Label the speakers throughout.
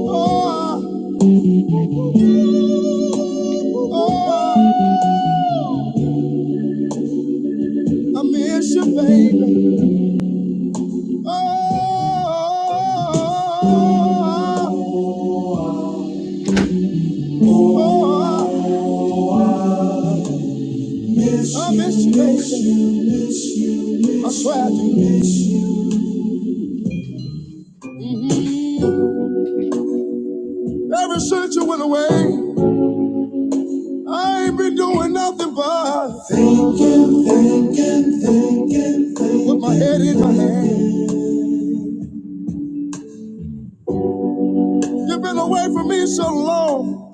Speaker 1: Oh, oh, oh, I miss you, baby. Oh, oh, oh, I miss you, baby. I swear I do miss you. Ever since you went away, I ain't been doing nothing but with my head in my hand. You've been away from me so long,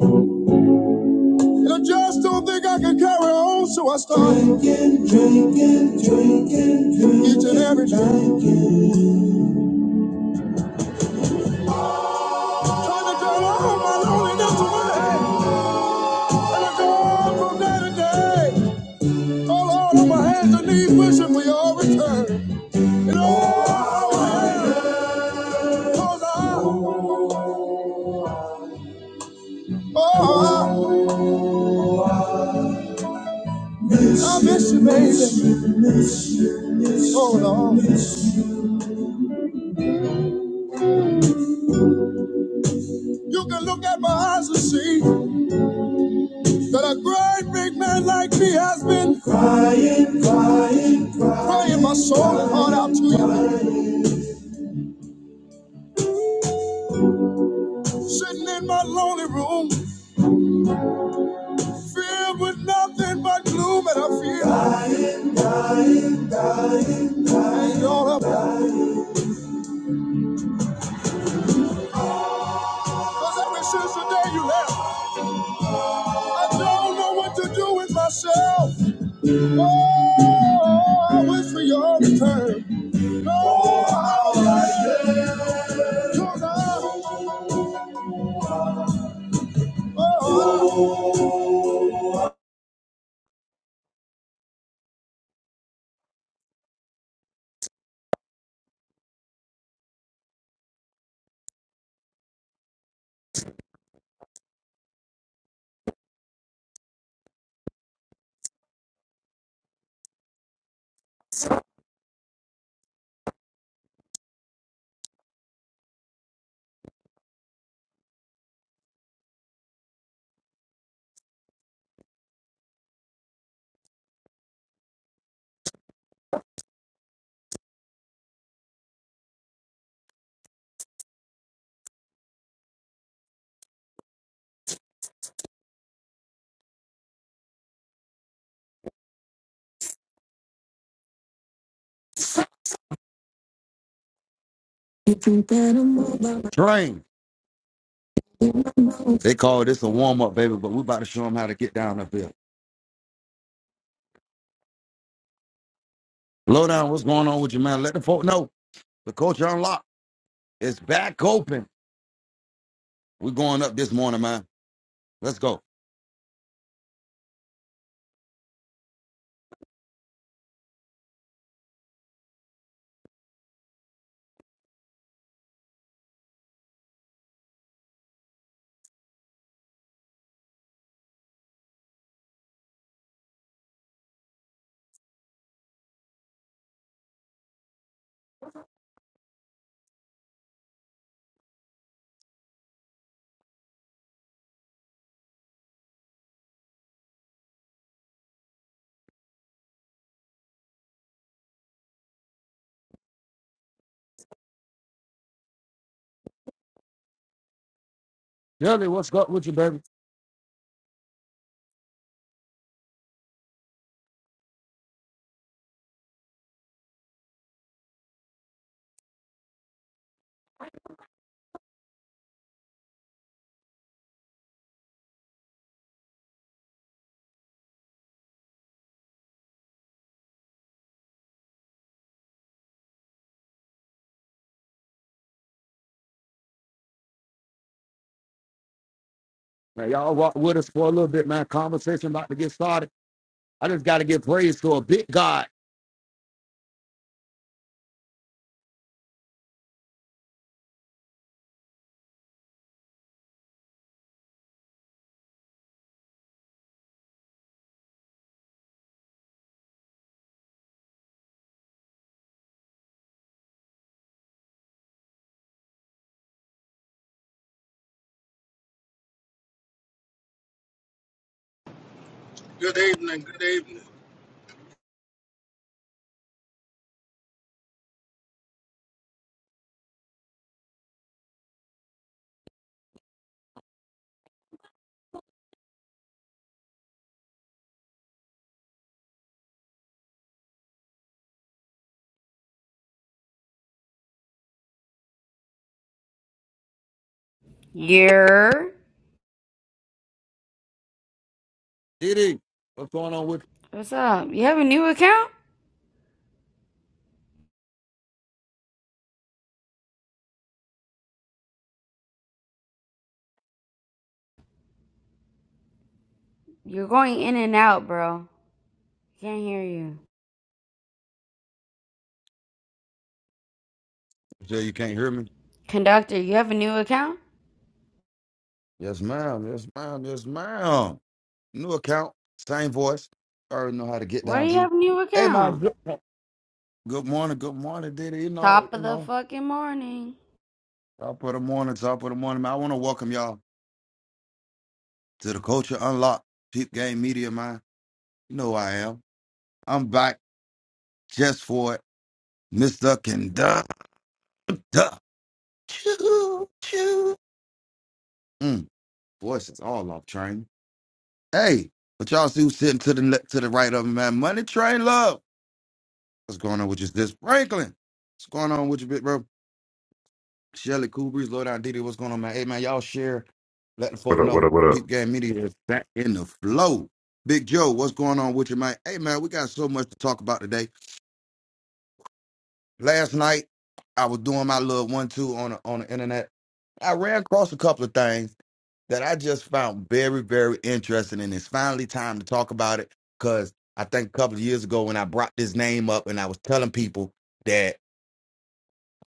Speaker 1: and I just don't think I can carry on. So I started drinking, drinking, drinking, drinking each and every night. Trying to get over my loneliness away. And I go on from day to day. Oh Lord, on my hands and knees wishing for your return. oh, I am, 'cause I, oh, I miss you, baby. Oh Lord. You can look at my eyes and see that a great big man like me has been crying, crying, crying crying my soul and heart out to you. Sitting in my lonely room, Filled with nothing but gloom and I feel and you're a Cause ever since the day you left, I don't know what to do with myself. Oh, I wish for your return. No, oh, how I like your love. Oh, Train. They call this a warm up, baby, but we about to show them how to get down up here. Low down, what's going on with you, man? Let the folk know the culture unlocked. It's back open. We're going up this morning, man. Let's go. Jelly, what's up with you, baby? Man, y'all walk with us for a little bit, man. Conversation about to get started. I just got to give praise to a big God.
Speaker 2: Good evening. Good evening.
Speaker 3: You're.
Speaker 1: Did he? What's going on with
Speaker 3: What's up? You have a new account? You're going in and out, bro. Can't hear you.
Speaker 1: you? Jay, you can't hear me?
Speaker 3: Conductor, you have a new account?
Speaker 1: Yes, ma'am. Yes, ma'am. Yes, ma'am. New account, same voice. I already know how to get
Speaker 3: Why
Speaker 1: down,
Speaker 3: do you
Speaker 1: B.
Speaker 3: have a new
Speaker 1: Hey, my
Speaker 3: account?
Speaker 1: good, good morning. Good morning, Diddy. You know,
Speaker 3: Top
Speaker 1: you
Speaker 3: of the
Speaker 1: know,
Speaker 3: fucking morning.
Speaker 1: top of the morning, top of the morning, man. I want to welcome y'all to the Culture Unlocked Peep Game Media, man. You know who I am. I'm back just for it, Mr. Conductor. Choo, choo. Mm, voice is all off train. Hey, but y'all see who's sitting to the le- to the right of him, man? Money train love. What's going on with you, this Franklin? What's going on with you, big bro? Shelly Cool Breeze, Lord Down Diddy, what's going on, man? Hey man, y'all share. Let the
Speaker 4: What
Speaker 1: folk
Speaker 4: up? What
Speaker 1: know.
Speaker 4: up? What up?
Speaker 1: Peep Game Media is back in the flow. Big Joe, what's going on with you, man? Hey man, we got so much to talk about today. Last night, I was doing my little one two on the, on the internet. I ran across a couple of things that I just found very, very interesting. And it's finally time to talk about it because I think a couple of years ago when I brought this name up and I was telling people that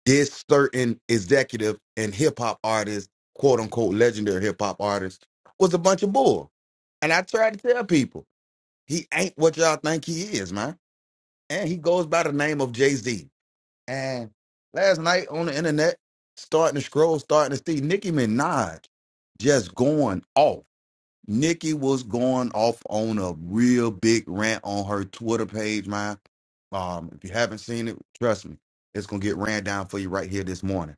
Speaker 1: this certain executive and hip hop artist, quote unquote, legendary hip hop artist, was a bunch of bull. And I tried to tell people, he ain't what y'all think he is, man. And he goes by the name of Jay Z. And last night on the internet, starting to scroll, starting to see Nicki Minaj just going off Nikki was going off on a real big rant on her Twitter page, man. Um, if you haven't seen it, trust me, it's gonna get ran down for you right here this morning.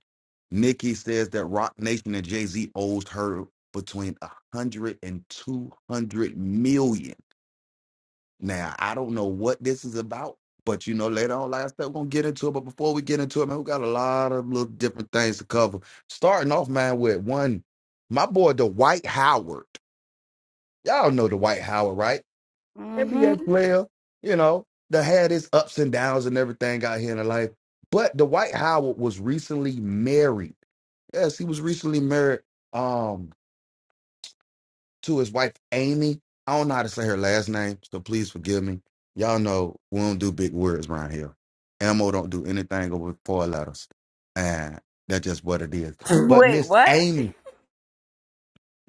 Speaker 1: Nikki says that Rock Nation and Jay Z owes her between a hundred and two hundred million. Now I don't know what this is about, but you know later on, like I said, we're gonna get into it. But before we get into it, man, we got a lot of little different things to cover. Starting off, man, with one, my boy Dwight Howard. Y'all know the White Howard, right?
Speaker 3: Mm
Speaker 1: NBA
Speaker 3: hmm.
Speaker 1: player, you know, that had his ups and downs and everything out here in life. But the White Howard was recently married. Yes, he was recently married um to his wife Amy. I don't know how to say her last name, so please forgive me. Y'all know we don't do big words around here. Elmo don't do anything over four letters. And that's just what it is. But
Speaker 3: Wait,
Speaker 1: Miss
Speaker 3: what?
Speaker 1: Amy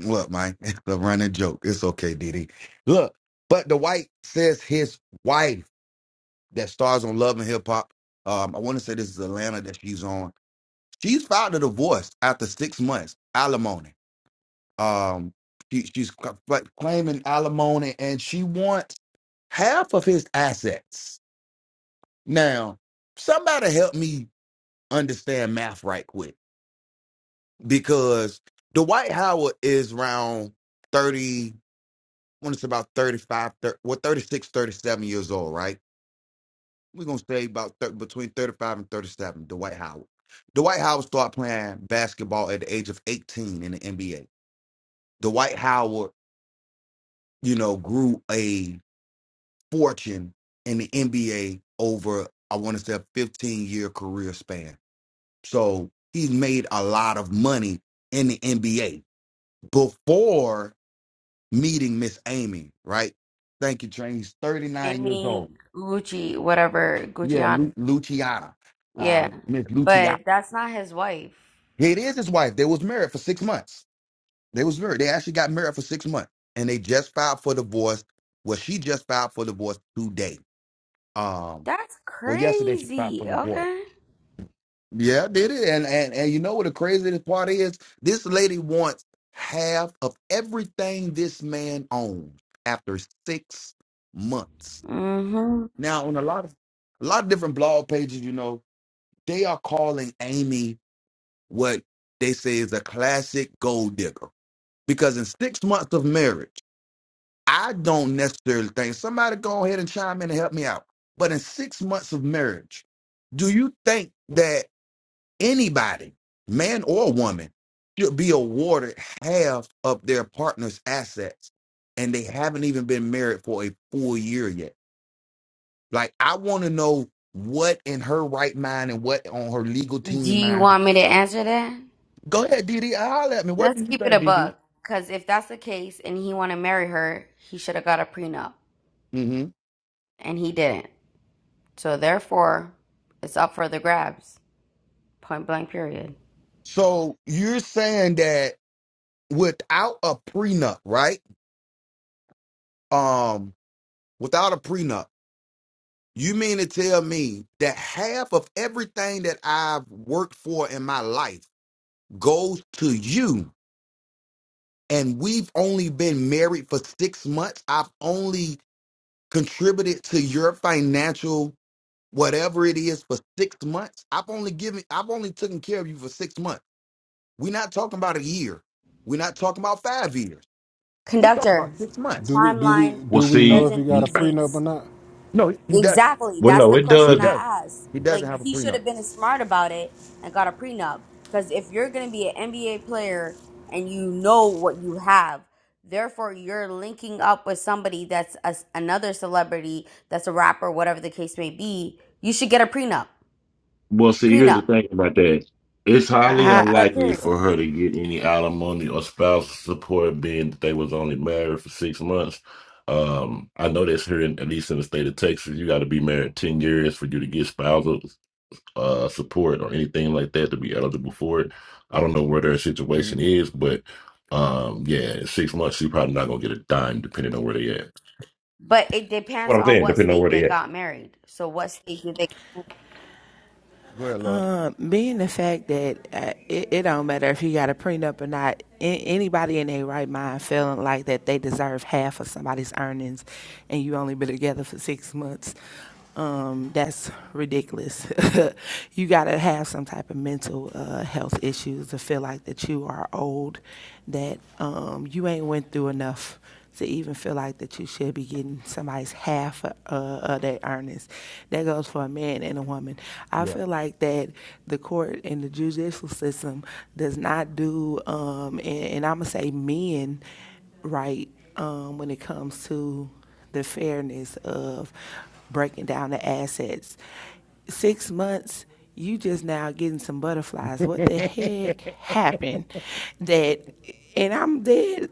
Speaker 1: Look, man, it's a running joke. It's okay, Diddy. Look, but the white says his wife that stars on Love and Hip Hop. Um, I want to say this is Atlanta that she's on. She's filed a divorce after six months alimony. Um, she, she's cla- cla- claiming alimony, and she wants half of his assets. Now, somebody help me understand math right quick, because Dwight Howard is around thirty. when it's about 35, thir well, 36, thirty-seven years old, right? We're going to say about thir- between 35 and 37, Dwight Howard. Dwight Howard started playing basketball at the age of 18 in the NBA. Dwight Howard, you know, grew a fortune in the NBA over, I want to say, a 15 year career span. So he's made a lot of money in the NBA before meeting Miss Amy, right? Thank you, Train. He's 39 years old
Speaker 3: Amy Gucci, whatever.
Speaker 1: Yeah,
Speaker 3: Gucciana.
Speaker 1: Lu- Luciana. Uh,
Speaker 3: Yeah.
Speaker 1: Miss Luciana.
Speaker 3: But that's not his wife.
Speaker 1: It is his wife. They was married for six months. They was married. They actually got married for six months, and they just filed for divorce. Well, she just filed for divorce today. Um,
Speaker 3: That's
Speaker 1: well, yesterday she filed
Speaker 3: crazy.
Speaker 1: for divorce.
Speaker 3: Okay.
Speaker 1: Yeah, did it. And and and you know what the craziest part is? This lady wants half of everything this man owns after six months.
Speaker 3: Mm hmm.
Speaker 1: Now, on a lot of a lot of different blog pages, you know, they are calling Amy what they say is a classic gold digger. Because in six months of marriage, I don't necessarily think somebody go ahead and chime in and help me out. But in six months of marriage, do you think that anybody, man or woman, should be awarded half of their partner's assets and they haven't even been married for a full year yet? Like, I want to know what in her right mind and what on her legal
Speaker 3: Do
Speaker 1: team
Speaker 3: you
Speaker 1: mind.
Speaker 3: want me to answer that?
Speaker 1: Go ahead, Didi. Holler at me. What do
Speaker 3: Let's
Speaker 1: you
Speaker 3: keep it
Speaker 1: think,
Speaker 3: a
Speaker 1: Didi?
Speaker 3: bug. Because if that's the case and he want to marry her, he should have got a prenup.
Speaker 1: hmm
Speaker 3: And he didn't. So therefore, it's up for the grabs. Point blank, period.
Speaker 1: So you're saying that without a prenup, right? Um, without a prenup, you mean to tell me that half of everything that I've worked for in my life goes to you, and we've only been married for six months. I've only contributed to your financial whatever it is for six months. I've only given I've only taken care of you for six months. We're not talking about a year. We're not talking about five years. We talking about
Speaker 3: Conductor,
Speaker 1: six
Speaker 5: Do
Speaker 1: months.
Speaker 5: we do we
Speaker 3: timeline
Speaker 4: Well,
Speaker 5: do we know
Speaker 4: see,
Speaker 5: if he
Speaker 3: doesn't
Speaker 5: got a
Speaker 4: n-
Speaker 3: exist.
Speaker 5: prenup or not?
Speaker 1: No, he does.
Speaker 3: Exactly.
Speaker 4: Well,
Speaker 3: That's
Speaker 4: no,
Speaker 3: the
Speaker 4: it
Speaker 1: He
Speaker 3: question
Speaker 4: does.
Speaker 1: does.
Speaker 3: I asked.
Speaker 1: He doesn't
Speaker 3: Like
Speaker 1: have a
Speaker 3: he should
Speaker 1: prenup.
Speaker 3: have been smart about it and got a prenup. Because if you're going to be an NBA player and you know what you have, therefore you're linking up with somebody that's a, another celebrity, that's a rapper, whatever the case may be, you should get a prenup.
Speaker 4: well, see. Here's the
Speaker 3: Prenup.
Speaker 4: thing about that: it's highly
Speaker 3: Point
Speaker 6: I,
Speaker 3: blank
Speaker 4: unlikely
Speaker 3: Period.
Speaker 4: for her to get any alimony or spousal support, being that they was only married for six months. Um, I know that's here, in, at least in the state of Texas, you got to be married ten years for you to get spousal uh, support or anything like that to be eligible for it. I don't know where their
Speaker 1: hmm
Speaker 4: situation is, but um, yeah, in six months, you're probably not gonna get a dime, depending on where they at.
Speaker 3: But it
Speaker 4: What
Speaker 3: depends
Speaker 4: I'm
Speaker 3: on
Speaker 4: saying,
Speaker 3: what
Speaker 4: depending on
Speaker 3: state
Speaker 4: where
Speaker 3: they
Speaker 4: they at.
Speaker 3: got married. So what state did they?
Speaker 1: Go ahead, love.
Speaker 6: being the fact that uh, it, it don't matter if you got a prenup or not, a- anybody in their right mind feeling like that they deserve half of somebody's earnings, and you only been together for six months, um, that's ridiculous. you gotta have some type of mental uh, health issues to feel like that you are old, that um, you ain't went through enough to even feel like that you should be getting somebody's half uh, of their earnings. That goes for a man and a woman. I
Speaker 1: Yeah.
Speaker 6: feel like that the court and the judicial system does not do, um, and, and I'm gonna say men right um, when it comes to the fairness of breaking down the assets. Six months, you just now getting some butterflies. What the heck happened that and I'm dead.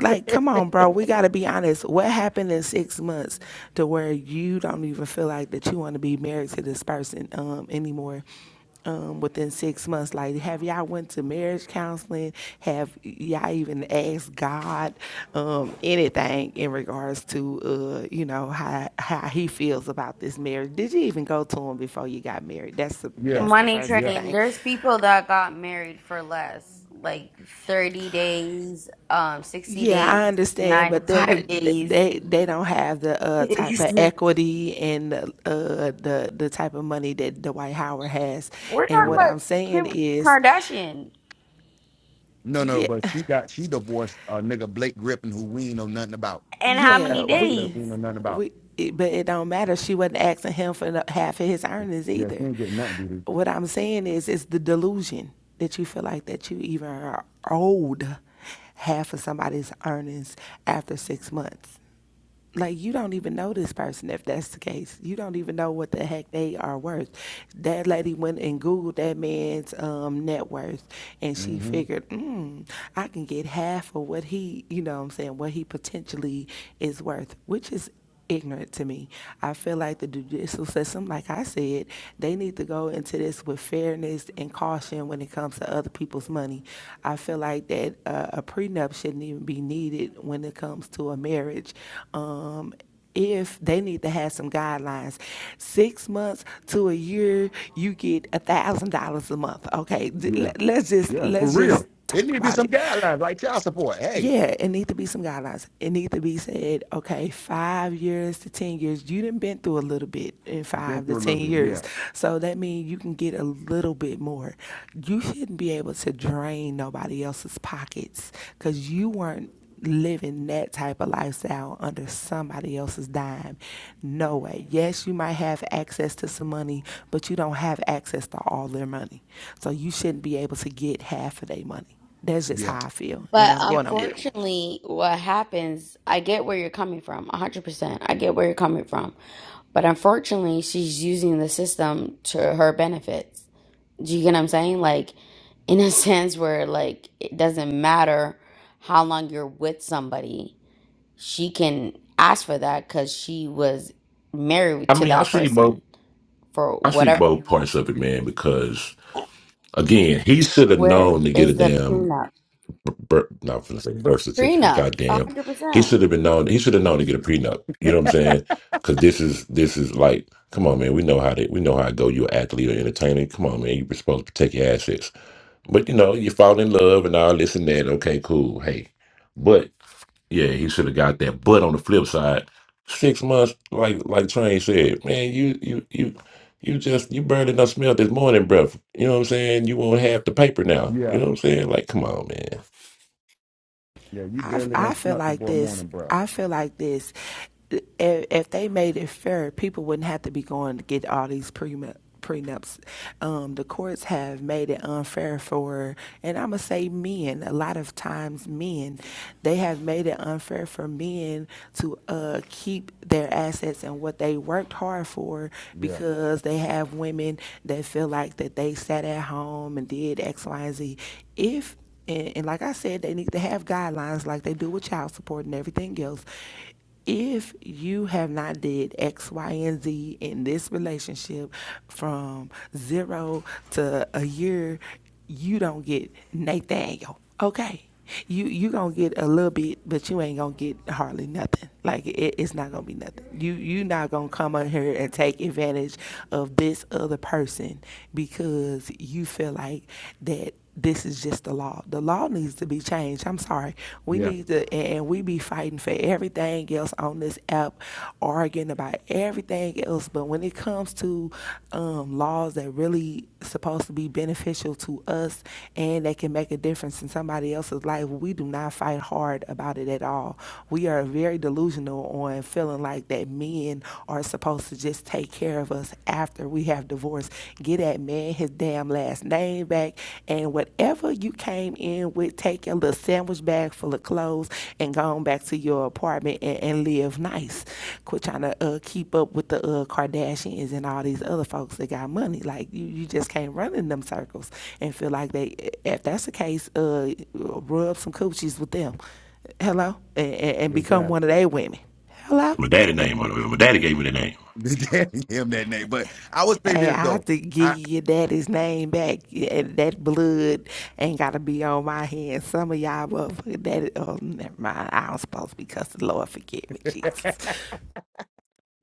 Speaker 6: Like, come on, bro. We got to be honest. What happened in six months to where you don't even feel like that you want to be married to this person um, anymore? Um, within six months, like, have y'all went to marriage counseling? Have y'all even asked God um, anything in regards to, uh, you know, how how He feels about this marriage? Did you even go to Him before you got married? That's the
Speaker 1: yeah.
Speaker 6: that's the
Speaker 3: Money
Speaker 6: first
Speaker 1: Yeah.
Speaker 3: train.
Speaker 6: thing.
Speaker 3: There's people that got married for less, like 30 days, um, 60
Speaker 6: Yeah,
Speaker 3: days,
Speaker 6: I understand, but they're not,
Speaker 3: 95
Speaker 6: th-
Speaker 3: days.
Speaker 6: they they don't have the uh, type of equity and the, uh, the the type of money that Dwight Howard has.
Speaker 3: We're
Speaker 6: And
Speaker 3: talking
Speaker 6: what
Speaker 1: Yeah.
Speaker 3: about
Speaker 6: I'm saying
Speaker 3: Kim
Speaker 6: is,
Speaker 3: Kardashian
Speaker 1: No, no,
Speaker 6: yeah,
Speaker 1: but she got she divorced a uh, nigga Blake Griffin who we ain't know nothing about.
Speaker 3: and
Speaker 1: A
Speaker 3: how many
Speaker 6: yeah,
Speaker 1: basketball player
Speaker 6: we
Speaker 1: we ain't
Speaker 3: days.
Speaker 1: know nothing about.
Speaker 6: we, it, but it don't matter. She wasn't asking him for no- half of his earnings
Speaker 1: Yeah, she
Speaker 6: either.
Speaker 1: ain't getting nothing, dude.
Speaker 6: What I'm saying is, it's the delusion that you feel like that you even are owed half of somebody's earnings after six months. like you don't even know this person if that's the case. You don't even know what the heck they are worth. That lady went and googled that man's um, net worth, and she
Speaker 1: mm hmm
Speaker 6: figured, mm, I can get half of what he, you know, what I'm saying what he potentially is worth, which is ignorant to me. I feel like the judicial system, like I said, they need to go into this with fairness and caution when it comes to other people's money. I feel like that uh, a prenup shouldn't even be needed when it comes to a marriage. Um, if they need to have some guidelines, six months to a year, you get a thousand dollars a month. Okay,
Speaker 1: Yeah.
Speaker 6: let's just
Speaker 1: Yeah. For
Speaker 6: let's
Speaker 1: real.
Speaker 6: just
Speaker 1: It
Speaker 6: talk
Speaker 1: need to be
Speaker 6: about
Speaker 1: some
Speaker 6: it.
Speaker 1: guidelines like child support. Hey,
Speaker 6: Yeah, it need to be some guidelines. It need to be said, okay, five years to ten years. You done been through a little bit in
Speaker 1: you been
Speaker 6: five to
Speaker 1: through a little
Speaker 6: ten
Speaker 1: bit. Yeah.
Speaker 6: years, so that means you can get a little bit more. You shouldn't be able to drain nobody else's pockets because you weren't living that type of lifestyle under somebody else's dime. No way. Yes, you might have access to some money, but you don't have access to all their money. So you shouldn't be able to get half of their money. That's just
Speaker 1: Yeah.
Speaker 6: how I feel, and
Speaker 3: But
Speaker 6: I'm going on mute.
Speaker 3: unfortunately, what happens, I get where you're coming from, 100%. I get where you're coming from. But unfortunately, she's using the system to her benefits. Do you get what I'm saying? Like, in a sense where like it doesn't matter how long you're with somebody, she can ask for that because she was married
Speaker 4: I
Speaker 3: to
Speaker 4: mean, I
Speaker 3: that
Speaker 4: see both.
Speaker 3: person for
Speaker 4: I see
Speaker 3: whatever
Speaker 4: both
Speaker 3: amount of
Speaker 4: parts of it, man, because
Speaker 3: time.
Speaker 4: again, he should have
Speaker 3: where
Speaker 4: known to get a
Speaker 3: is the
Speaker 4: damn
Speaker 3: prenup?
Speaker 4: birth, not gonna say birth certificate.
Speaker 3: Prenup, a
Speaker 4: Goddamn,
Speaker 3: hundred
Speaker 4: he
Speaker 3: percent.
Speaker 4: should have been known. He should have known to get a prenup. You know what I'm saying? Because this is this is like, come on, man. We know how to we know how it go. You're an athlete or entertainer. Come on, man. You're supposed to protect your assets. But you know, you fall in love and all this and that. Okay, cool. Hey, but yeah, he should have got that. But on the flip side, six months, like like Train said, man, you you you you just you barely done smelled this morning breath. You know what I'm saying? You won't have the paper now. You
Speaker 1: Yeah.
Speaker 4: know what I'm saying? Like, come on, man.
Speaker 1: Yeah. You
Speaker 6: I,
Speaker 1: barely done
Speaker 6: I feel
Speaker 1: snuck the
Speaker 6: like
Speaker 1: boy
Speaker 6: this.
Speaker 1: morning, bro.
Speaker 6: I feel like this. If, if they made it fair, people wouldn't have to be going to get all these prenup, prenups. Um, the courts have made it unfair for, and I'm gonna say men. A lot of times, men, they have made it unfair for men to uh, keep their assets and what they worked hard for
Speaker 1: Yeah.
Speaker 6: because they have women that feel like that they sat at home and did X, Y, and Z. If and, and like I said, they need to have guidelines like they do with child support and everything else. If you have not did X, Y, and Z in this relationship from zero to a year, you don't get Nathaniel. Okay. You you gonna get a little bit, but you ain't gonna get hardly nothing. Like it, it's not gonna be nothing. You you not gonna come on here and take advantage of this other person because you feel like that this is just the law. The law needs to be changed. I'm sorry. We
Speaker 1: Yeah.
Speaker 6: need to and and we be fighting for everything else on this app, arguing about about everything else, but when it comes to um, laws that really supposed to be beneficial to us and that can make a difference in somebody else's life, we do not fight hard about it at all. We are very delusional on feeling like that men are supposed to just take care of us after we have divorced. Get that man his damn last name back and and whatever you came in with, take your little sandwich bag full of clothes and go on back to your apartment and, and live nice. Quit trying to uh, keep up with the uh, Kardashians and all these other folks that got money. Like you, you just can't run in them circles and feel like they. If that's the case, uh, rub some coochies with them. Hello, and, and become
Speaker 1: Exactly.
Speaker 6: one of their women. Hello.
Speaker 4: My daddy name on it. My daddy gave me the name.
Speaker 1: Daddy him that name. But I would say
Speaker 6: Hey,
Speaker 1: this
Speaker 6: I have
Speaker 1: though.
Speaker 6: to give
Speaker 1: I
Speaker 6: your daddy's name back. Yeah, That blood ain't gotta be on my hands. Some of y'all motherfucking daddy. Oh, never mind. I don't supposed to be cussing. Lord, forgive me, Jesus.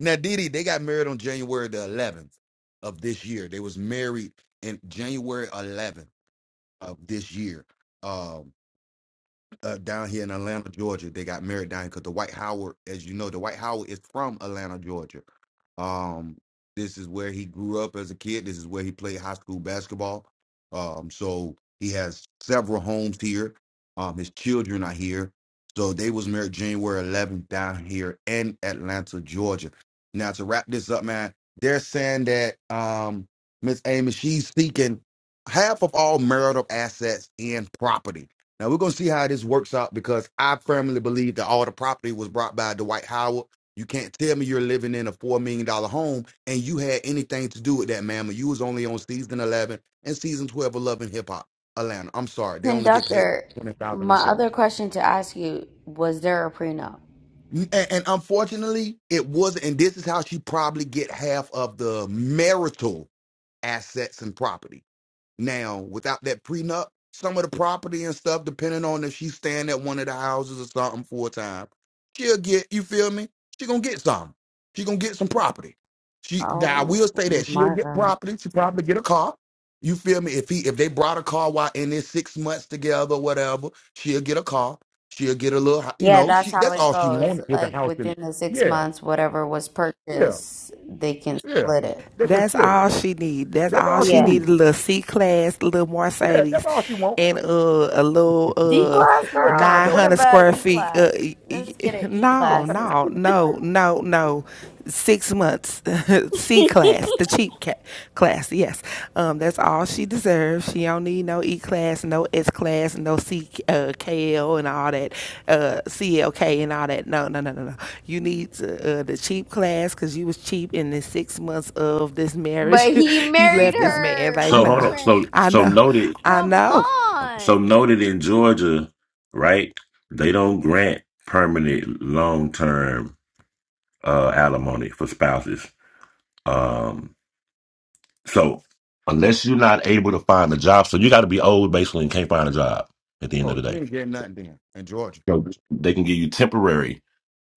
Speaker 1: now Didi, they got married on January the eleventh of this year. They was married in January eleventh of this year. Um. uh, down here in Atlanta, Georgia. They got married down here because Dwight Howard, as you know, Dwight Howard is from Atlanta, Georgia. Um, this is where he grew up as a kid. This is where he played high school basketball. Um, so he has several homes here. Um, his children are here. So they was married January 11th down here in Atlanta, Georgia. Now to wrap this up, man, they're saying that um Miss Amy, she's seeking half of all marital assets and property. Now we're gonna see how this works out because I firmly believe that all the property was brought by Dwight Howard. You can't tell me you're living in a four million dollar home and you had anything to do with that, ma'am. You was only on season eleven and season twelve of Love and Hip Hop Atlanta. I'm sorry, they only get paid
Speaker 3: Conductor,
Speaker 1: twenty thousand a
Speaker 3: my
Speaker 1: show.
Speaker 3: other question to ask you: Was there a prenup?
Speaker 1: And, and unfortunately, it wasn't. And this is how she probably get half of the marital assets and property Now, without that prenup, some of the property and stuff, depending on if she's staying at one of the houses or something full time, she'll get, you feel me? She gonna get some. She gonna get some property. She now I
Speaker 3: Oh
Speaker 1: will say that she'll
Speaker 3: my
Speaker 1: get
Speaker 3: god!
Speaker 1: property. She probably get a car. You feel me? If he if they brought a car while in this six months together, whatever, she'll get a car. She'll get a little hou- you
Speaker 3: Yeah,
Speaker 1: know,
Speaker 3: that's
Speaker 1: she
Speaker 3: how
Speaker 1: that's
Speaker 3: it
Speaker 1: all she
Speaker 3: goes.
Speaker 1: wanted was a
Speaker 3: Like
Speaker 1: house in
Speaker 3: within
Speaker 1: it.
Speaker 3: the six
Speaker 1: Yeah,
Speaker 3: months, whatever was
Speaker 1: yeah,
Speaker 3: purchased, they can
Speaker 1: yeah.
Speaker 3: split it.
Speaker 1: They can
Speaker 6: That's
Speaker 1: split it.
Speaker 6: all she need. That's
Speaker 1: That's
Speaker 6: all
Speaker 1: all she
Speaker 6: she
Speaker 3: Yeah.
Speaker 6: need.
Speaker 1: needs.
Speaker 6: A little C class, little
Speaker 1: Yeah, that's
Speaker 6: Mercedes,
Speaker 1: all she wants.
Speaker 6: and uh, a little
Speaker 3: C
Speaker 6: uh,
Speaker 3: class,
Speaker 1: It's a little
Speaker 3: girl?
Speaker 6: nine
Speaker 1: condo.
Speaker 3: What
Speaker 6: hundred
Speaker 3: about
Speaker 6: square
Speaker 3: an E
Speaker 6: feet.
Speaker 3: class?
Speaker 6: Uh,
Speaker 3: Let's get an E
Speaker 6: no,
Speaker 3: class.
Speaker 6: no, no, no, no. Six months, C class, the cheap ca- class. Yes, um, that's It's all she deserves. She don't need no E class, no S class, no C uh, KL and all that, uh, CLK and all that. No, no, no, no, no. You need to, uh, the cheap class because you was cheap in the six months of this marriage.
Speaker 3: but he
Speaker 6: you
Speaker 3: married
Speaker 6: left this man
Speaker 3: her.
Speaker 6: like,
Speaker 4: So
Speaker 3: Money
Speaker 4: hold
Speaker 6: nah,
Speaker 4: on. So
Speaker 3: train.
Speaker 6: I
Speaker 4: so
Speaker 6: know,
Speaker 4: noted.
Speaker 6: I
Speaker 3: Come
Speaker 6: know.
Speaker 4: So
Speaker 3: on.
Speaker 4: noted in Georgia, right? They don't grant permanent, long term uh, alimony for spouses. Um, So unless you're not able to find a job, so you got to be old basically and can't find a job at the end of
Speaker 1: Oh,
Speaker 4: the
Speaker 1: she
Speaker 4: day.
Speaker 1: ain't getting nothing then in Georgia.
Speaker 4: So they can give you temporary,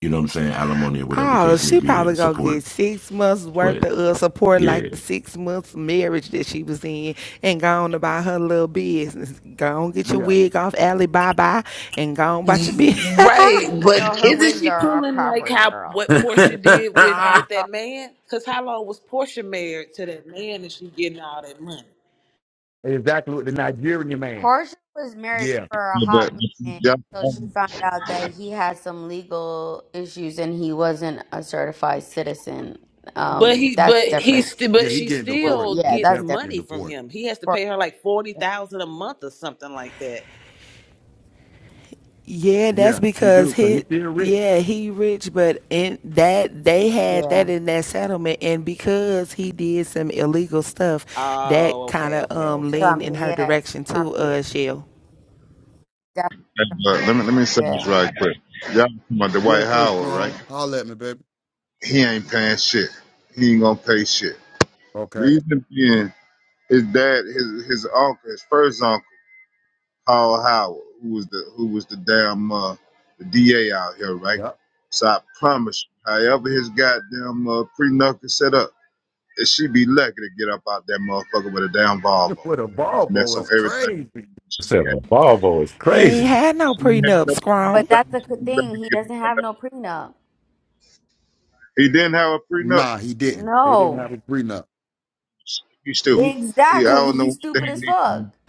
Speaker 4: you know what I'm saying, alimony or whatever the
Speaker 6: Oh,
Speaker 4: case may
Speaker 6: she
Speaker 4: be,
Speaker 6: probably
Speaker 4: and
Speaker 6: gonna get
Speaker 4: support.
Speaker 6: six months worth
Speaker 4: But
Speaker 6: of uh, support,
Speaker 4: yeah,
Speaker 6: like the six months marriage that she was in, and go on about her little business. Go on get your
Speaker 1: Yeah,
Speaker 6: wig off, alley bye bye, and go on about your business.
Speaker 7: Right,
Speaker 3: No,
Speaker 7: but
Speaker 3: her
Speaker 7: isn't
Speaker 3: wigs
Speaker 7: she
Speaker 3: are, are
Speaker 7: pulling like
Speaker 3: proper,
Speaker 7: how
Speaker 3: girl.
Speaker 7: what Portia did with
Speaker 4: I
Speaker 7: with that man? Cause how long was Portia married to that man, and she getting all that money?
Speaker 1: exactly. With the Nigerian man.
Speaker 3: Portia was married
Speaker 1: Yeah,
Speaker 3: for a
Speaker 8: Yeah,
Speaker 3: hot
Speaker 8: but,
Speaker 3: minute
Speaker 8: but
Speaker 3: until
Speaker 8: all
Speaker 3: she found out that he had some legal issues and he wasn't a certified citizen.
Speaker 7: But
Speaker 3: Um,
Speaker 7: he, but
Speaker 3: that's
Speaker 7: he,
Speaker 3: different.
Speaker 7: st-
Speaker 1: yeah,
Speaker 7: but
Speaker 1: he
Speaker 7: she
Speaker 1: getting
Speaker 3: Well,
Speaker 1: deported.
Speaker 7: still
Speaker 1: He
Speaker 3: Yeah,
Speaker 7: gets
Speaker 3: that's
Speaker 1: definitely
Speaker 3: different.
Speaker 1: getting
Speaker 7: money from
Speaker 1: deported.
Speaker 7: him. He has to pay
Speaker 3: Portia,
Speaker 7: her like forty thousand a month or something like that.
Speaker 6: Yeah, that's
Speaker 1: Yeah, he
Speaker 6: because
Speaker 1: do. So he
Speaker 6: he,
Speaker 1: still rich.
Speaker 6: yeah, he rich, but in that they had that
Speaker 3: yeah,
Speaker 6: in that settlement, and because he did some illegal stuff, that
Speaker 7: Oh,
Speaker 6: kind
Speaker 7: okay,
Speaker 6: of
Speaker 7: okay,
Speaker 6: um
Speaker 7: okay.
Speaker 6: leaned
Speaker 3: trumped it.
Speaker 6: in her
Speaker 3: Yeah,
Speaker 6: direction too.
Speaker 3: trumped it.
Speaker 6: Uh, Shell,
Speaker 8: but
Speaker 3: Definitely trumped
Speaker 8: let
Speaker 3: it.
Speaker 8: me let me say this
Speaker 3: Yeah,
Speaker 8: right quick. Y'all talking about the White
Speaker 1: Yeah, sir,
Speaker 8: Howard, right?
Speaker 1: strong. Holler at me, baby.
Speaker 8: He ain't paying shit. He ain't gonna pay shit.
Speaker 1: Okay.
Speaker 8: Reason being, his dad, his his uncle, his first uncle, Paul Howard, who was the who was the damn uh, the DA out here, right?
Speaker 1: Yep.
Speaker 8: So I promise you, however his goddamn uh, pre-knuckle set up, it she be lucky to get up out that motherfucker with a damn Volvo,
Speaker 1: With a
Speaker 8: and that's
Speaker 1: Volvo
Speaker 8: on
Speaker 1: is
Speaker 8: everything
Speaker 1: crazy.
Speaker 8: she
Speaker 4: said a
Speaker 8: had
Speaker 4: Volvo is
Speaker 6: he ain't
Speaker 4: crazy.
Speaker 6: had no
Speaker 8: He
Speaker 6: prenup,
Speaker 3: but
Speaker 6: Scrum,
Speaker 3: that's the good thing. He doesn't have no prenup.
Speaker 8: didn't have a prenup.
Speaker 1: Nah, he didn't. They didn't
Speaker 3: No,
Speaker 1: have a prenup.
Speaker 8: He's stupid. He, I
Speaker 3: exactly.
Speaker 8: don't know
Speaker 3: He's
Speaker 8: what the
Speaker 3: stupid as fuck.
Speaker 8: hell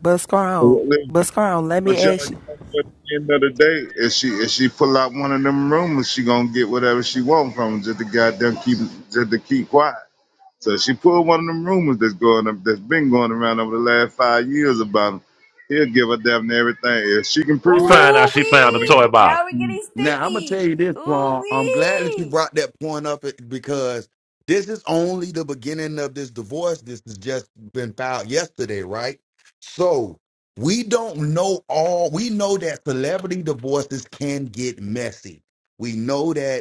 Speaker 6: but Scrum,
Speaker 8: he-
Speaker 6: but Scrum, let me
Speaker 8: But y'all,
Speaker 6: ask
Speaker 8: you
Speaker 6: you.
Speaker 8: know, at the end of the day, if she if she pull out one of them rumors, she gonna get whatever she want from him. Just to goddamn keep just to keep quiet. So she pulled one of them rumors that's going up, that's been going around over the last five years about him. He'll give her damn near everything if she can
Speaker 4: You
Speaker 8: prove that.
Speaker 4: find out
Speaker 3: Ooh
Speaker 4: she found a
Speaker 3: wee!
Speaker 4: toy
Speaker 3: Now
Speaker 4: box.
Speaker 3: we're getting
Speaker 1: Now I'm gonna tell
Speaker 3: sticky.
Speaker 1: you this,
Speaker 3: Ooh
Speaker 1: Paul. I'm glad that you
Speaker 3: wee!
Speaker 1: brought that point up it- because this is only the beginning of this divorce. This has just been filed yesterday, right? So we don't know all. We know that celebrity divorces can get messy. We know that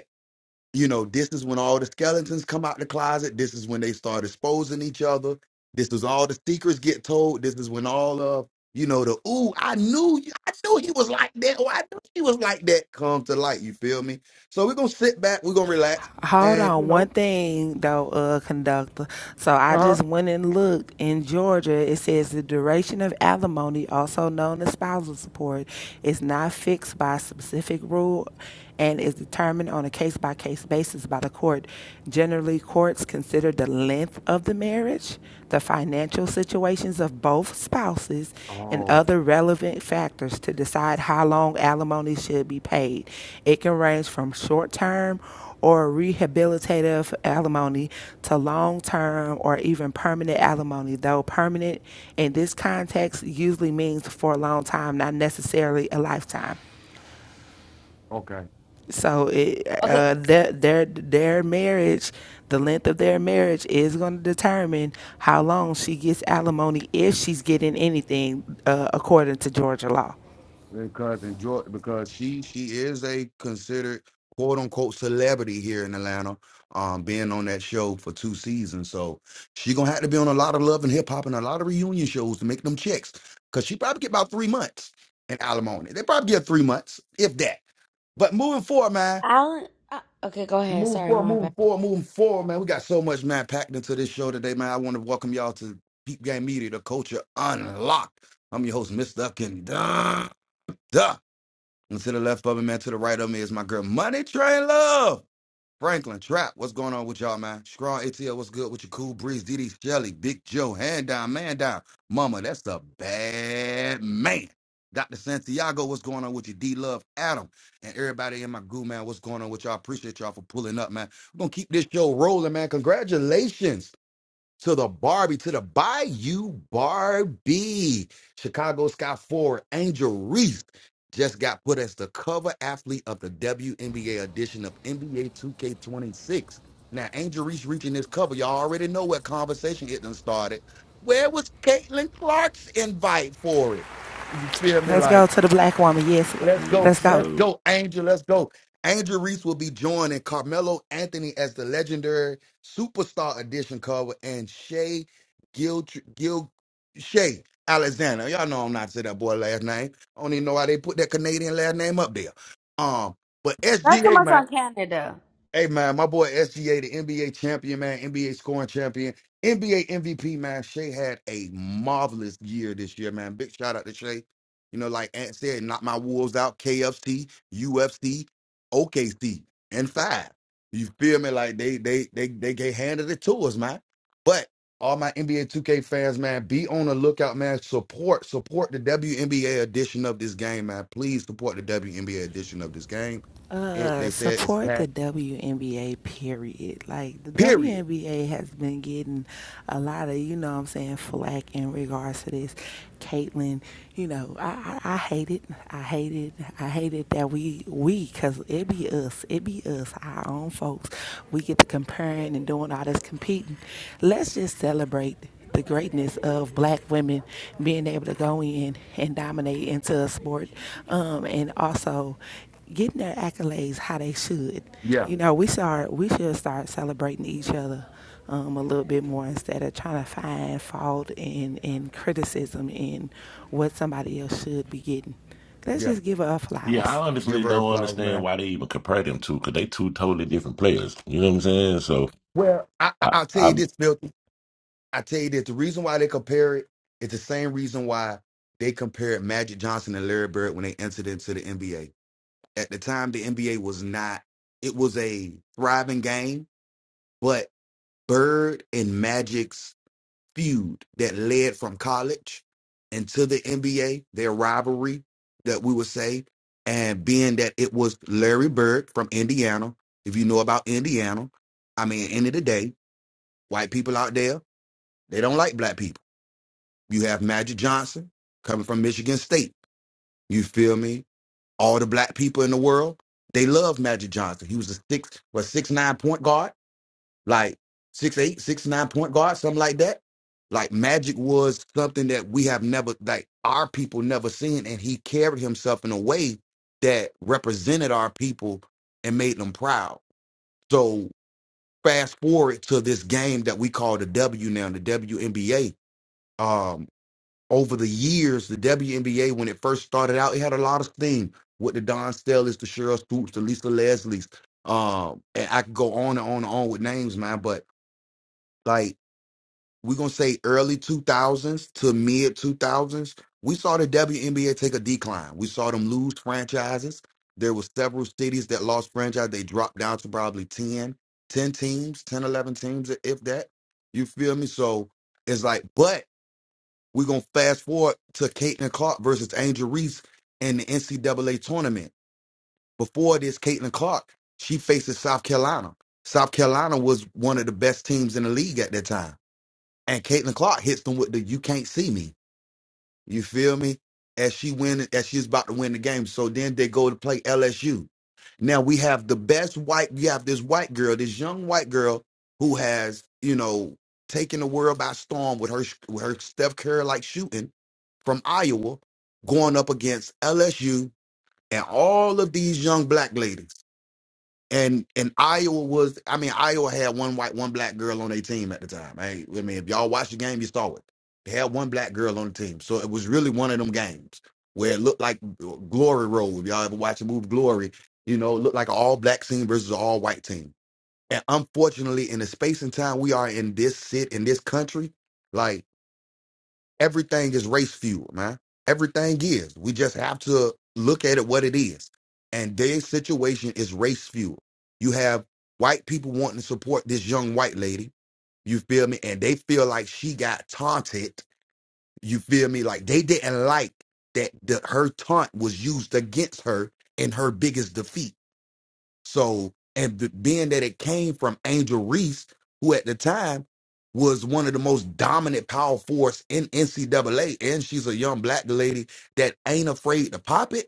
Speaker 1: you know, this is when all the skeletons come out the closet. This is when they start exposing each other. This is all the secrets get told. This is when all of you know the ooh, I knew I knew he was like that. Or I knew he was like that. Come to light. You feel me? So we're gonna sit back. We're gonna relax,
Speaker 6: Hold
Speaker 1: and you
Speaker 6: on, one
Speaker 1: know,
Speaker 6: thing though, uh, conductor. So I
Speaker 1: uh huh.
Speaker 6: just went and looked in Georgia. It says the duration of alimony, also known as spousal support, is not fixed by a specific rule and is determined on a case by case basis by the court. Generally, courts consider the length of the marriage, the financial situations of both spouses, and
Speaker 1: Oh,
Speaker 6: other relevant factors to decide how long alimony should be paid. It can range from short term or rehabilitative alimony to long term or even permanent alimony, though permanent in this context usually means for a long time, not necessarily a lifetime.
Speaker 1: okay.
Speaker 6: So it,
Speaker 3: Okay,
Speaker 6: uh, their, their their marriage, the length of their marriage is going to determine how long she gets alimony if she's getting anything uh, according to Georgia law.
Speaker 1: because enjoy because she she is a considered quote unquote celebrity here in Atlanta, um, being on that show for two seasons. So she gonna have to be on a lot of love and hip hop and a lot of reunion shows to make them checks. Cause she probably get about three months in alimony. They probably get three months, if that. But moving forward, man.
Speaker 3: Alan, uh, okay, go ahead.
Speaker 1: Moving
Speaker 3: Sorry,
Speaker 1: forward,
Speaker 3: my
Speaker 1: moving
Speaker 3: bad.
Speaker 1: forward, moving forward, man. We got so much, man, packed into this show today, man. I want to welcome y'all to Peep Game Media, the culture unlocked. I'm your host, Mr. Duck Duh. And to the left of me, man, to the right of me is my girl Money Train Love. Franklin Trap, what's going on with y'all, man? Strong ATL, what's good with your cool breeze? DD Shelly, Big Joe, hand down, man down. Mama, that's the bad man. Dr. Santiago, what's going on with you? D Love, Adam, and everybody in my group, man, what's going on with y'all? Appreciate y'all for pulling up, man. We're going to keep this show rolling, man. Congratulations to the Barbie, to the Bayou Barbie. Chicago Sky forward Angel Reese just got put as the cover athlete of the WNBA edition of NBA 2K26. Now, Angel Reese reaching this cover, y'all already know what conversation it done started. Where was Caitlin Clark's invite for it? You feel me?
Speaker 6: Let's
Speaker 1: Like,
Speaker 6: go to the black woman. Yes,
Speaker 1: Let's go.
Speaker 4: Salute,
Speaker 6: let's go.
Speaker 1: Let's
Speaker 4: salute.
Speaker 1: go, Angel. Let's go. Angel Reese will be joining Carmelo Anthony as the legendary superstar edition cover and Shay Gil, Gil Shay Alexander. Y'all know I'm not saying that boy last name. I don't even know why they put that Canadian last name up there. Um, but
Speaker 3: Not too
Speaker 1: SGA,
Speaker 3: much
Speaker 1: man.
Speaker 3: on Canada.
Speaker 1: Hey man, my boy SGA, the NBA champion, man, NBA scoring champion, NBA MVP, man. Shea had a marvelous year this year, man. Big shout out to Shea. You know, like Ant said, knock my wolves out, KFC, UFC, OKC, and five. You feel me? Like they they they they get handed it to us, man. But all my NBA 2K fans, man, be on the lookout, man. Support, support the WNBA edition of this game, man. Please support the WNBA edition of this game. It, they
Speaker 6: Uh,
Speaker 1: said it's
Speaker 6: support
Speaker 1: packed
Speaker 6: the WNBA period. Like the
Speaker 1: Period.
Speaker 6: WNBA has been getting a lot of, you know what I'm saying, flack in regards to this. Caitlin, you know, I, I, I hate it. I hate it. I hate it that we, we, cause it be us. It be us, our own folks. We get to comparing and doing all this competing. Let's just celebrate the greatness of black women being able to go in and dominate into a sport um, and also getting their accolades how they should.
Speaker 1: Yeah,
Speaker 6: You know, we start we should start celebrating each other um, a little bit more instead of trying to find fault and, and criticism in what somebody else should be getting. Let's
Speaker 1: yeah.
Speaker 6: just give her
Speaker 4: Yeah, I
Speaker 6: flowers.
Speaker 4: honestly
Speaker 1: Give her
Speaker 4: don't
Speaker 1: flowers,
Speaker 4: understand
Speaker 1: man.
Speaker 4: why they even compare them two because they two totally different players. You know what I'm saying? So
Speaker 1: Well, I, I,
Speaker 4: I,
Speaker 1: I'll tell you
Speaker 4: I'm
Speaker 1: this, filthy. I tell you this. The reason why they compare it is the same reason why they compared Magic Johnson and Larry Bird when they entered into the NBA. At the time, the NBA was not. It was a thriving game, but Bird and Magic's feud that led from college into the NBA, their rivalry that we would say, and being that it was Larry Bird from Indiana, if you know about Indiana, I mean, end of the day, white people out there, they don't like black people. You have Magic Johnson coming from Michigan State. You feel me? All the black people in the world, they love Magic Johnson. He was a six, was six nine point guard like six eight, six nine point guard, something like that. Like Magic was something that we have never, like our people never seen, and he carried himself in a way that represented our people and made them proud. So fast forward to this game that we call the W now, the WNBA. Um, over the years, the WNBA when it first started out, it had a lot of steam with the Don Stellis, the Cheryl Stoops, the Lisa Leslie's. Um, and I could go on and on and on with names, man, but like we're gonna say early 2000s to mid 2000s we saw the WNBA take a decline we saw them lose franchises there were several cities that lost franchise they dropped down to probably 10, 10 teams 10 11 teams if that you feel me so it's like but we're gonna fast forward to Caitlin Clark versus Angel Reese in the NCAA tournament before this Caitlin Clark she faces South Carolina South Carolina was one of the best teams in the league at that time and Caitlin Clark hits them with the "You can't see me." You feel me? As she win, as she's about to win the game. So then they go to play LSU. Now we have the best white. You have this white girl, this young white girl who has you know taken the world by storm with her sh- with her Steph Curry like shooting from Iowa, going up against LSU and all of these young black ladies and and Iowa was I mean Iowa had one white one black girl on their team at the time. Hey, I mean if y'all watched the game, you saw it. They had one black girl on the team, so it was really one of them games where it looked like uh, Glory Road. If y'all ever watch the movie Glory, you know it looked like an all black team versus an all white team. And unfortunately, in the space and time we are in this sit in this country, like everything is race fuel, man. Everything is. We just have to look at it what it is. And their situation is race fuel. You have white people wanting to support this young white lady. You feel me? And they feel like she got taunted. You feel me? Like they didn't like that the, her taunt was used against her in her biggest defeat. So, and b- being that it came from Angel Reese, who at the time was one of the most dominant power force in NCAA, and she's a young black lady that ain't afraid to pop it.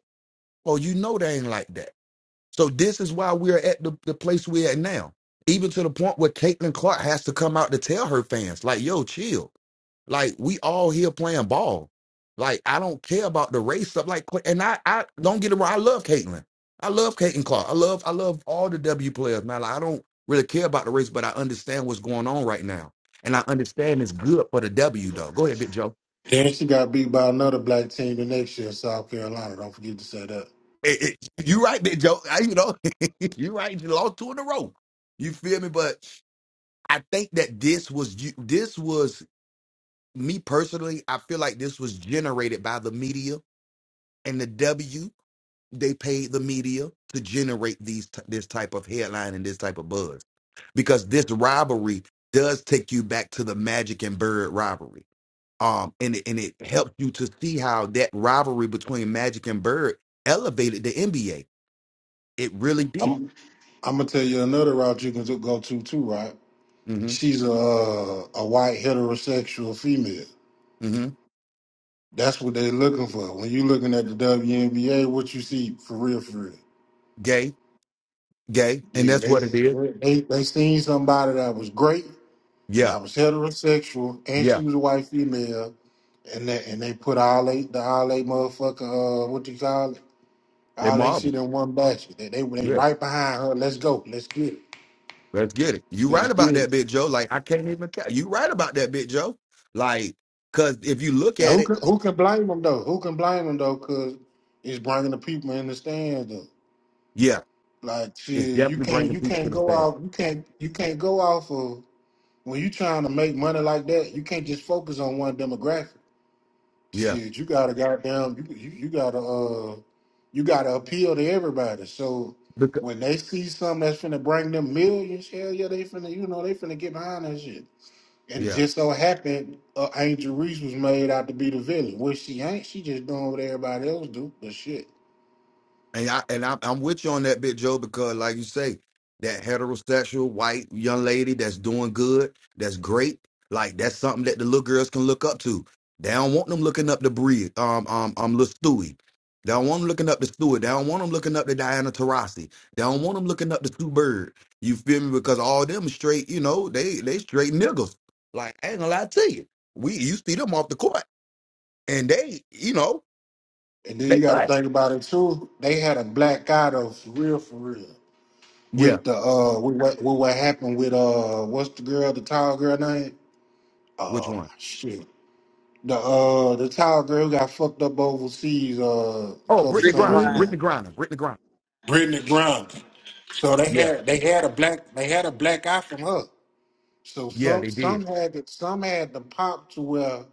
Speaker 1: Oh, you know they ain't like that. So this is why we're at the, the place we're at now. Even to the point where Caitlin Clark has to come out to tell her fans, like, yo, chill like we all here playing ball. Like I don't care about the race stuff. Like and I, I don't get it wrong. I love Caitlin. I love Caitlin Clark. I love I love all the W players, man. Like, I don't really care about the race, but I understand what's going on right now, and I understand it's good for the W though. Go ahead, Big Joe.
Speaker 5: Then she got beat by another black team the next year, South Carolina. Don't forget to say that.
Speaker 1: Eh, eh, you right, Big Joe. I, you know, you right. You lost two in a row. You feel me? But I think that this was you. This was me personally. I feel like this was generated by the media and the W. they paid the media to generate these t- this type of headline and this type of buzz because this rivalry does take you back to the Magic and Bird rivalry. Um, and it, and it helped you to see how that rivalry between Magic and Bird elevated the NBA. It really did.
Speaker 5: I'm I'm gonna tell you another route you can do- go to too, right?
Speaker 1: hmm
Speaker 5: She's a uh, a white heterosexual female.
Speaker 1: hmm
Speaker 5: That's what they're looking for. When you looking at the WNBA, what you see for real, for real.
Speaker 1: Gay, gay, and
Speaker 5: Yeah,
Speaker 1: that's
Speaker 5: they
Speaker 1: what it is.
Speaker 5: they they seen somebody that was great and
Speaker 1: Yeah,
Speaker 5: that was heterosexual and
Speaker 1: yeah.
Speaker 5: she was a white female and they and they put all they the all they motherfucker uh what do you call it?
Speaker 1: They
Speaker 5: All they
Speaker 1: Marvel.
Speaker 5: see them one basket. They, they they
Speaker 1: Yeah,
Speaker 5: right behind her. Let's go. Let's get it.
Speaker 1: let's get it. You right
Speaker 5: Let's
Speaker 1: about
Speaker 5: get
Speaker 1: that,
Speaker 5: it.
Speaker 1: bit Joe. Like I can't even. Ca- you right about that, bit Joe. Like, cause if you look
Speaker 5: And
Speaker 1: at
Speaker 5: who
Speaker 1: it.
Speaker 5: can who can blame them though? Who can blame them though? Cause it's bringing the people in the stands though.
Speaker 1: Yeah.
Speaker 5: Like
Speaker 1: it's
Speaker 5: shit, you
Speaker 1: definitely
Speaker 5: can't
Speaker 1: bringing
Speaker 5: you
Speaker 1: people to
Speaker 5: can't
Speaker 1: the
Speaker 5: go
Speaker 1: stand.
Speaker 5: off you can't you can't go off of when you trying to make money like that. You can't just focus on one demographic.
Speaker 1: Yeah,
Speaker 5: Shit, you gotta goddamn you you, you gotta uh you gotta appeal to everybody. So
Speaker 1: Because
Speaker 5: when they see something that's finna bring them millions, hell yeah, they finna you know they finna get behind that shit. And it
Speaker 1: yeah.
Speaker 5: just so happened, uh, Angel Reese was made out to be the villain, which she ain't. She just doing what everybody else do, but shit.
Speaker 1: And I and I, I'm with you on that bit, Joe, because like you say, that heterosexual white young lady that's doing good, that's great. Like that's something that the little girls can look up to. They don't want them looking up to Bree, um, um, um, little Stewie. They don't want them looking up to Stewart. They don't want them looking up to Diana Taurasi. They don't want them looking up to Sue Bird. You feel me? Because all them straight, you know, they they straight niggas. Like I ain't gonna lie to you, we you see them off the court. and they, you know,
Speaker 5: And then
Speaker 1: they
Speaker 5: you got to
Speaker 1: class.
Speaker 5: think about it too. They had a black guy though, for real, for real.
Speaker 1: Yeah.
Speaker 5: With the uh, with what, with what happened with uh, what's the girl, the tall girl name?
Speaker 1: Which
Speaker 5: Oh
Speaker 1: one?
Speaker 5: shit, the uh, the tall girl who got fucked up overseas uh, a
Speaker 1: Oh,
Speaker 5: couple
Speaker 1: Brittany
Speaker 7: Brittany
Speaker 5: summers
Speaker 1: Griner,
Speaker 7: Griner.
Speaker 6: Brittany.
Speaker 5: ago.
Speaker 1: Brittany Griner, Brittany Griner.
Speaker 5: Brittany Grinder. So they
Speaker 1: Yeah,
Speaker 5: had they had a black they had a black guy from her. So
Speaker 1: yeah,
Speaker 5: some
Speaker 1: they did.
Speaker 5: some had it. some had the pop to where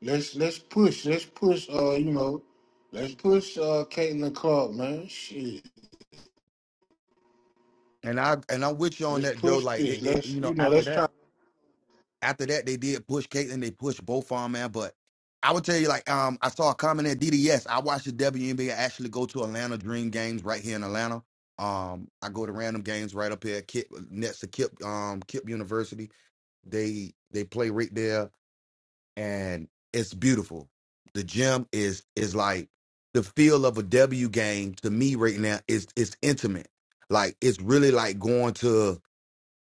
Speaker 5: let's let's push let's push uh you know let's push uh Caitlin Clark man shit
Speaker 1: And I and I'm with you on
Speaker 5: let's
Speaker 1: that, Joe.
Speaker 5: push
Speaker 1: Like, it,
Speaker 5: this
Speaker 1: it,
Speaker 5: let's
Speaker 1: you
Speaker 5: you
Speaker 1: know,
Speaker 5: know
Speaker 1: after
Speaker 5: let's
Speaker 1: that,
Speaker 5: try.
Speaker 1: after that, they did push Caitlyn, they pushed both of 'em, man. But I would tell you, like, um, I saw a comment at DDS. I watched the WNBA actually go to Atlanta Dream games right here in Atlanta. Um, I go to random games right up here, at Kip, next to Kip, um, Kip University. They they play right there and it's beautiful. The gym is is like the feel of a W game to me right now is it's intimate. Like it's really like going to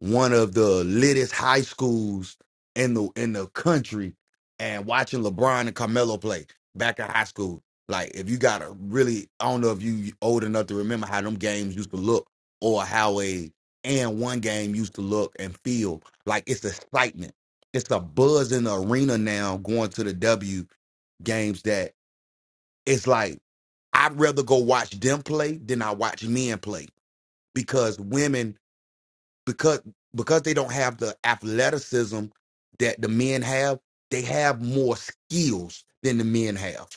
Speaker 1: one of the littest high schools in the in the country and watching LeBron and Carmelo play back in high school. Like if you got a really I don't know if you old enough to remember how them games used to look or how a and one game used to look and feel like it's excitement. It's a buzz in the arena now going to the W games that it's like I'd rather go watch them play than I watch men play because women because because they don't have the athleticism that the men have, they have more skills than the men have.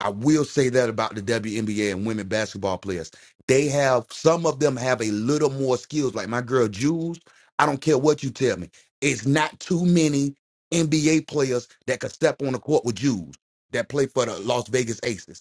Speaker 1: I will say that about the WNBA and women basketball players. They have some of them have a little more skills. Like my girl Jules, I don't care what you tell me. It's not too many NBA players that could step on the court with Jules that play for the Las Vegas Aces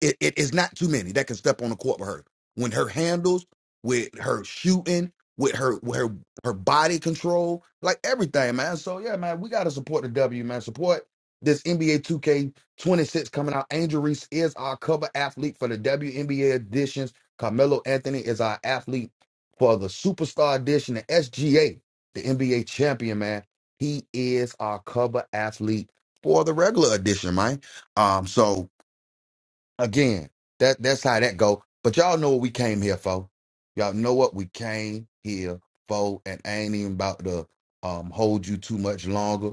Speaker 1: it, it is not too many that can step on the court with her. When her handles, with her shooting, with her with her her body control, like everything, man. So yeah, man, we gotta support the W, man. Support this NBA 2K26 coming out. Angel Reese is our cover athlete for the WNBA editions. Carmelo Anthony is our athlete for the Superstar Edition. The SGA, the NBA champion, man. He is our cover athlete for the regular edition, man. Um, so again, that that's how that go. But y'all know what we came here for. Y'all know what we came here for, and I ain't even about to um hold you too much longer.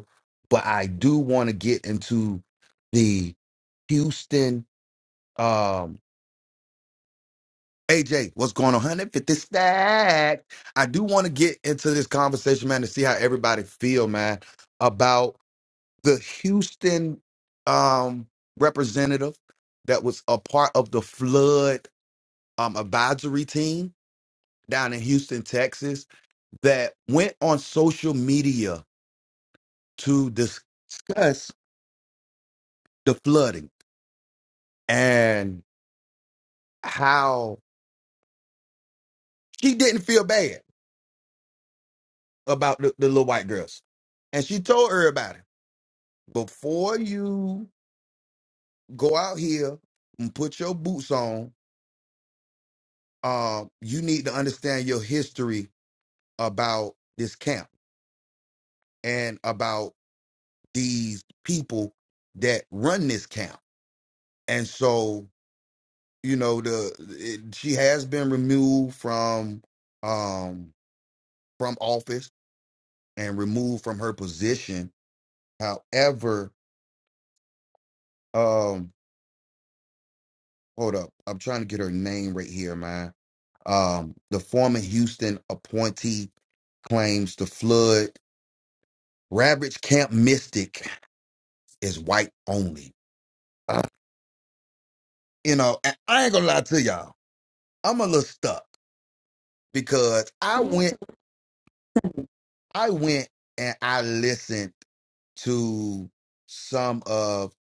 Speaker 1: But I do want to get into the Houston. Um, AJ, what's going on? 150 stack. I do want to get into this conversation, man, to see how everybody feel, man, about the Houston um representative that was a part of the flood um, advisory team down in Houston, Texas, that went on social media to discuss the flooding and how she didn't feel bad about the, the little white girls. And she told everybody before you go out here and put your boots on, um, you need to understand your history about this camp and about these people that run this camp. And so you know the it, she has been removed from um from office and removed from her position however um hold up i'm trying to get her name right here man um the former houston appointee claims the flood ravaged camp mystic is white only Uh, you know and i ain't gonna lie to y'all i'm a little stuck because i went I went and I listened to some of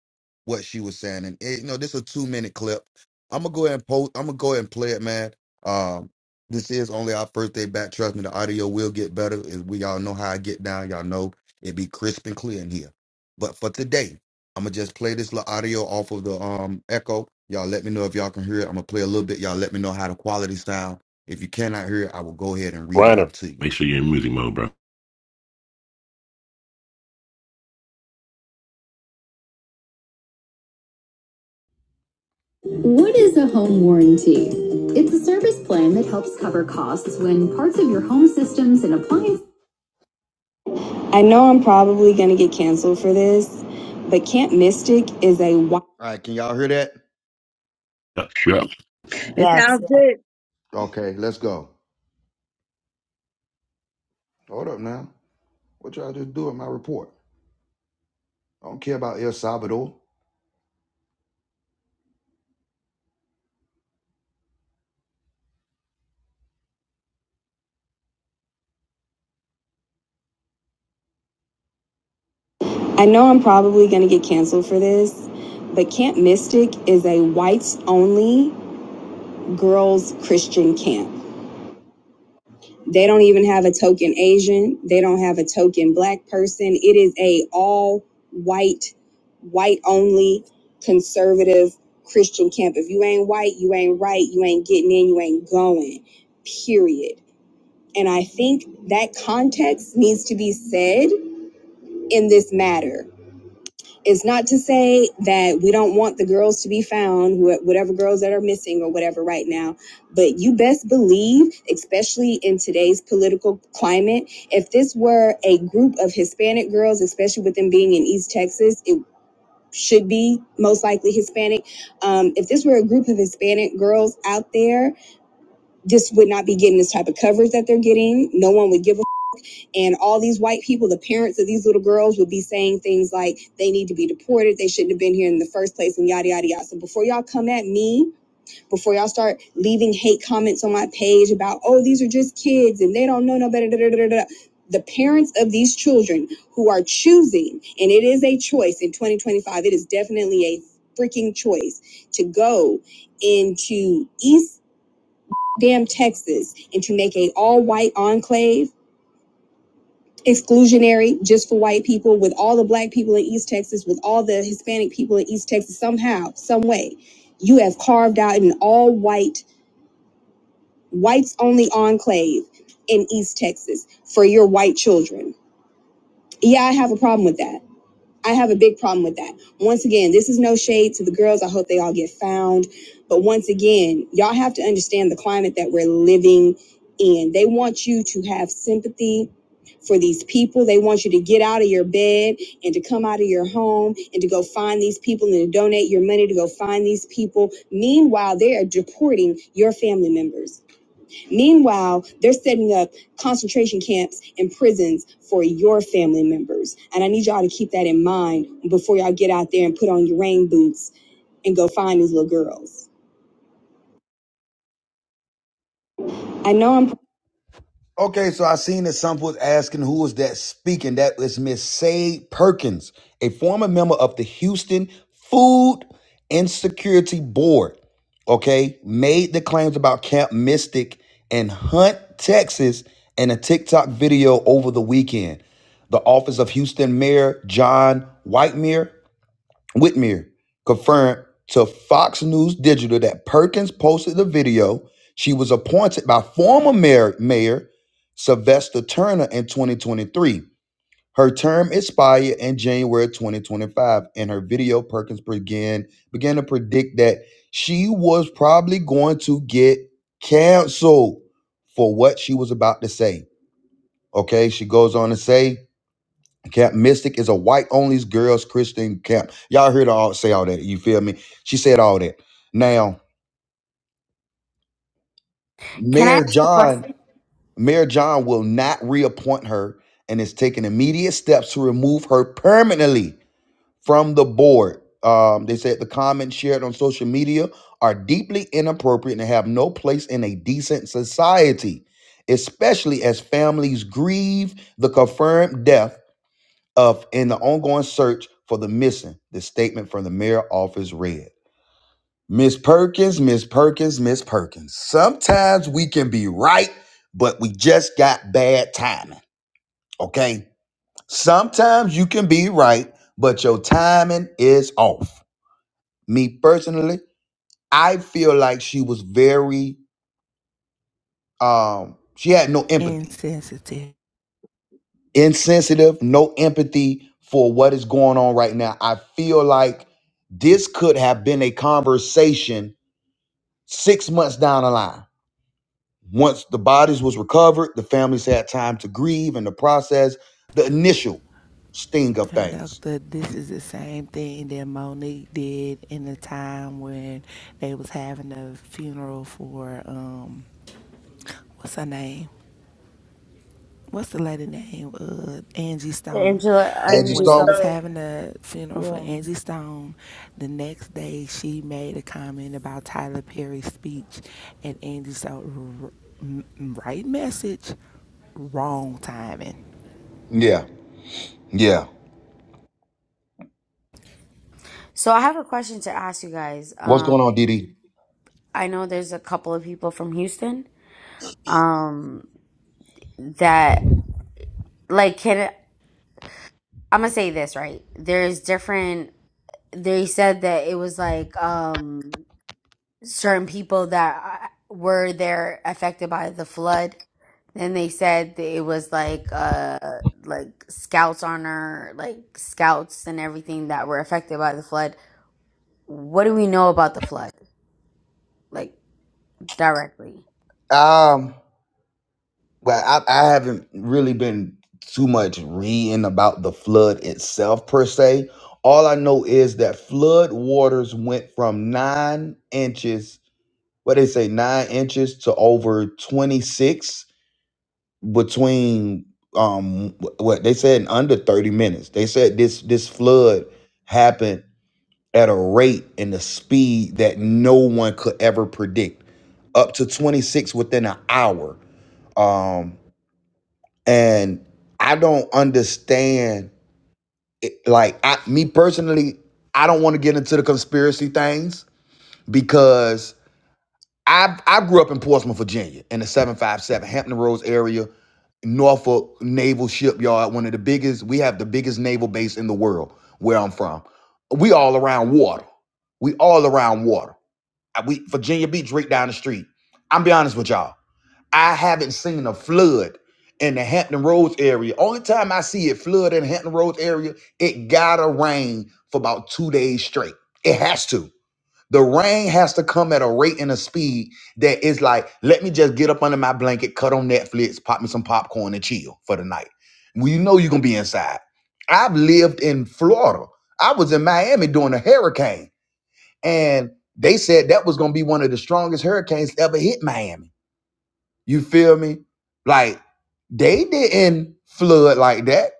Speaker 1: what she was saying, and it, you know, this is a two minute clip. I'm gonna go ahead and post. I'm gonna go ahead and play it, man. Um, this is only our first day back. Trust me, the audio will get better. As we y'all know how I get down, y'all know it be crisp and clear in here. But for today, I'm gonna just play this little audio off of the um echo. Y'all let me know if y'all can hear it. I'm gonna play a little bit. Y'all let me know how the quality sound. If you cannot hear it, I will go ahead and read it
Speaker 4: Reiner.
Speaker 1: out to you.
Speaker 4: Make sure you're in music mode, bro.
Speaker 1: What is a home warranty? It's a service plan that helps cover costs when parts of your home systems and appliances. I know I'm probably going to get canceled for this, but Camp Mystic is a All right, can y'all hear that?
Speaker 4: Yeah.
Speaker 9: It
Speaker 3: Yes.
Speaker 9: sounds good.
Speaker 1: Okay, let's go. Hold up now. What y'all just do in my report? I don't care about El Salvador. I know I'm probably going to get canceled for this, but Camp Mystic is a whites only girls Christian camp. They don't even have a token Asian. They don't have a token black person. It is a all white, white only conservative Christian camp. If you ain't white, you ain't right, you ain't getting in, you ain't going. Period. And I think that context needs to be said in this matter. It's not to say that we don't want the girls to be found, wh- whatever girls that are missing or whatever right now, but you best believe, especially in today's political climate, if this were a group of Hispanic girls, especially with them being in East Texas, it should be most likely Hispanic. Um, if this were a group of Hispanic girls out there, this would not be getting this type of coverage that they're getting. No one would give and all these white people, the parents of these little girls, would be saying things like they need to be deported, they shouldn't have been here in the first place, and yada yada yada. So before y'all come at me, before y'all start leaving hate comments on my page about oh these are just kids and they don't know no better, da, da, da, da, da. the parents of these children who are choosing, and it is a choice in 2025, it is definitely a freaking choice to go into East damn Texas and to make a all white enclave exclusionary just for white people with all the black people in east texas with all the hispanic people in east texas somehow some way you have carved out an all white whites only enclave in east texas for your white children yeah i have a problem with that I have a big problem with that. Once again, this is no shade to the girls. I hope they all get found. But once again, y'all have to understand the climate that we're living in. They want you to have sympathy for these people. They want you to get out of your bed and to come out of your home and to go find these people and to donate your money to go find these people. Meanwhile, they are deporting your family members. Meanwhile, they're setting up concentration camps and prisons for your family members. And I need y'all to keep that in mind before y'all get out there and put on your rain boots and go find these little girls. I know I'm Okay, so I seen that some was asking who was that speaking. That was Miss Sade Perkins, a former member of the Houston Food Insecurity Board. Okay, made the claims about Camp Mystic and Hunt, Texas, in a TikTok video over the weekend. The office of Houston Mayor John Whitemire Whitmer confirmed to Fox News Digital that Perkins posted the video. She was appointed by former mayor, mayor Sylvester Turner in 2023. Her term expired in January 2025. In her video, Perkins began began to predict that she was probably going to get canceled for what she was about to say. Okay, she goes on to say, Camp Mystic is a white only girls Christian camp. Y'all heard her all say all that. You feel me? She said all that. Now,
Speaker 3: Can I
Speaker 1: Mayor
Speaker 3: ask a
Speaker 1: John,
Speaker 3: question?
Speaker 1: Mayor John will not reappoint her and is taking immediate steps to remove her permanently from the board. Um, they said the comments shared on social media are deeply inappropriate and have no place in a decent society, especially as families grieve the confirmed death of in the ongoing search for the missing. The statement from the mayor office read. Miss Perkins, Miss Perkins, Miss Perkins. Sometimes we can be right, but we just got bad timing. Okay? Sometimes you can be right, but your timing is off. Me personally, I feel like she was very um she had no empathy
Speaker 6: Insensitive
Speaker 1: insensitive, no empathy for what is going on right now. I feel like this could have been a conversation six months down the line. Once the bodies was recovered, the families had time to grieve and to process the initial sting of things.
Speaker 6: conductor. This is the same thing that Monique did in the time when they was having a funeral for um what's her name? what's the lady name? Uh, Angie Stone.
Speaker 3: Angela,
Speaker 9: Thank
Speaker 1: Angie
Speaker 3: Angela,
Speaker 6: When
Speaker 9: you,
Speaker 6: they
Speaker 3: so,
Speaker 1: Stone?
Speaker 6: was having the funeral for
Speaker 3: yeah.
Speaker 6: Angie Stone, the next day she made a comment about Tyler Perry's speech, and Angie said, right message, wrong timing.
Speaker 1: Yeah, yeah.
Speaker 3: So I have a question to ask you guys.
Speaker 1: What's
Speaker 3: Um,
Speaker 1: going on, Didi?
Speaker 3: I know there's a couple of people from Houston. Um, that like can I'm gonna say this right? There's different. They said that it was like um certain people that uh, were there affected by the flood. Then they said that it was like uh like scouts on her like scouts and everything that were affected by the flood. What do we know about the flood? Like directly.
Speaker 1: Um. well, I, I haven't really been too much reading about the flood itself per se. All I know is that flood waters went from nine inches, what they say, nine inches to over 26 between um wh- what they said in under 30 minutes. They said this this flood happened at a rate and a speed that no one could ever predict. Up to 26 within an hour. Um and I don't understand. It, like I, me personally, I don't want to get into the conspiracy things because I I grew up in Portsmouth, Virginia, in the seven five seven Hampton Roads area, Norfolk Naval Shipyard, one of the biggest. We have the biggest naval base in the world where I'm from. We all around water. We all around water. Uh, We Virginia Beach right down the street. I'm be honest with y'all. I haven't seen a flood in the Hampton Roads area. Only time I see it flood in the Hampton Roads area, it gotta rain for about two days straight. It has to. The rain has to come at a rate and a speed that is like, let me just get up under my blanket, cut on Netflix, pop me some popcorn and chill for the night. Well, you know you're gonna be inside. I've lived in Florida. I was in Miami during a hurricane, and they said that was gonna be one of the strongest hurricanes ever hit Miami you feel me? Like they didn't flood like that.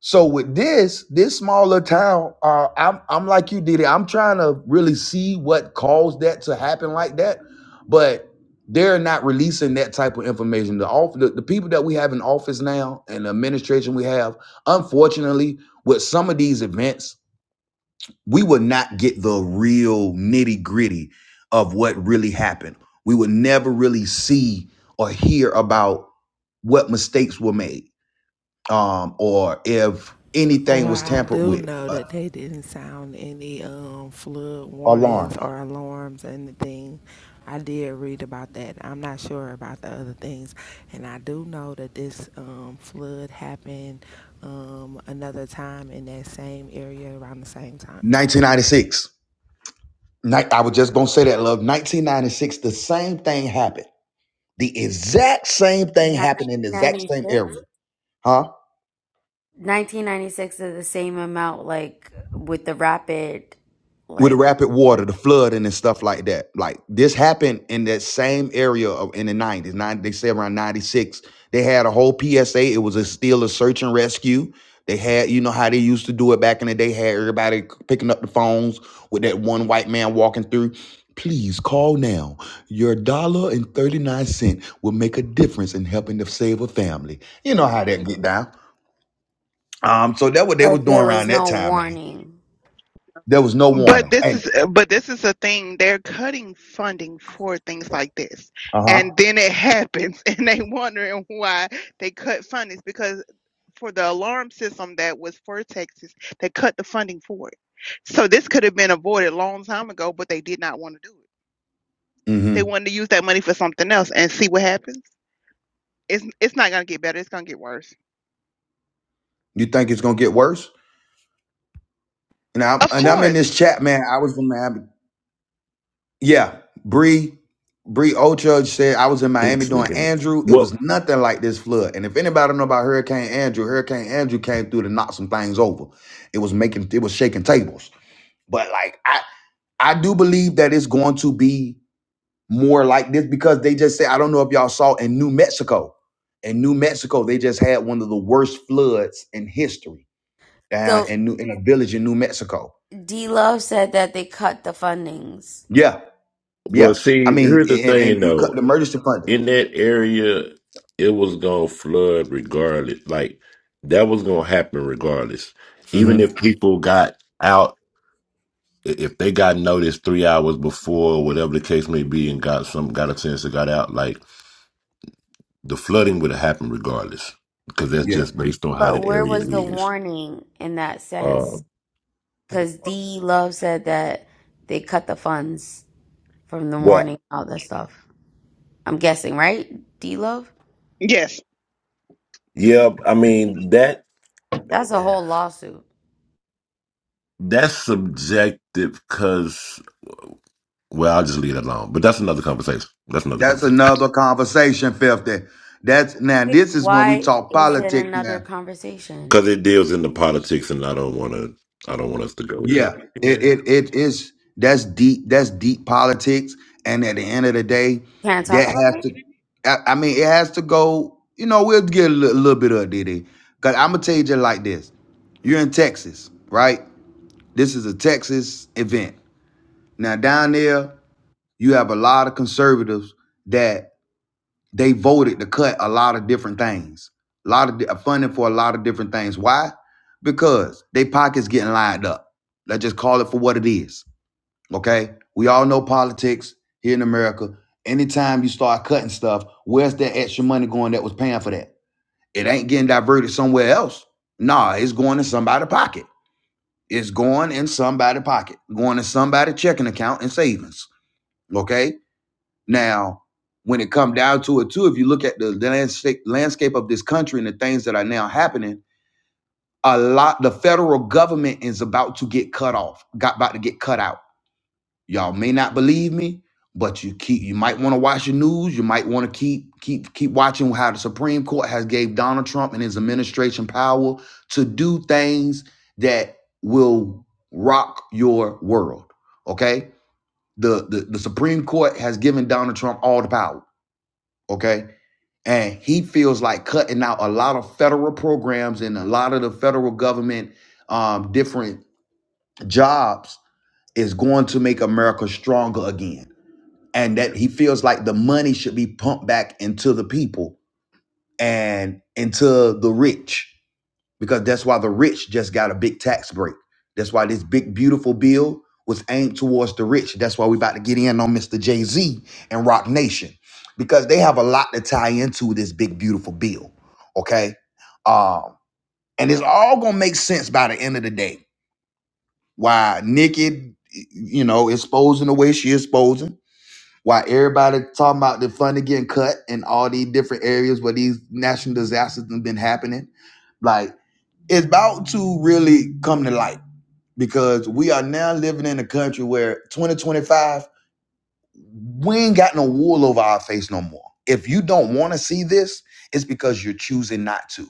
Speaker 1: So with this, this smaller town, uh, I'm I'm like you did it. I'm trying to really see what caused that to happen like that, but they're not releasing that type of information. The off the, the people that we have in office now and the administration we have, unfortunately, with some of these events, we will not get the real nitty gritty of what really happened. We would never really see or hear about what mistakes were made um, or if
Speaker 6: Oh,
Speaker 1: anything
Speaker 6: Well,
Speaker 1: was
Speaker 6: I
Speaker 1: tampered
Speaker 6: do
Speaker 1: with.
Speaker 6: know
Speaker 1: Uh,
Speaker 6: that they didn't sound any um, flood warnings
Speaker 1: alarms.
Speaker 6: or alarms, anything. I did read about that. I'm not sure about the other things. And I do know that this um, flood happened um, another time in that same area around the same time.
Speaker 1: 1996. Ni- I was just going to say that, love. 1996, the same thing happened. The exact same thing happened in the exact same
Speaker 3: 1996?
Speaker 1: area. Huh?
Speaker 3: 1996 is the same amount like with the rapid
Speaker 1: with the
Speaker 3: like
Speaker 1: rapid water,
Speaker 3: but,
Speaker 1: the flooding and stuff like that. Like this happened in that same area of, in the 90s. Nine, they say around 96. They had a whole PSA. It was a still a search and rescue. They had, you know how they used to do it back in the day, had everybody picking up the phones with that one white man walking through. Please call now. Your dollar and 39 cent will make a difference in helping to save a family. You know how that get down. Um, so that what they was
Speaker 3: but
Speaker 1: doing
Speaker 3: there
Speaker 1: around
Speaker 3: was
Speaker 1: that
Speaker 3: no
Speaker 1: time, man.
Speaker 3: warning.
Speaker 1: There was no
Speaker 10: But
Speaker 1: warning.
Speaker 10: this
Speaker 1: And
Speaker 10: is uh, but this is a thing. They're cutting funding for things like this,
Speaker 1: uh-huh.
Speaker 10: and then it happens, and they wondering why they cut funding because for the alarm system that was for Texas, they cut the funding for it. So this could have been avoided a long time ago, but they did not want to do it.
Speaker 1: Mm hmm.
Speaker 10: They wanted to use that money for something else and see what happens. It's it's not gonna get better. It's gonna get worse.
Speaker 1: You think it's gonna get worse? And I'm
Speaker 10: Of
Speaker 1: and I'm in
Speaker 10: course.
Speaker 1: this chat, man. I was in Miami. Yeah, Bree, Bree Ochudge said I was in Miami
Speaker 4: This
Speaker 1: doing
Speaker 4: nigga.
Speaker 1: Andrew. It
Speaker 4: What?
Speaker 1: was nothing like this flood. And if anybody know about Hurricane Andrew, Hurricane Andrew came through to knock some things over. It was making it was shaking tables. But like I I do believe that it's going to be more like this because they just say I don't know if y'all saw in New Mexico. In New Mexico, they just had one of the worst floods in history. Uh,
Speaker 3: So
Speaker 1: in, New, in a village in New Mexico.
Speaker 3: D Love said that they cut the fundings.
Speaker 1: Yeah
Speaker 4: Well,
Speaker 1: Yeah, I
Speaker 4: see,
Speaker 1: mean,
Speaker 4: here's the
Speaker 1: and, and
Speaker 4: thing
Speaker 1: you cut the
Speaker 4: though.
Speaker 1: emergency funding.
Speaker 4: In that area, it was gonna flood regardless. Like that was gonna happen regardless.
Speaker 1: hmm
Speaker 4: Even if people got out, i- if they got noticed three hours before, whatever the case may be, and got some got a sense that got out, like the flooding would have happened regardless because that's
Speaker 1: Yeah,
Speaker 4: just based on how
Speaker 3: But
Speaker 4: that
Speaker 3: where
Speaker 4: area
Speaker 3: was the
Speaker 4: is.
Speaker 3: warning in that
Speaker 4: Uh,
Speaker 3: sense? Because D Love said that they cut the funds from the
Speaker 4: well,
Speaker 3: warning, all that stuff. I'm guessing, right? D Love?
Speaker 10: Yes.
Speaker 4: yeah, I mean that
Speaker 3: That's a whole lawsuit.
Speaker 4: that's subjective because. Well, I'll just leave that alone. But that's another conversation. That's another
Speaker 1: that's
Speaker 4: conversation
Speaker 1: another conversation, Fifty. That's now.
Speaker 3: Wait,
Speaker 1: This is when we
Speaker 3: why
Speaker 1: talk
Speaker 3: is it
Speaker 1: politics. Now,
Speaker 3: another conversation?
Speaker 4: because it deals into politics, and I don't want to. I don't want us to go there.
Speaker 1: yeah, it
Speaker 4: Yeah,
Speaker 1: it, it is. That's deep. That's deep politics. And at the end of the day,
Speaker 3: Can I
Speaker 1: that
Speaker 3: talk about
Speaker 1: has
Speaker 3: it?
Speaker 1: to. I, I mean, it has to go. You know, we'll get a little, little bit of it. Cause I'm gonna tell you just like this. You're in Texas, right? This is a Texas event. Now down there, you have a lot of conservatives that They voted to cut a lot of different things, a lot of di- uh, funding for a lot of different things. Why? Because they pockets getting lined up. Let's just call it for what it is. Okay, we all know politics here in America. Anytime you start cutting stuff, where's that extra money going that was paying for that? It ain't getting diverted somewhere else. Nah, it's going in somebody's pocket. It's going in somebody's pocket, going in somebody's checking account and savings. Okay. Now, when it come down to it, too, if you look at the landscape landscape of this country and the things that are now happening, a lot the federal government is about to get cut off, got about to get cut out. Y'all may not believe me, but you keep you might want to watch the news. You might want to keep keep keep watching how the Supreme Court has gave Donald Trump and his administration power to do things that will rock your world. Okay, the the, the Supreme Court has given Donald Trump all the power. Okay, and he feels like cutting out a lot of federal programs and a lot of the federal government um, different jobs is going to make america stronger again and that he feels like the money should be pumped back into the people and into the rich because that's why the rich just got a big tax break. That's why this big beautiful bill was aimed towards the rich. That's why we about to get in on Mr. Jay Z and Rock Nation because they have a lot to tie into this big beautiful bill. Okay, um, and it's all gonna make sense by the end of the day. Why Nikki, you know, exposing the way she exposing. Why everybody talking about the funding getting cut in all these different areas where these national disasters have been happening. like it's about to really come to light because we are now living in a country where 2025 we ain't got no wool over our face no more if you don't want to see this it's because you're choosing not to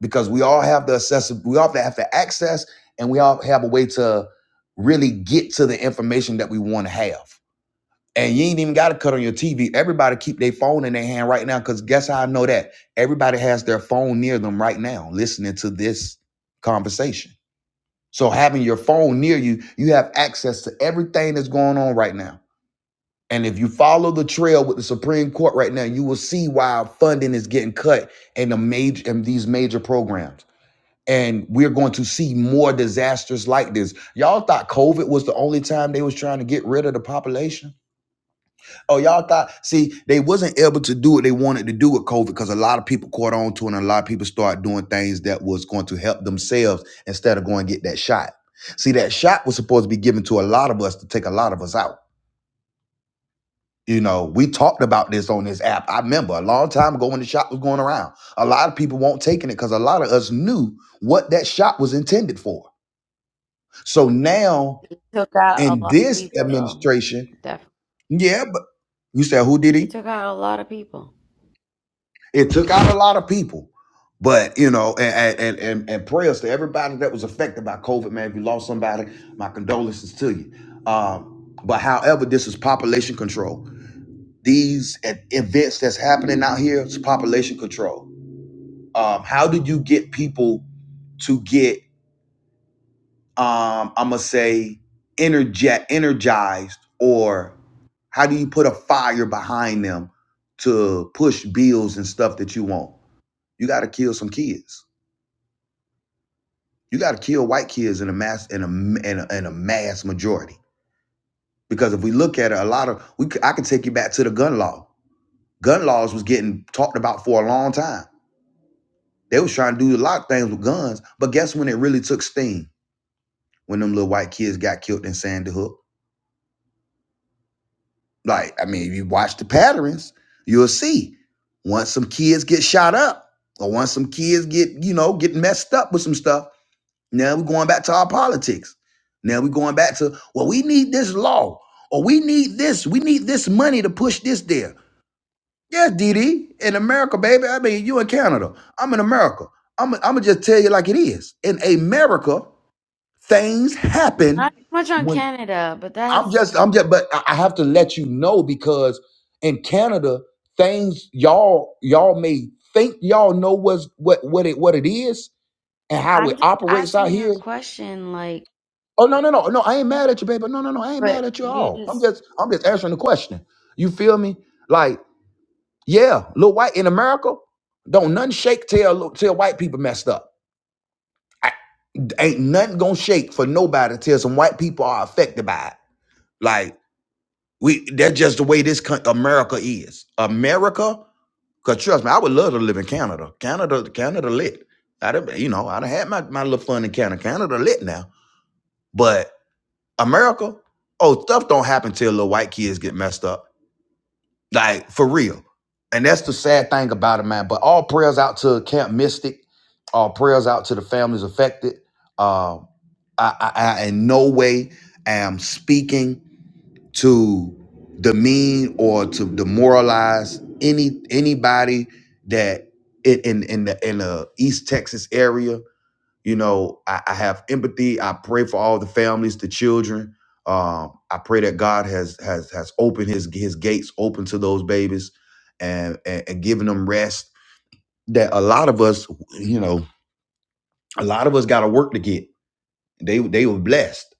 Speaker 1: because we all have the accessible we all have the access and we all have a way to really get to the information that we want to have and you ain't even got to cut on your tv everybody keep their phone in their hand right now because guess how i know that everybody has their phone near them right now listening to this conversation so having your phone near you, you have access to everything that's going on right now. And if you follow the trail with the Supreme Court right now, you will see why funding is getting cut in the major in these major programs. And we're going to see more disasters like this. Y'all thought COVID was the only time they was trying to get rid of the population? Oh, y'all thought, see, they wasn't able to do what they wanted to do with COVID because a lot of people caught on to it and a lot of people started doing things that was going to help themselves instead of going to get that shot. See, that shot was supposed to be given to a lot of us to take a lot of us out. You know, we talked about this on this app. I remember a long time ago when the shot was going around. A lot of people weren't taking it because a lot of us knew what that shot was intended for. So now
Speaker 3: It took out a
Speaker 1: in
Speaker 3: lot of
Speaker 1: this
Speaker 3: people, though.
Speaker 1: administration,
Speaker 3: Definitely.
Speaker 1: yeah, but you said who did
Speaker 3: It
Speaker 1: he?
Speaker 3: took out a lot of people.
Speaker 1: It took out a lot of people. But you know, and and and, and prayers to everybody that was affected by COVID, man. If you lost somebody, my condolences to you. Um, but however, this is population control. These e- events that's happening out here is population control. Um, how do you get people to get um i'm gonna say energet energized or how do you put a fire behind them to push bills and stuff that you want you got to kill some kids You got to kill white kids in a mass in a in a, in a mass majority because if we look at it, a lot of we I can take you back to the gun law. Gun laws was getting talked about for a long time. They was trying to do a lot of things with guns, but guess when it really took steam? When them little white kids got killed in Sandy Hook. Like I mean, if you watch the patterns, you'll see. Once some kids get shot up, or once some kids get you know get messed up with some stuff Now we're going back to our politics. Now we're going back to, well, we need this law or we need this. We need this money to push this there. Yes, DD, in America, baby. I mean, you in Canada. I'm in America. I'm, I'm going to just tell you like it is. In America, things happen
Speaker 3: Not much on
Speaker 1: when
Speaker 3: Canada, but
Speaker 1: I'm
Speaker 3: that's.
Speaker 1: just, I'm just, but I I have to let you know because in Canada, things y'all, y'all may think y'all know what's, what, what it, what it is and how
Speaker 3: I'm
Speaker 1: it
Speaker 3: just
Speaker 1: operates out
Speaker 3: asking a
Speaker 1: here
Speaker 3: question, like,
Speaker 1: Oh no, no, no, no! I ain't mad at you, baby. No, no, no! I ain't
Speaker 3: but
Speaker 1: mad at you at
Speaker 3: you
Speaker 1: all. I'm
Speaker 3: just
Speaker 1: just, I'm just answering the question. You feel me? Like, yeah, Lil White in America, don't nothing shake till Lil- till white people messed up. I, ain't nothing gonna shake for nobody till some white people are affected by it. Like we, that's just the way this coun- America is. America, cause trust me, I would love to live in Canada. Canada, Canada lit. I done, you know, I done had my my little fun in Canada. Canada lit now, but. America, oh, stuff don't happen till little white kids get messed up. Like for real. And that's the sad thing about it, man. But all prayers out to Camp Mystic, all prayers out to the families affected. Um, I, I, I in no way am speaking to demean or to demoralize any anybody that in in in the, in the East Texas area you know I, I have empathy i pray for all the families the children um, i pray that god has has has opened his his gates open to those babies and and, and giving them rest that a lot of us you know a lot of us got to work to get they they were blessed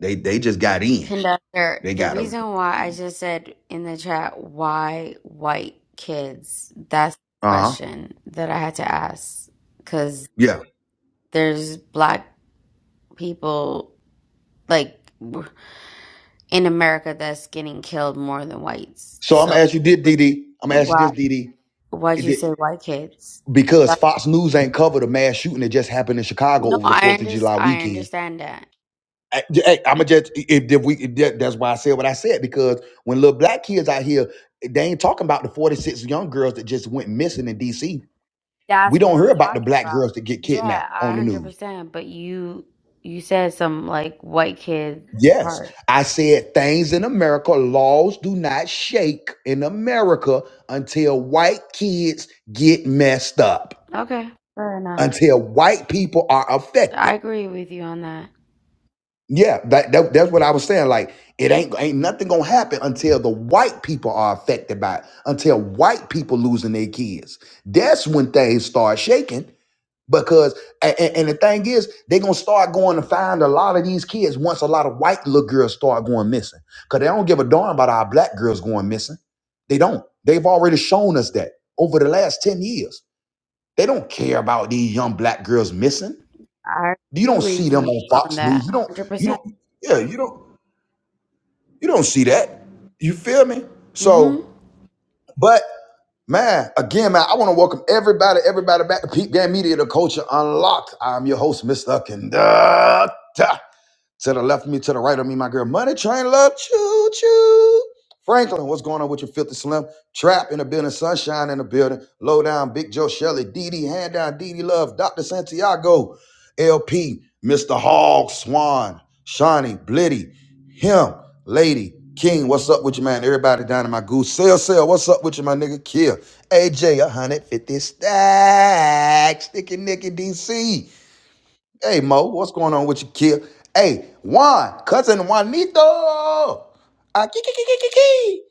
Speaker 1: they they just got in
Speaker 3: Conductor,
Speaker 1: they
Speaker 3: the
Speaker 1: got them
Speaker 3: reason why I just said in the chat, why white kids? That's the
Speaker 1: uh-huh
Speaker 3: question that I had to ask. Because
Speaker 1: yeah
Speaker 3: there's black people, like, in America that's getting killed more than whites.
Speaker 1: so i'm
Speaker 3: So,
Speaker 1: gonna ask you this,
Speaker 3: what-
Speaker 1: Didi. i'm gonna ask you this
Speaker 3: why,
Speaker 1: Didi.
Speaker 3: why'd
Speaker 1: It
Speaker 3: you
Speaker 1: did-
Speaker 3: say white kids?
Speaker 1: because
Speaker 3: That's,
Speaker 1: fox news ain't covered a mass shooting that just happened in chicago
Speaker 3: no,
Speaker 1: over the
Speaker 3: I,
Speaker 1: fourth of
Speaker 3: under,
Speaker 1: july
Speaker 3: I
Speaker 1: weekend
Speaker 3: understand that.
Speaker 1: I, am a just if, if we if that- that's why I said what I said because when little black kids out here, they ain't talking about the 46 young girls that just went missing in D.C. We
Speaker 3: That's what
Speaker 1: don't hear
Speaker 3: I'm
Speaker 1: about the
Speaker 3: talking
Speaker 1: black
Speaker 3: about.
Speaker 1: girls that get
Speaker 3: Yeah,
Speaker 1: kidnapped
Speaker 3: a
Speaker 1: on the news.
Speaker 3: 100%. But you, you said some, like, white kid
Speaker 1: Yes,
Speaker 3: part.
Speaker 1: I said things in America, laws do not shake in America until white kids get messed up,
Speaker 3: Okay, fair enough.
Speaker 1: until white people are affected.
Speaker 3: I agree with you on that.
Speaker 1: Yeah, that, that that's what I was saying. Like it ain't ain't nothing gonna happen until the white people are affected by it, until white people losing their kids. That's when things start shaking because and, and the thing is they gonna start going to find a lot of these kids once a lot of white little girls start going missing. Cause they don't give a darn about our black girls going missing. They don't. They've already shown us that over the last 10 years. They don't care about these young black girls missing.
Speaker 3: I
Speaker 1: You don't
Speaker 3: agree
Speaker 1: see
Speaker 3: with
Speaker 1: them
Speaker 3: you
Speaker 1: on
Speaker 3: on
Speaker 1: Fox News.
Speaker 3: that
Speaker 1: You don't, you
Speaker 3: 100%.
Speaker 1: don't, yeah, you don't. You don't see that. You feel me?
Speaker 3: Mm-hmm.
Speaker 1: So, but man, again, man, I want to welcome everybody, everybody back to Peep Game Media, the culture unlocked. I'm your host, Mr. Conductor. To the left of me, to the right of me, my girl. Money Train Love, choo choo. Franklin, what's going on with your filthy slim? Trap in the building, sunshine in the building. Low down, Big Joe Shelley, DD, hand down, DD Love, Dr. Santiago, LP, Mr. Hog, Swan, Shawnee, Blitty, him, Lady, King, what's up with you, man? Everybody down in my goose. Sell, sell, what's up with you, my nigga? Kill. AJ, 150 stacks. Sticky Nicky DC. Hey Mo, what's going on with you, kid? Hey Juan, cousin Juanito. Uh, key, key, key, key, key, key.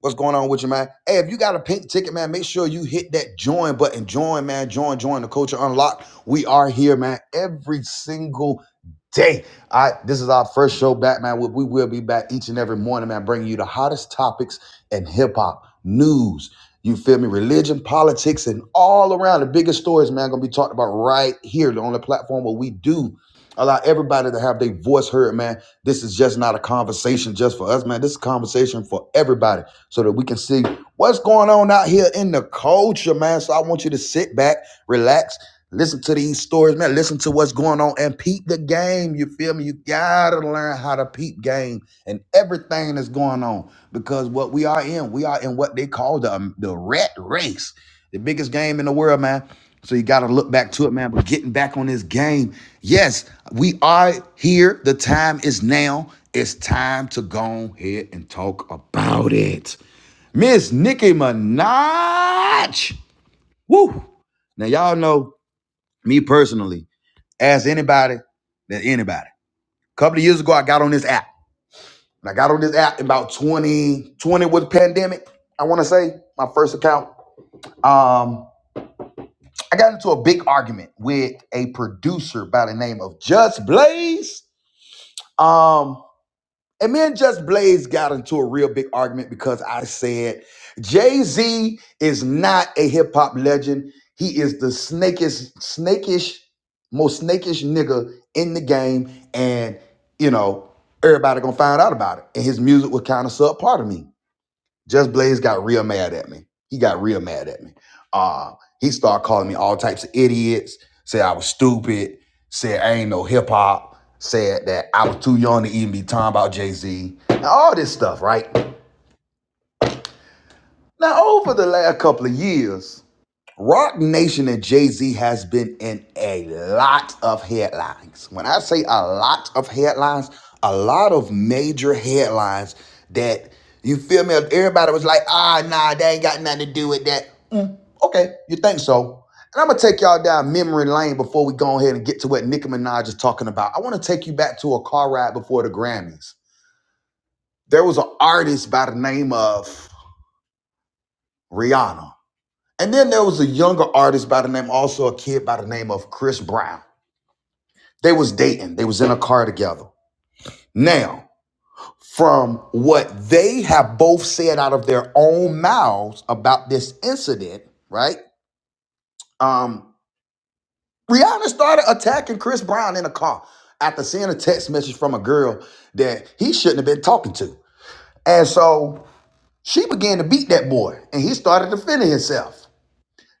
Speaker 1: What's going on with you, man? Hey, if you got a pink ticket, man, make sure you hit that join button. Join, man. Join, join the culture unlocked. We are here, man, every single day. I this is our first show back, man. We, we will be back each and every morning, man, bringing you the hottest topics in hip hop, news, you feel me? Religion, politics, and all around the biggest stories, man, gonna be talked about right here on the platform where we do allow everybody to have their voice heard, man. This is just not a conversation just for us, man. This is a conversation for everybody so that we can see what's going on out here in the culture, man. So I want you to sit back, relax, listen to these stories, man. Listen to what's going on and peep the game. You feel me? You gotta learn how to peep game and everything that's going on because what we are in, we are in what they call the um, the rat race, the biggest game in the world, man. So you got to look back to it, man. But getting back on this game, yes, we are here. The time is now. It's time to go ahead and talk about it. Miss Nicki Minaj. Woo! Now y'all know me personally. Ask anybody, that anybody. A couple of years ago, I got on this app. And I got on this app in about 2020 with the pandemic, I want to say, my first account. Um, I got into a big argument with a producer by the name of Just Blaze. Um, and me and Just Blaze got into a real big argument because I said Jay-Z is not a hip-hop legend. He is the snakish, snakish, most snakish nigga in the game. And, you know, everybody gonna find out about it. And his music was kind of subpar to me. Just Blaze got real mad at me. He got real mad at me. Uh, he started calling me all types of idiots, said I was stupid, said I ain't no hip hop, said that I was too young to even be talking about Jay Z, and all this stuff, right? Now, over the last couple of years, Rock Nation and Jay Z has been in a lot of headlines. When I say a lot of headlines, a lot of major headlines that you feel me? Everybody was like, ah, nah, they ain't got nothing to do with that. Okay, you think so? And I'm gonna take y'all down memory lane before we go ahead and get to what Nicki Minaj is talking about. I wanna take you back to a car ride before the Grammys. There was an artist by the name of Rihanna. And then there was a younger artist by the name, also a kid by the name of Chris Brown. They was dating. They was in a car together. Now, from what they have both said out of their own mouths about this incident, right? Um, Rihanna started attacking Chris Brown in a car after seeing a text message from a girl that he shouldn't have been talking to. And so she began to beat that boy, and he started defending himself.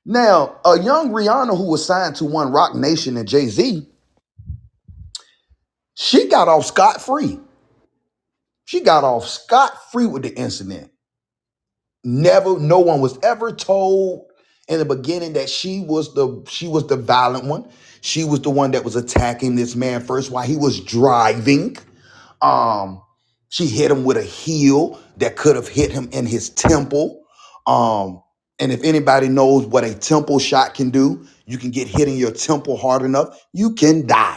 Speaker 1: Now, a young Rihanna who was signed to One Rock Nation and Jay Z She got off scot free. She got off scot free with the incident. Never, no one was ever told in the beginning that she was the she was the violent one. She was the one that was attacking this man first while he was driving. Um, she hit him with a heel that could have hit him in his temple. Um, and if anybody knows what a temple shot can do, you can get hit in your temple hard enough, you can die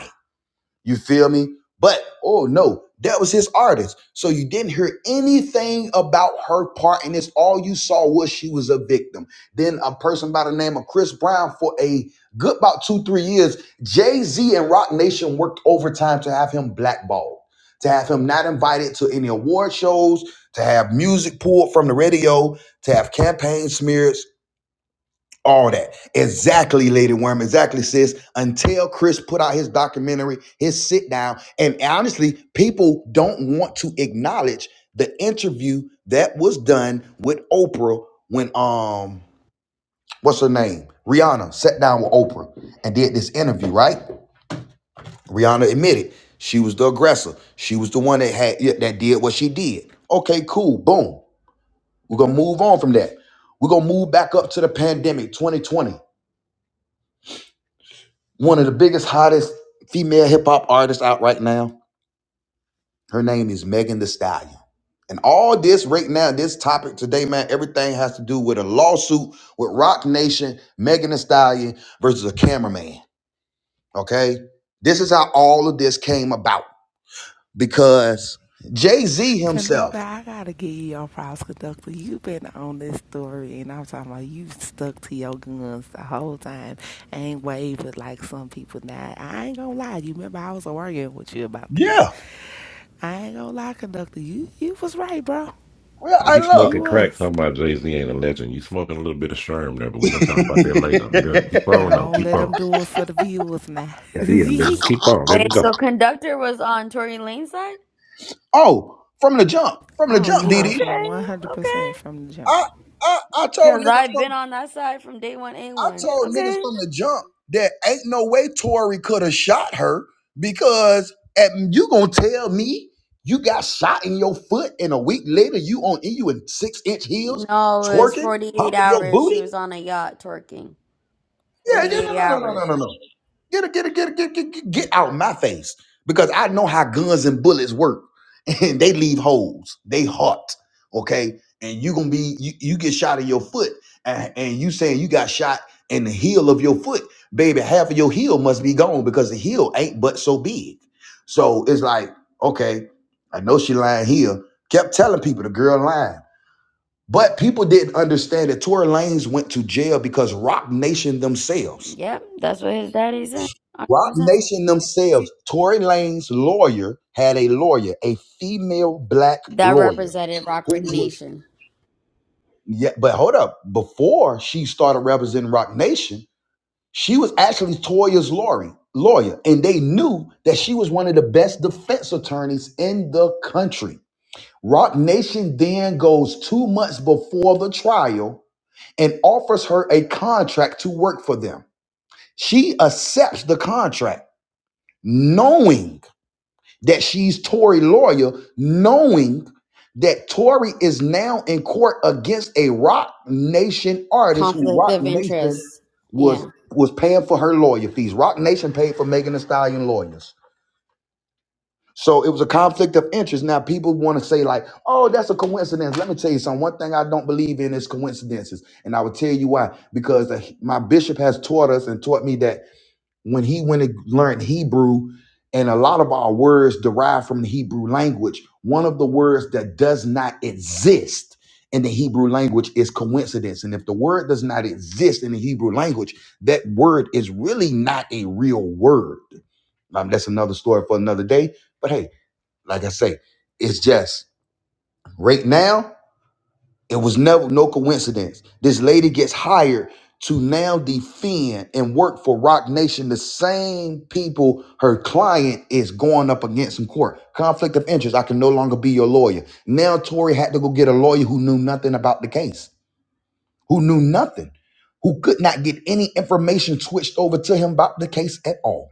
Speaker 1: you feel me? But oh no, that was his artist. So you didn't hear anything about her part in this. All you saw was she was a victim. Then a person by the name of Chris Brown for a good about two, three years, Jay-Z and Rock Nation worked overtime to have him blackballed, to have him not invited to any award shows, to have music pulled from the radio, to have campaign smeared all that. Exactly, Lady Worm. Exactly, sis. Until Chris put out his documentary, his sit down, and honestly, people don't want to acknowledge the interview that was done with Oprah when um what's her name? Rihanna sat down with Oprah and did this interview, right? Rihanna admitted she was the aggressor. She was the one that had yeah, that did what she did. Okay, cool. Boom. We're gonna move on from that. We're gonna move back up to the pandemic 2020. One of the biggest, hottest female hip hop artists out right now. Her name is Megan Thee Stallion. And all this right now, this topic today, man, everything has to do with a lawsuit with Roc Nation, Megan Thee Stallion versus a cameraman. Okay, this is how all of this came about because Jay Z
Speaker 6: Conductor,
Speaker 1: himself.
Speaker 6: I gotta give you your props, conductor. You've been on this story, and I'm talking about you stuck to your guns the whole time. Ain't wavered like some people now. I ain't gonna lie. You remember I was arguing with you about this.
Speaker 1: Yeah,
Speaker 6: I ain't gonna lie, conductor. You you was right, bro.
Speaker 1: well,
Speaker 4: but
Speaker 1: I
Speaker 4: he's
Speaker 1: love.
Speaker 6: You
Speaker 4: smoking crack.
Speaker 6: was.
Speaker 4: Talking about Jay Z ain't a legend. You smoking a little bit of sherm there, but we gonna talk about that later. Yeah, Keep on though.
Speaker 6: Gone.
Speaker 4: Keep
Speaker 6: Let
Speaker 4: on.
Speaker 6: them do it for the viewers now.
Speaker 4: Yeah, yeah, man. Keep on. There we
Speaker 3: Wait, so
Speaker 4: go.
Speaker 3: Conductor was on Tory Lane's side?
Speaker 1: Oh, from the jump, from the
Speaker 6: oh
Speaker 1: jump,
Speaker 6: yeah,
Speaker 1: DD.
Speaker 6: from
Speaker 3: Okay, okay.
Speaker 6: 100% from the jump.
Speaker 1: I I I told
Speaker 3: Because
Speaker 1: niggas.
Speaker 3: I've
Speaker 1: from.
Speaker 3: been on that side from day one,
Speaker 1: I
Speaker 3: A1.
Speaker 1: told niggas
Speaker 3: Okay.
Speaker 1: from the jump that ain't no way Tory could have shot her because at, you gonna tell me you got shot in your foot and a week later you on you in six inch heels
Speaker 3: No, it was
Speaker 1: twerking,
Speaker 3: 48
Speaker 1: humping your
Speaker 3: hours. She
Speaker 1: booty?
Speaker 3: was on a yacht twerking.
Speaker 1: Yeah, yeah, no,
Speaker 3: 48
Speaker 1: no, no, no,
Speaker 3: hours.
Speaker 1: no, no, no. Get it, get it, get get get it, get it, get out my face because I know how guns and bullets work, and they leave holes. They hot, okay. And you gonna be you, you get shot in your foot, and, and you saying you got shot in the heel of your foot, baby. Half of your heel must be gone because the heel ain't but so big. So it's like okay, I know she lying here. Kept telling people the girl lying. But people didn't understand that Tory Lanez went to jail because Rock Nation themselves
Speaker 3: Yep, that's what his daddy said.
Speaker 1: Rock
Speaker 3: 100%.
Speaker 1: Nation themselves, Tory Lane's lawyer had a lawyer, a female black
Speaker 3: That
Speaker 1: lawyer,
Speaker 3: represented
Speaker 1: who
Speaker 3: Rockford
Speaker 1: was
Speaker 3: Nation.
Speaker 1: yeah. But hold up, before she started representing Rock Nation, she was actually Toya's lawyer, lawyer, and they knew that she was one of the best defense attorneys in the country. Rock Nation then goes two months before the trial and offers her a contract to work for them. She accepts the contract, knowing that she's Tory lawyer, knowing that Tory is now in court against a Rock Nation artist who
Speaker 3: Conflict
Speaker 1: Rock
Speaker 3: of
Speaker 1: Nation
Speaker 3: interest. Yeah.
Speaker 1: was was paying for her lawyer fees. Rock Nation paid for Megan Thee Stallion lawyers. So it was a conflict of interest. Now people want to say like, "Oh, that's a coincidence." Let me tell you something. One thing I don't believe in is coincidences, and I will tell you why. Because the- my bishop has taught us and taught me that when he went and learned Hebrew, and a lot of our words derive from the Hebrew language, one of the words that does not exist in the Hebrew language is coincidence. And if the word does not exist in the Hebrew language, that word is really not a real word. Um, that's another story for another day. But hey, like I say, it's just right now. It was never no coincidence. This lady gets hired to now defend and work for Roc Nation, the same people her client is going up against in court. Conflict of interest. I can no longer be your lawyer. Now Tory had to go get a lawyer who knew nothing about the case, who knew nothing, who could not get any information switched over to him about the case at all.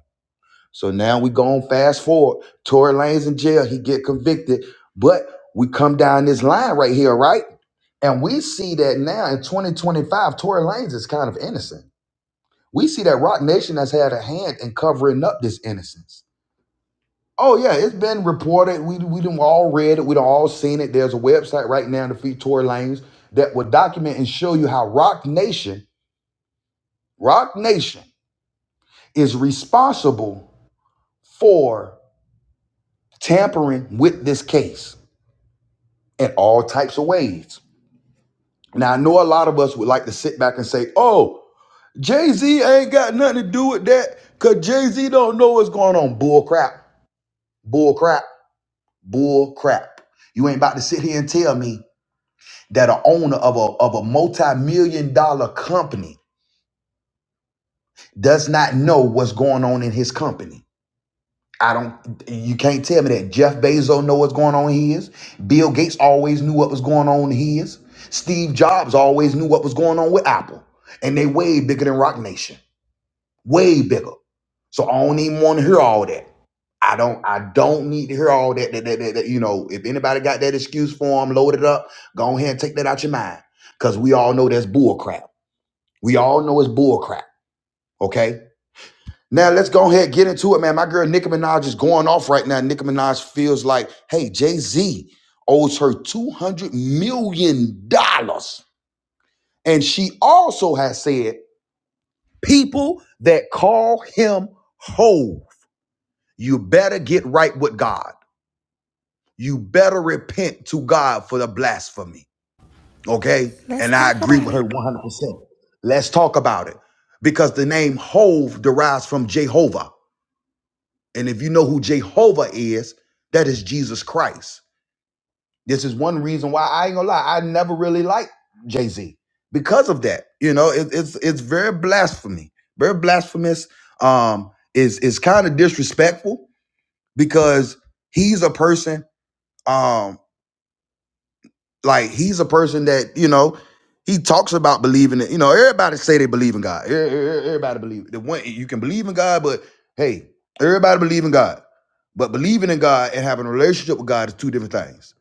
Speaker 1: So now we going fast forward. Tory Lane's in jail. He get convicted, but we come down this line right here, right? And we see that now in 2025, Tory Lanez is kind of innocent. We see that Rock Nation has had a hand in covering up this innocence. Oh yeah, it's been reported. We we done all read it. We done all seen it. There's a website right now to feed Tory Lanez that will document and show you how Rock Nation, Rock Nation, is responsible for tampering with this case. in all types of ways. Now, I know a lot of us would like to sit back and say, oh, Jay Z ain't got nothing to do with that because Jay Z don't know what's going on. Bull crap, bull crap, bull crap. You ain't about to sit here and tell me that a owner of a, of a multi million dollar company does not know what's going on in his company. I don't. You can't tell me that Jeff Bezos know what's going on in his. Bill Gates always knew what was going on in his. Steve Jobs always knew what was going on with Apple, and they way bigger than Rock Nation, way bigger. So I don't even want to hear all that. I don't. I don't need to hear all that. That, that, that, that, you know, if anybody got that excuse for them, load it up. Go ahead and take that out your mind, because we all know that's bull crap. We all know it's bull crap. Okay. Now let's go ahead and get into it, man. My girl Nicki Minaj is going off right now. Nicki Minaj feels like, hey, Jay Z owes her two hundred million dollars, and she also has said, people that call him ho, you better get right with God. You better repent to God for the blasphemy. Okay,
Speaker 6: Let's
Speaker 1: and I
Speaker 6: talk
Speaker 1: agree
Speaker 6: about
Speaker 1: with
Speaker 6: it.
Speaker 1: her one hundred percent. Let's talk about it because the name Hove derives from Jehovah. And if you know who Jehovah is, that is Jesus Christ. This is one reason why I ain't gonna lie. I never really liked Jay Z because of that. You know, it, it's it's very blasphemy, very blasphemous. Um, is is kind of disrespectful because he's a person. Um. Like he's a person that you know he talks about believing it. You know, everybody say they believe in God. E- e- e- Everybody believe the one you can believe in God, but hey, everybody believe in God. But believing in God and having a relationship with God is two different things.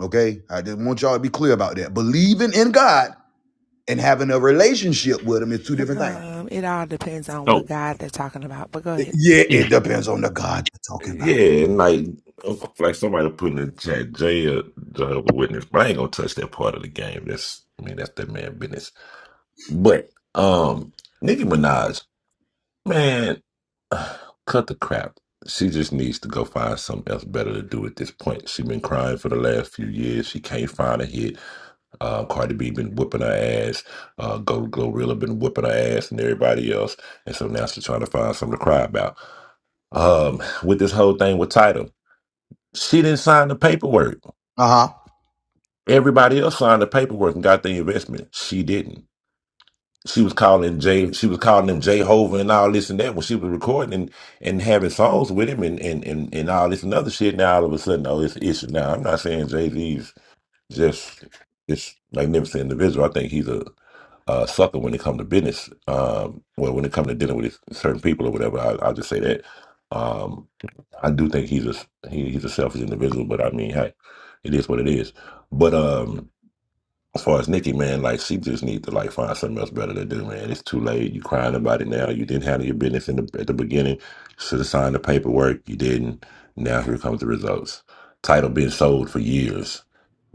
Speaker 1: Okay, I just want y'all to be clear about that. Believing in God and having a relationship with Him is two different things.
Speaker 6: Um, it all depends on what
Speaker 4: So
Speaker 6: God they're talking about. But go ahead.
Speaker 1: It- yeah,
Speaker 4: yeah,
Speaker 1: it depends on the God you're talking about.
Speaker 4: and like like somebody put in the chat, Jay a Jehovah Witness, but I ain't gonna touch that part of the game. That's I mean that's that man business. But um, Nicki Minaj. Man, cut the crap. She just needs to go find something else better to do at this point. She been crying for the last few years. She can't find a hit. Uh, Cardi B been whipping her ass. Uh, Go Glorilla been whipping her ass and everybody else. And so now she's trying to find something to cry about. Um, with this whole thing with Title, she didn't sign the paperwork.
Speaker 1: Uh huh.
Speaker 4: Everybody else signed the paperwork and got the investment. She didn't. she was calling Jay, she was calling him Jehovah and all this and that when she was recording and, and having songs with him and, and, and, and all this and other shit. Now all of a sudden, oh, it's an issue. Now I'm not saying Jay Z's just this magnificent individual. I think he's a, a sucker when it comes to business. Um, well, when it comes to dealing with his- certain people or whatever, I, I'll just say that. Um, I do think he's a he, he's a selfish individual, but I mean, hey, it is what it is. But um, as far as Nikki, man, like she just need to like find something else better to do, man. It's too late. You crying about it now. You didn't handle your business in the at the beginning. Should have signed the paperwork. You didn't. Now here comes the results. Title been sold for years.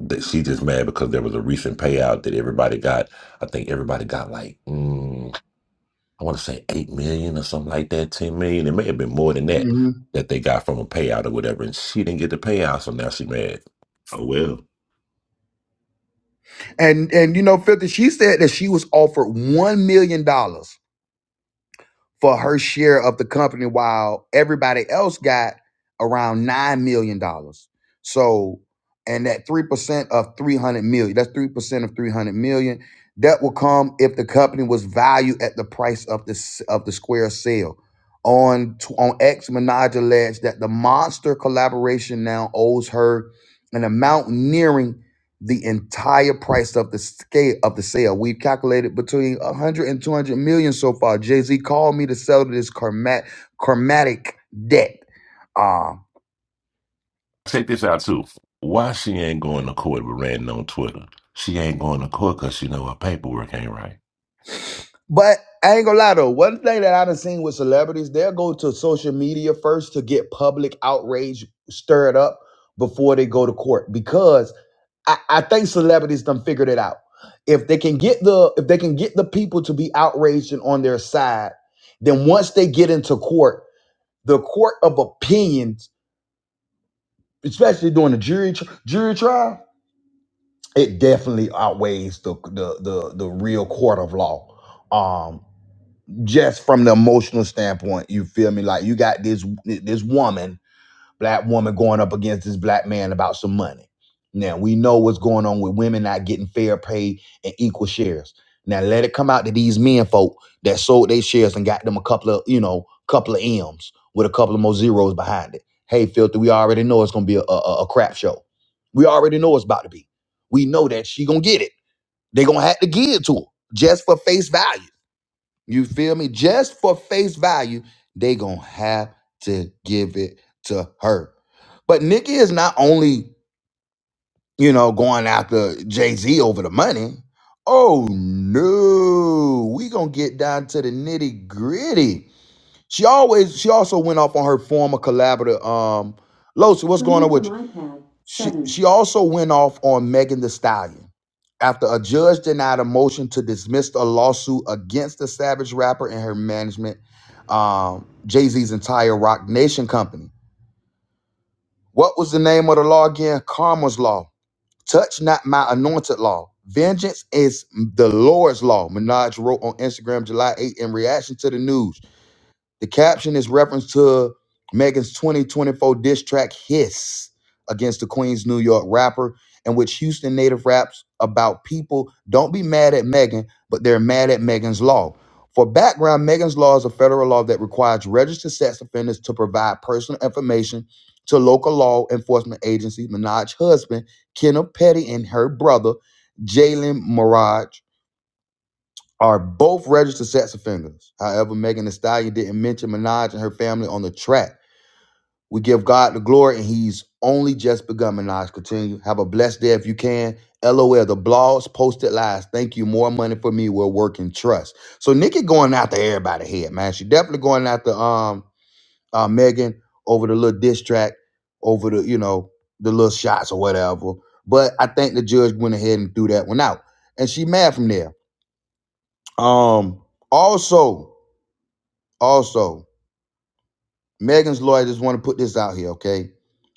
Speaker 4: That she just mad because there was a recent payout that everybody got. I think everybody got like mm, I want to say eight million or something like that, ten million. It may have been more than that that they got from a payout or whatever, and she didn't get the payout, so now she mad. Oh well.
Speaker 1: And and you know, 50, she said that she was offered one million dollars for her share of the company while everybody else got around nine million dollars. So and that three percent of three hundred million, that's three percent of three hundred million. That will come if the company was valued at the price of the s- of the square sale. On t- on X, Minaj alleged that the monster collaboration now owes her an amount nearing the entire price of the scale of the sale. We've calculated between 100 and 200 million so far. Jay-Z called me to sell to this karmat, karmatic debt. Um,
Speaker 4: Take this out too. Why she ain't going to court with Randy on Twitter? She ain't going to court because she know her paperwork ain't right.
Speaker 1: but I ain't gonna lie though, one thing that I done seen with celebrities, they'll go to social media first to get public outrage stirred up before they go to court because I, I think celebrities done figured it out. If they can get the if they can get the people to be outraged and on their side, then once they get into court, the court of opinions, especially during the jury tr- jury trial, it definitely outweighs the the the, the real court of law. Um, just from the emotional standpoint, you feel me? Like you got this this woman black woman going up against this black man about some money. Now we know what's going on with women not getting fair pay and equal shares. Now let it come out to these men folk that sold their shares and got them a couple of, you know, couple of M's with a couple of more zeros behind it. Hey, filthy, we already know it's gonna be a, a, a crap show. We already know it's about to be. We know that she gonna get it. They gonna have to give it to her just for face value. You feel me? Just for face value, they gonna have to give it to her. But Nicki is not only, you know, going after Jay-Z over the money. Oh no, we gonna get down to the nitty-gritty. She always she also went off on her former collaborator, um, Losi, what's going on with you? She, she also went off on Megan the Stallion after a judge denied a motion to dismiss a lawsuit against the Savage rapper and her management, um, Jay Z's entire Roc Nation company. What was the name of the law again? Karma's law. Touch not my anointed law. Vengeance is the Lord's law. Minaj wrote on Instagram July 8 in reaction to the news. The caption is reference to Megan's 2024 diss track Hiss against the Queens New York rapper, in which Houston native raps about people don't be mad at Megan, but they're mad at Megan's law. For background, Megan's law is a federal law that requires registered sex offenders to provide personal information to local law enforcement agencies. Minaj's husband, Kenneth Petty, and her brother, Jalen Mirage are both registered sex offenders. However, Megan Thee Stallion didn't mention Minaj and her family on the track. We give God the glory, and He's only just begun. Minaj, continue. Have a blessed day if you can. LOL, the blogs, posted lies. Thank you. More money for me. We're working trust. So Nikki going after everybody here, man. She definitely going after um uh, Megan over the little diss track, over the you know the little shots or whatever. But I think the judge went ahead and threw that one out, and she mad from there. Um, also. Also, Megan's lawyer just want to put this out here, okay?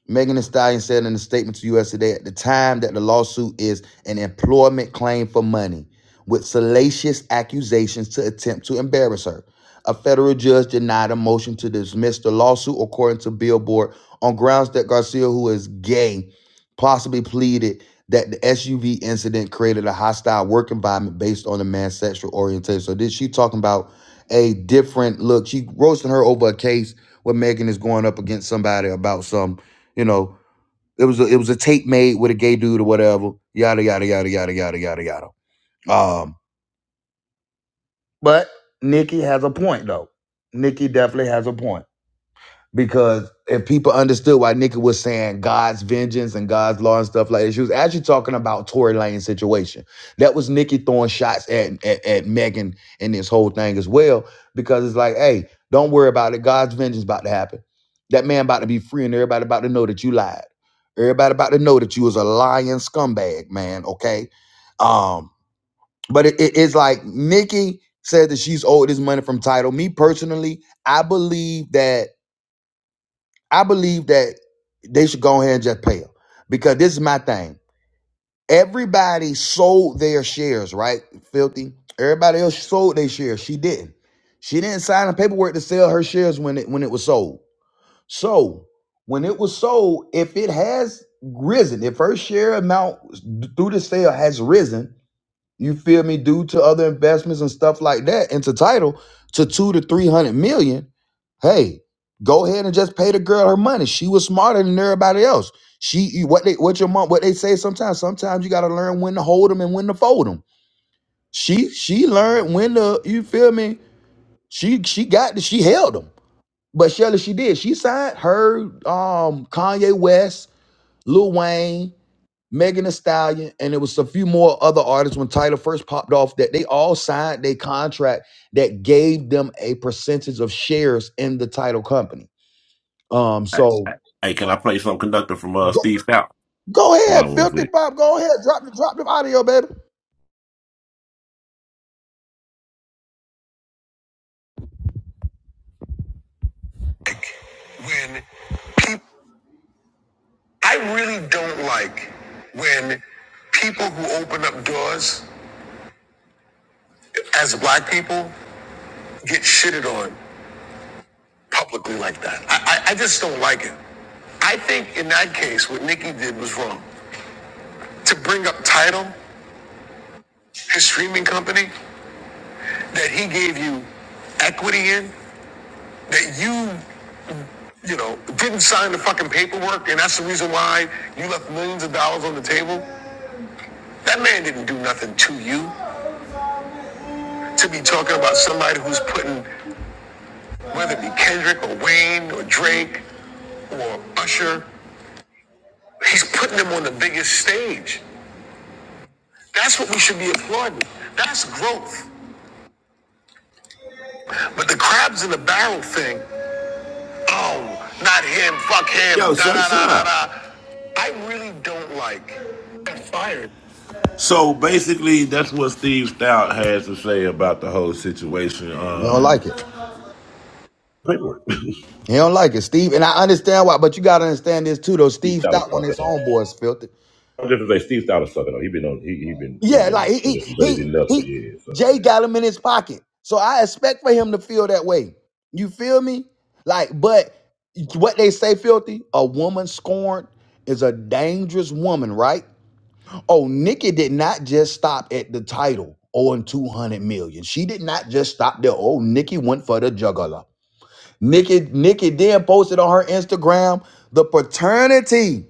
Speaker 1: Megan Thee Stallion said in a statement to US Today at the time that the lawsuit is an employment claim for money with salacious accusations to attempt to embarrass her. A federal judge denied a motion to dismiss the lawsuit, according to Billboard, on grounds that Garcia, who is gay, possibly pleaded that the SUV incident created a hostile work environment based on the man's sexual orientation. So, this she talking about a different look? She roasting her over a case where Megan is going up against somebody about some, you know, it was a, it was a tape made with a gay dude or whatever. Yada yada yada yada yada yada yada. Um, but Nikki has a point though. Nikki definitely has a point. because if people understood why Nikki was saying God's vengeance and God's law and stuff like that, she was actually talking about Tory Lane's situation. That was Nikki throwing shots at, at, at Megan in this whole thing as well, because it's like, hey, don't worry about it. God's vengeance about to happen. That man about to be free, and everybody about to know that you lied. Everybody about to know that you was a lying scumbag, man. Okay, um, but it, it- it's like Nikki said that she's owed this money from title. Me personally, I believe that. I believe that they should go ahead and just pay them because this is my thing. Everybody sold their shares, right? Filthy. Everybody else sold their shares. She didn't. She didn't sign the paperwork to sell her shares when it when it was sold. So when it was sold, if it has risen, if her share amount through the sale has risen, you feel me, due to other investments and stuff like that into title to two to three hundred million, hey, go ahead and just pay the girl her money. She was smarter than everybody else. She what they what your mom what they say sometimes. Sometimes you gotta learn when to hold them and when to fold them. She she learned when to you feel me. She she got she held them. But Shelly, she did. She signed her um Kanye West, Lil Wayne, Megan Thee Stallion, and it was a few more other artists when Tyler first popped off that they all signed a contract that gave them a percentage of shares in the title company. Um,
Speaker 4: Hey, hey,
Speaker 1: so
Speaker 4: hey, can I play some conductor from uh,
Speaker 1: go,
Speaker 4: Steve Stout?
Speaker 1: go
Speaker 4: Hold on
Speaker 1: ahead,
Speaker 4: one one
Speaker 1: filthy
Speaker 4: second.
Speaker 1: pop, go ahead, drop the drop the audio, baby.
Speaker 4: When people, I really don't like when people who open up doors as black people get shitted on publicly like that. I, I, I just don't like it. I think in that case, what Nikki did was wrong. To bring up title, his streaming company. that he gave you equity in that you you know didn't sign the fucking paperwork and that's the reason why you left millions of dollars on the table that man didn't do nothing to you to be talking about somebody who's putting whether it be kendrick or wayne or drake or usher he's putting them on the biggest stage that's what we should be applauding that's growth but the crabs in the barrel thing Oh, not him. Fuck him. Yo, da, shut da, da, da, da. I really don't like. Got fired. So basically, that's what Steve Stout has to say about the whole situation.
Speaker 1: You don't
Speaker 4: Um,
Speaker 1: like it.
Speaker 4: paperwork. Steve
Speaker 1: He don't like it, Steve. And I understand why, but you gotta understand this too, though. Steve
Speaker 4: Stout is
Speaker 1: stopped when
Speaker 4: fucking
Speaker 1: his
Speaker 4: up.
Speaker 1: homeboys filthy.
Speaker 4: I'm just gonna say Steve Stout is fucking up. He been on. He he been he
Speaker 1: Yeah, like
Speaker 4: been
Speaker 1: he he
Speaker 4: on
Speaker 1: he
Speaker 4: enough for
Speaker 1: he
Speaker 4: years. So
Speaker 1: Jay
Speaker 4: yeah.
Speaker 1: got him in his pocket. So I expect for him to feel that way. You feel me? Like, but what they say, filthy, a woman scorned is a dangerous woman, right? Oh, Nikki did not just stop at the title or in 200 million. She did not just stop there. Oh, Nikki went for the juggler. Nikki, Nikki then posted on her Instagram the paternity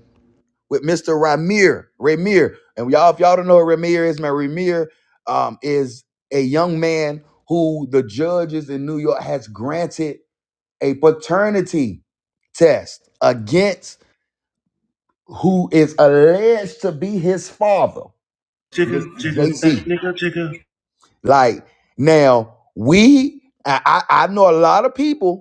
Speaker 1: with Mr. Ramir. Ramir. And y'all, if y'all don't know who Ramir is, man, Ramir um, is a young man who the judges in New York has granted a paternity test against who is alleged to be his father,
Speaker 4: Chicken,
Speaker 1: Mr. Jay
Speaker 4: chicken, back
Speaker 1: Z.
Speaker 4: now.
Speaker 1: Like now, we I, I I know a lot of people.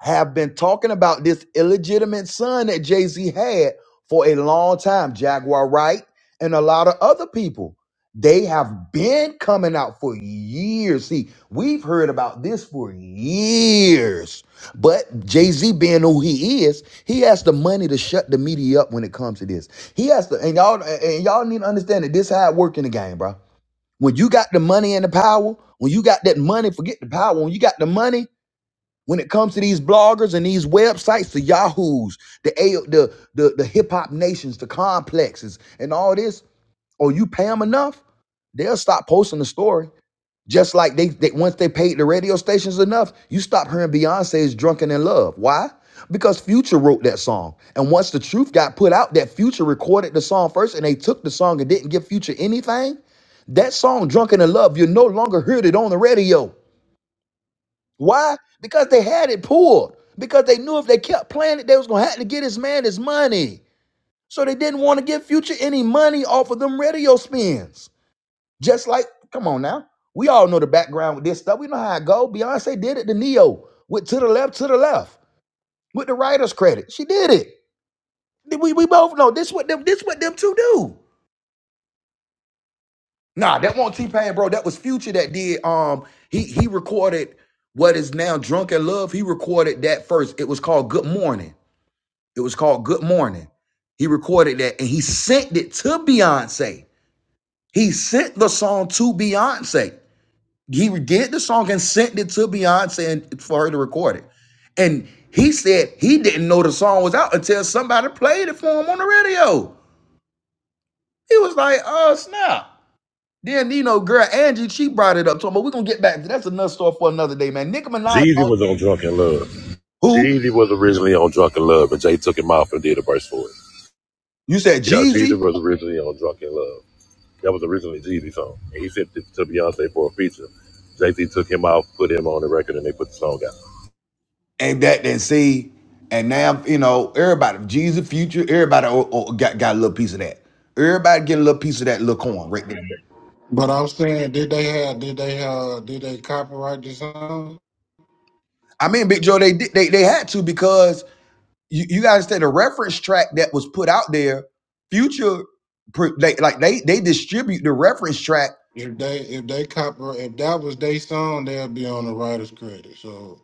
Speaker 1: have been talking about this illegitimate son that Jay Z had for a long time. Jaguar Wright and a lot of other people. They have been coming out for years. See, we've heard about this for years. But Jay Z, being who he is, he has the money to shut the media up when it comes to this. He has to, and y'all, and y'all need to understand that this is how it work in the game, bro. When you got the money and the power, when you got that money, forget the power. When you got the money, when it comes to these bloggers and these websites, the Yahoos, the A- the the, the hip hop nations, the complexes, and all this, or you pay them enough, they'll stop posting the story. Just like they, they once they paid the radio stations enough, you stop hearing Beyonce's "Drunken in Love." Why? Because Future wrote that song, and once the truth got put out, that Future recorded the song first, and they took the song and didn't give Future anything. That song, Drunken in Love, you no longer heard it on the radio. Why? Because they had it pulled. Because they knew if they kept playing it, they was gonna have to get his man his money. So they didn't want to give Future any money off of them radio spins. Just like, come on now, we all know the background with this stuff. We know how it go. Beyonce did it to Neo with to the left, to the left with the writer's credit. She did it. We, we both know this what them this what them two do. Nah, that won't T Pain, bro. That was Future that did. Um, he he recorded what is now Drunk in Love. He recorded that first. It was called Good Morning. It was called Good Morning. He recorded that and he sent it to Beyonce. He sent the song to Beyonce. He did the song and sent it to Beyonce and for her to record it. And he said he didn't know the song was out until somebody played it for him on the radio. He was like, oh, snap. Then, you know, girl Angie, she brought it up to him, but we're going to get back. to That's another story for another day, man. Nicki Minaj,
Speaker 4: Jeezy
Speaker 1: uh,
Speaker 4: was on Drunken Love.
Speaker 1: who?
Speaker 4: Jeezy was originally on Drunken Love, and Jay took him off and did a verse for it.
Speaker 1: You said
Speaker 4: Yeah, Jeezy
Speaker 1: Jeezy?
Speaker 4: was originally on Drunken Love. That was originally Jeezy's song. And he sent it to Beyonce for a feature. Jay Z took him out, put him on the record, and they put the song out.
Speaker 1: and that then see, and now you know everybody, Jesus, future, everybody o- o- got got a little piece of that. Everybody getting a little piece of that little corn right there.
Speaker 5: But I'm saying did they have did they uh did they copyright the song?
Speaker 1: I mean, Big Joe, they did- they they had to because you you gotta understand the reference track that was put out there. Future, pr- they, like they they distribute the reference track.
Speaker 5: If they if they copyright if that was their song they'll be on the writer's credit. So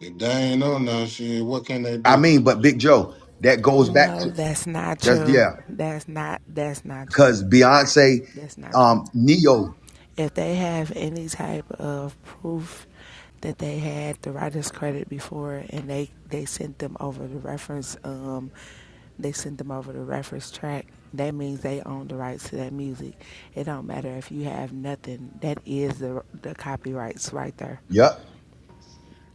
Speaker 5: if they ain't on that shit, what can they
Speaker 1: I
Speaker 5: do?
Speaker 1: mean, but Big Joe, that goes back to
Speaker 6: No, that's not
Speaker 1: that's
Speaker 6: true.
Speaker 1: yeah,
Speaker 6: That's not that's not true.
Speaker 1: because Beyonce,
Speaker 6: That's not true.
Speaker 1: um, Neo,
Speaker 6: If they have any type of proof that they had the writer's credit before and they, they sent them over the reference um they sent them over the reference track, that means they own the rights to that music. It don't matter if you have nothing. That is the the copyrights right there.
Speaker 1: yep,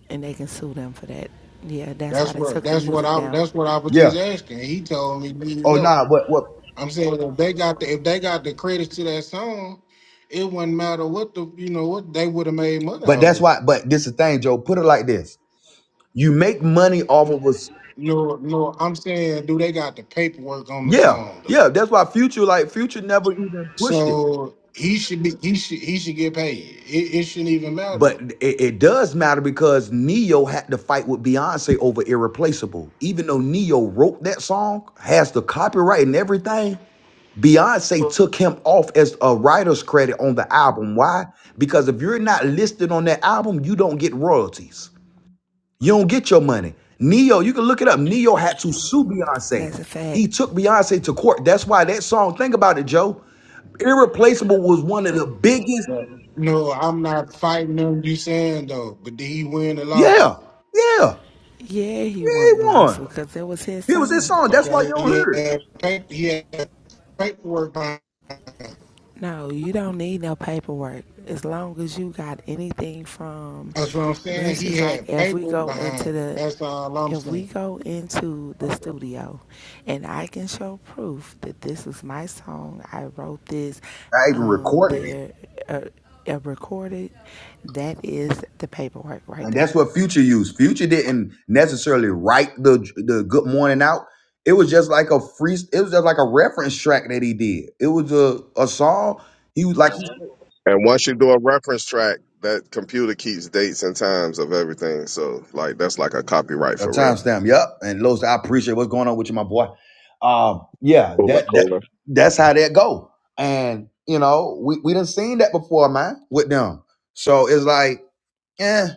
Speaker 6: And they can sue them for that. Yeah, that's why
Speaker 5: That's
Speaker 6: they
Speaker 5: what
Speaker 6: took the
Speaker 5: that's what
Speaker 6: music
Speaker 5: I
Speaker 6: down.
Speaker 5: that's what I was
Speaker 1: yeah.
Speaker 5: just asking. He told me, you
Speaker 1: Oh
Speaker 5: know.
Speaker 1: nah, what what?
Speaker 5: I'm saying if they got the if they got the credits to that song, it wouldn't matter what the you know what they would have made money
Speaker 1: But
Speaker 5: off
Speaker 1: that's
Speaker 5: of
Speaker 1: why.
Speaker 5: it.
Speaker 1: But this is the thing, Joe. Put it like this You make money off of us.
Speaker 5: No, no, I'm saying do they got the paperwork on the
Speaker 1: Yeah,
Speaker 5: song though?
Speaker 1: yeah. That's why Future, like Future, never even pushed it.
Speaker 5: So he should be he should he should get paid. It, it shouldn't even matter.
Speaker 1: But it, it does matter because Neo had to fight with Beyonce over Irreplaceable. Even though Neo wrote that song, has the copyright and everything, Beyonce took him off as a writer's credit on the album. Why? Because if you're not listed on that album, you don't get royalties. You don't get your money. Neo, you can look it up. Neo had to sue Beyonce.
Speaker 6: That's a fact.
Speaker 1: He took Beyonce to court. That's why that song, think about it, Joe. Irreplaceable was one of the biggest.
Speaker 5: But, no, I'm not fighting them. You saying though, but did he win the
Speaker 1: Yeah,
Speaker 5: lawsuit?
Speaker 1: yeah, yeah,
Speaker 6: Yeah, he
Speaker 1: he
Speaker 6: won the
Speaker 1: won.
Speaker 6: lawsuit because it was his
Speaker 1: It was his
Speaker 6: song.
Speaker 1: song. That's why you
Speaker 5: Okay,
Speaker 1: don't
Speaker 5: he
Speaker 1: hear it.
Speaker 5: had paper, he had paperwork behind.
Speaker 6: No, you don't need no paperwork. As long as you got anything from
Speaker 5: That's what I'm saying.
Speaker 6: this
Speaker 5: He
Speaker 6: is like
Speaker 5: had
Speaker 6: if we
Speaker 5: paper
Speaker 6: go into
Speaker 5: behind him.
Speaker 6: the
Speaker 5: That's all I'm
Speaker 6: if we
Speaker 5: saying.
Speaker 6: go into the studio and I can show proof that this is my song, I wrote this,
Speaker 1: I even
Speaker 6: um,
Speaker 1: recorded it.
Speaker 6: there, uh, uh, recorded, that is the paperwork right
Speaker 1: And
Speaker 6: there.
Speaker 1: that's what Future used. Future didn't necessarily write the the Good Morning out. It was just like a free. It was just like a reference track that he did. It was a, a song. He was like he
Speaker 11: And once you do a reference track, that computer keeps dates and times of everything. So like that's like a copyright
Speaker 1: A
Speaker 11: for real.
Speaker 1: timestamp. Yep. And Los, I appreciate what's going on with you, my boy. Um, yeah,
Speaker 11: Cooler,
Speaker 1: that that
Speaker 11: cooler.
Speaker 1: that's how that go. And you know, we we done seen that before, man, with them. So it's like, eh.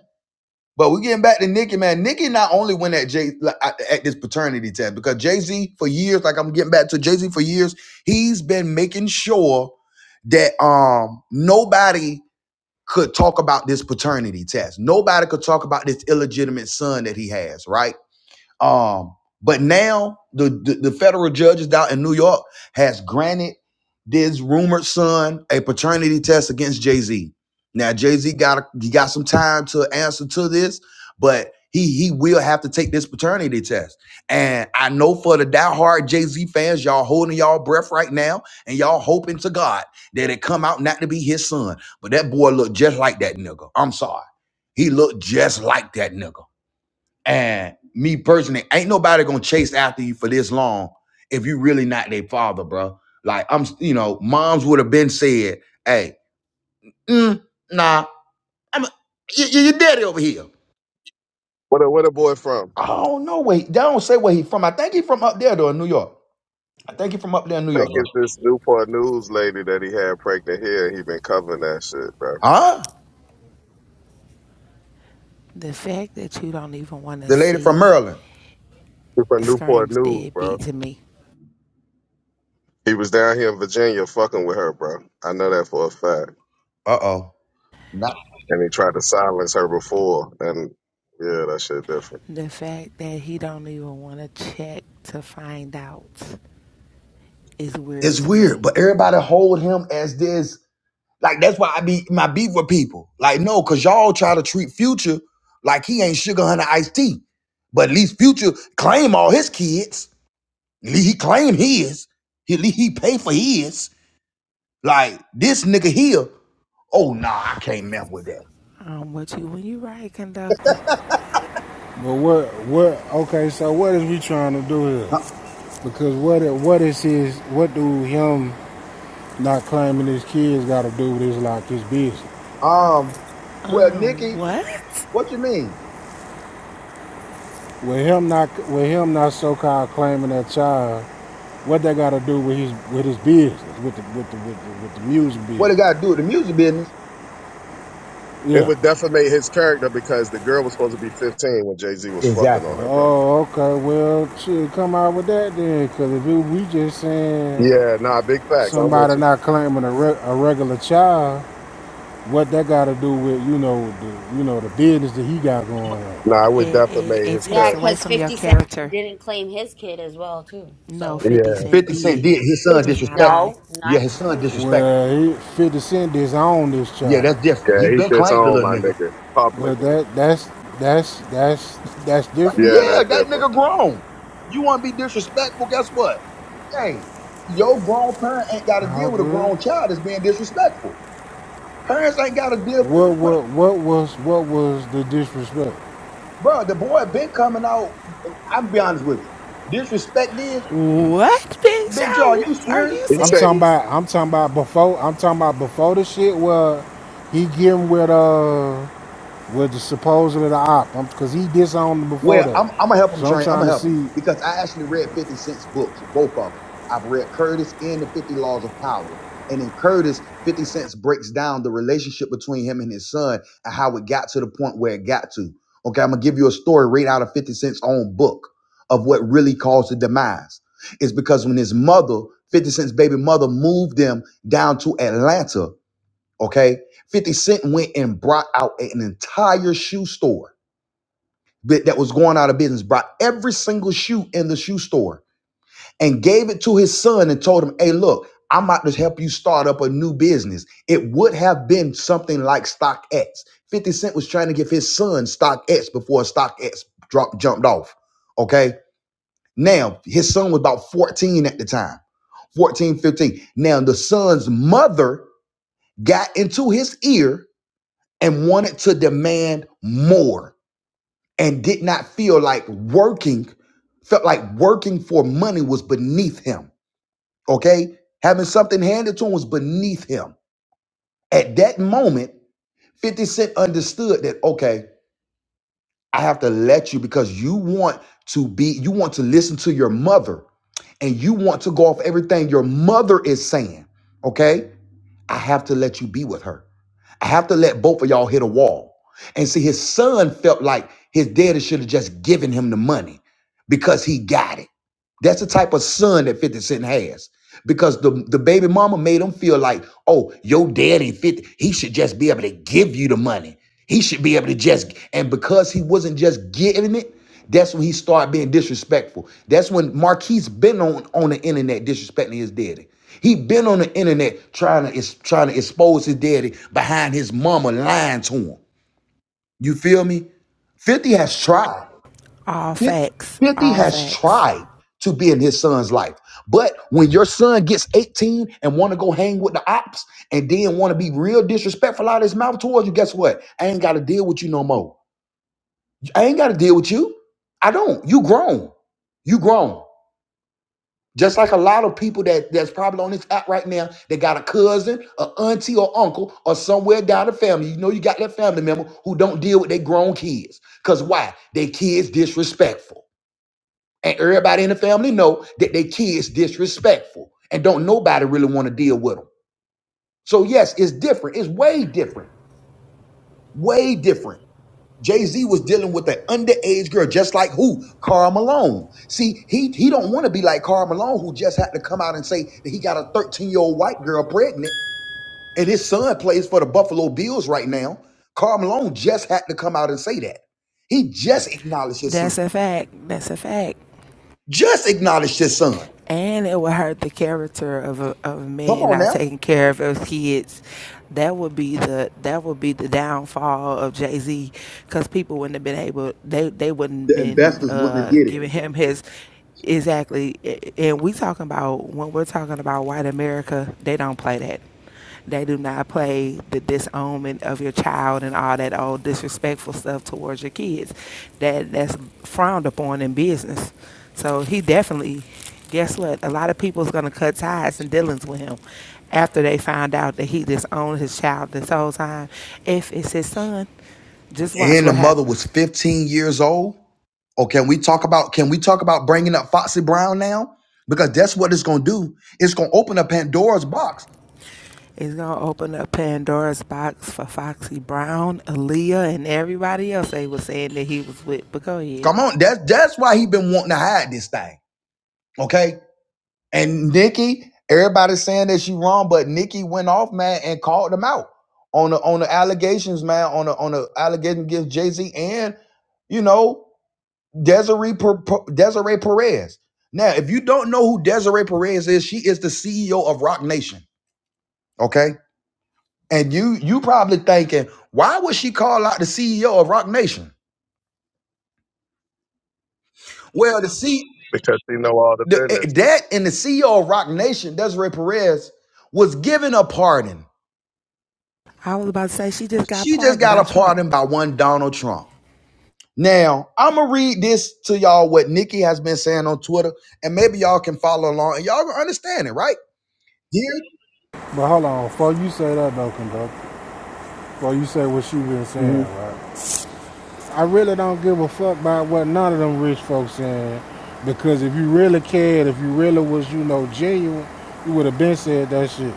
Speaker 1: But we getting back to Nikki, man. Nikki not only went at Jay like, at at this paternity test because Jay Z for years, like I'm getting back to Jay Z for years, he's been making sure that um nobody could talk about this paternity test. Nobody could talk about this illegitimate son that he has, right? Um, but now the, the the federal judges down in New York has granted this rumored son a paternity test against Jay Z. Now Jay Z got a- he got some time to answer to this, but he he will have to take this paternity test. And I know for the diehard Jay Z fans, y'all holding y'all breath right now, and y'all hoping to God that it come out not to be his son. But that boy looked just like that nigga. I'm sorry, he looked just like that nigga and me personally, ain't nobody gonna chase after you for this long if you really not their father, bro. Like I'm, you know, moms would have been said, "Hey, mm, nah, I'm you, you- your daddy over here."
Speaker 11: Where the where the boy from?
Speaker 1: I don't know where he, they don't say where he from. I think he from up there though, in New York. I think he from up there in New
Speaker 11: I
Speaker 1: York,
Speaker 11: think
Speaker 1: bro.
Speaker 11: it's this Newport News lady that he had pregnant here. He been covering that shit, bro.
Speaker 1: Huh?
Speaker 6: The fact that you don't even want to
Speaker 1: The lady from
Speaker 6: see
Speaker 1: Maryland.
Speaker 11: He from Newport
Speaker 6: screams
Speaker 11: News, bro.
Speaker 6: deadbeat to me.
Speaker 11: He was down here in Virginia fucking with her, bro. I know that for a fact.
Speaker 1: Uh oh.
Speaker 11: And he tried to silence her before, and yeah, that shit different.
Speaker 6: The fact that he don't even want to check to find out is weird
Speaker 1: It's
Speaker 6: to me.
Speaker 1: weird, but everybody hold him as this. Like that's why I be my beef with people. Like no, cause y'all try to treat Future like he ain't Sugar Hunter Ice Tea. But at least Future claim all his kids. At least He claim his. He at least he pay for his. Like this nigga here. Oh nah, I can't mess with that.
Speaker 6: Um, what you when you ride conductor?
Speaker 5: But what what okay, so what is we trying to do here? Because what what is his what do him not claiming his kids gotta do with his like his business?
Speaker 1: Uh, Um, well,
Speaker 6: Um,
Speaker 1: Nikki,
Speaker 6: what?
Speaker 1: what you mean?
Speaker 5: With him not with him not so called claiming that child, what they gotta do with his with his business, with the with the with the, with the music
Speaker 1: What it
Speaker 5: business.
Speaker 1: got to do with the music business?
Speaker 11: It
Speaker 5: Yeah.
Speaker 11: would defamate his character because the girl was supposed to be 15 when Jay Z was fucking on
Speaker 1: Exactly.
Speaker 11: her, bro.
Speaker 5: Oh, okay. Well, shit, come out with that then, because if it, we just saying
Speaker 11: Yeah, nah, big facts. I'm with
Speaker 5: somebody
Speaker 11: you.
Speaker 5: not claiming a, re- a regular child, What that got to do with you know the you know the business that he got going on?
Speaker 11: Nah, I would
Speaker 6: It, it
Speaker 11: defamate
Speaker 6: it
Speaker 11: his
Speaker 3: Yeah,
Speaker 6: takes
Speaker 11: character.
Speaker 6: away
Speaker 3: because
Speaker 6: from your
Speaker 3: 50 Cent
Speaker 6: character.
Speaker 3: didn't claim his kid as well, too.
Speaker 6: No,
Speaker 3: So,
Speaker 6: Fifty
Speaker 11: Yeah.
Speaker 6: Cent
Speaker 1: Fifty Cent
Speaker 6: did.
Speaker 1: did his son
Speaker 6: Let's not
Speaker 1: disrespectful.
Speaker 6: lie.
Speaker 3: no,
Speaker 1: Yeah,
Speaker 3: not
Speaker 1: his
Speaker 3: his
Speaker 1: son
Speaker 3: kid.
Speaker 1: disrespectful.
Speaker 5: Well, he 50 Cent disowned this
Speaker 1: Yeah,
Speaker 5: child,
Speaker 1: that's different.
Speaker 11: Yeah,
Speaker 1: He
Speaker 11: he
Speaker 1: been claimed the
Speaker 11: disowned
Speaker 1: little
Speaker 11: my
Speaker 1: nigga.
Speaker 11: nigga
Speaker 5: but
Speaker 11: publicly.
Speaker 5: that that's that's that's that's different
Speaker 11: Yeah,
Speaker 5: though.
Speaker 1: Yeah,
Speaker 11: that's
Speaker 1: that
Speaker 11: different.
Speaker 1: nigga grown. You want to be disrespectful? Guess what? Hey, your grown parent ain't got to deal
Speaker 5: How
Speaker 1: with a
Speaker 5: good?
Speaker 1: grown child that's being disrespectful. Parents ain't got to deal
Speaker 5: What
Speaker 1: with
Speaker 5: what what was what was the disrespect?
Speaker 1: Bro, the boy been coming out. I'm be honest with you. Disrespect is,
Speaker 6: What, Big
Speaker 1: Big Jaw,
Speaker 6: Show?
Speaker 1: you
Speaker 6: Are
Speaker 1: serious?
Speaker 6: you
Speaker 11: He
Speaker 5: I'm
Speaker 11: say
Speaker 5: talking
Speaker 6: serious?
Speaker 5: about I'm talking about before I'm talking about before the shit where he getting with uh with the supposedly the op because he disowned him before
Speaker 1: Well,
Speaker 5: that.
Speaker 1: I'm, I'm gonna help him
Speaker 5: So I'm
Speaker 1: train. I'm
Speaker 5: trying
Speaker 1: gonna
Speaker 5: to
Speaker 1: help him
Speaker 5: see.
Speaker 1: because I actually read 50 Cent's books, both of them. I've read Curtis and the 50 Laws of Power. And in Curtis, 50 Cent breaks down the relationship between him and his son and how it got to the point where it got to. Okay, I'm gonna give you a story right out of 50 Cent's own book of what really caused the demise. It's because when his mother, 50 Cent's baby mother, moved them down to Atlanta, okay, 50 Cent went and brought out an entire shoe store that, that was going out of business brought every single shoe in the shoe store and gave it to his son and told him, hey, look, I'm about to help you start up a new business. It would have been something like StockX. 50 Cent was trying to give his son StockX before StockX dropped, jumped off. Okay. Now, his son was about 14 at the time, 14, 15. Now, the son's mother got into his ear and wanted to demand more and did not feel like working, felt like working for money was beneath him. Okay? Having something handed to him was beneath him. At that moment, 50 Cent understood that, okay, I have to let you because you want to be, you want to listen to your mother and you want to go off everything your mother is saying. Okay? I have to let you be with her. I have to let both of y'all hit a wall. And see, his son felt like his daddy should have just given him the money because he got it. That's the type of son that 50 Cent has because the, the baby mama made him feel like, oh, your daddy fifty, He should just be able to give you the money. He should be able to just, and because he wasn't just giving it, that's when he started being disrespectful. That's when Marquise been on, on the internet disrespecting his daddy. He been on the internet trying to is trying to expose his daddy behind his mama lying to him. You feel me? 50 has tried.
Speaker 6: All
Speaker 1: Fif-
Speaker 6: facts.
Speaker 1: 50
Speaker 6: All
Speaker 1: has
Speaker 6: facts.
Speaker 1: tried to be in his son's life. But when your son gets 18 and want to go hang with the ops and then want to be real disrespectful out of his mouth towards you, guess what? I ain't got to deal with you no more. I ain't got to deal with you. I don't. You grown. You grown. Just like a lot of people that that's probably on this app right now, they got a cousin, a auntie, or uncle, or somewhere down the family. You know, you got that family member who don't deal with their grown kids. Cause why? Their kids disrespectful and everybody in the family know that their kids disrespectful and don't nobody really want to deal with them so yes it's different it's way different way different jay-z was dealing with an underage girl just like who carl malone see he he don't want to be like carl malone who just had to come out and say that he got a 13 year old white girl pregnant and his son plays for the buffalo bills right now carl malone just had to come out and say that he just acknowledged his son
Speaker 6: That's a fact. That's a fact.
Speaker 1: just acknowledged his son
Speaker 6: and it would hurt the character of a, of a
Speaker 1: come
Speaker 6: man
Speaker 1: on
Speaker 6: not
Speaker 1: now
Speaker 6: taking care of his kids. That would be the that would be the downfall of Jay Z, because people wouldn't have been able they they wouldn't have
Speaker 1: the
Speaker 6: been
Speaker 1: investors wouldn't
Speaker 6: uh,
Speaker 1: get it.
Speaker 6: giving him his exactly. And we talking about when we're talking about white America, they don't play that. They do not play the disownment of your child and all that old disrespectful stuff towards your kids. That that's frowned upon in business. So he definitely, guess what? A lot of people's gonna cut ties and dealings with him after they find out that he disowned his child this whole time. If it's his son, just watch
Speaker 1: and the
Speaker 6: what
Speaker 1: mother
Speaker 6: happens.
Speaker 1: was 15 years old. Or can we talk about can we talk about bringing up Foxy Brown now? Because that's what it's gonna do. It's gonna open up Pandora's box.
Speaker 6: It's gonna open up Pandora's box for Foxy Brown, Aaliyah, and everybody else they was saying that he was with. But go ahead.
Speaker 1: Come on, that's that's why he been wanting to hide this thing. Okay, and Nikki, everybody's saying that she wrong, but Nikki went off, man, and called him out on the on the allegations, man, on the on the allegation against Jay Z and you know Desiree Per- Per- Desiree Perez. Now, if you don't know who Desiree Perez is, she is the CEO of Roc Nation. Okay. And you you probably thinking, why would she call out the CEO of Rock Nation? Well, the C
Speaker 11: because he know all the
Speaker 1: the eh,
Speaker 11: business.
Speaker 1: that and the CEO of Rock Nation, Desiree Perez, was given a pardon.
Speaker 6: I was about to say she just got
Speaker 1: She just
Speaker 6: pardoned
Speaker 1: got
Speaker 6: by
Speaker 1: a
Speaker 6: Trump.
Speaker 1: pardon by one Donald Trump. Now, I'ma read this to y'all what Nikki has been saying on Twitter, and maybe y'all can follow along and y'all gonna understand it, right? Dear,
Speaker 5: But hold on, before you say that though, Conductor, Well, you say what she been
Speaker 1: Mhm.
Speaker 5: saying, right? I really don't give a fuck about what none of them rich folks saying, because if you really cared, if you really was, you know, genuine, you would have been said that shit.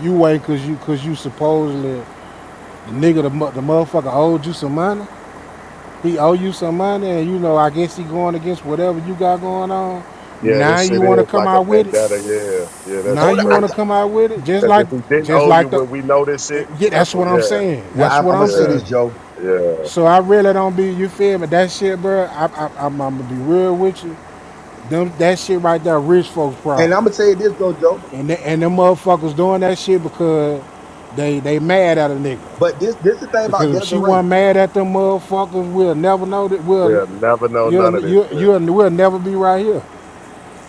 Speaker 5: You wait cause you cause you supposedly the nigga the, the motherfucker owed you some money. He owe you some money, and you know, I guess he going against whatever you got going on.
Speaker 11: Yeah,
Speaker 5: Now
Speaker 11: this shit
Speaker 5: you want to
Speaker 11: is
Speaker 5: come
Speaker 11: like a
Speaker 5: out with it.
Speaker 11: vendetta. Yeah, yeah, that
Speaker 5: Now
Speaker 11: shit
Speaker 1: hold on.
Speaker 5: you
Speaker 1: I,
Speaker 5: want to
Speaker 11: crazy.
Speaker 1: ca-
Speaker 5: come out with it, just
Speaker 11: Because
Speaker 5: like
Speaker 11: if he didn't
Speaker 5: just
Speaker 11: owe you
Speaker 5: like the.
Speaker 11: when we know this shit,
Speaker 5: Yeah,
Speaker 11: that's
Speaker 5: that's
Speaker 11: what.
Speaker 5: what I'm
Speaker 11: Yeah,
Speaker 5: saying.
Speaker 1: well,
Speaker 5: That's
Speaker 1: I'm,
Speaker 5: what
Speaker 1: I'm gonna
Speaker 5: I'm
Speaker 1: say
Speaker 11: yeah,
Speaker 1: this,
Speaker 5: saying.
Speaker 1: Joe.
Speaker 11: yeah.
Speaker 5: So I really don't be, you feel me? That shit, bro. I, I, I'm, I'm gonna be real with you. Them, that shit right there, rich folks'
Speaker 1: And
Speaker 5: pride,
Speaker 1: I'm gonna say this though, Joe.
Speaker 5: and the, and them motherfuckers doing that shit because they they mad at a nigga.
Speaker 1: But this this is the thing about
Speaker 5: Because if she
Speaker 1: Desiree.
Speaker 5: wasn't mad at them motherfuckers, we'll never know that we'll
Speaker 11: We'll never know none
Speaker 5: you'll
Speaker 11: of this
Speaker 5: you
Speaker 11: shit.
Speaker 5: you'll we'll never be right here.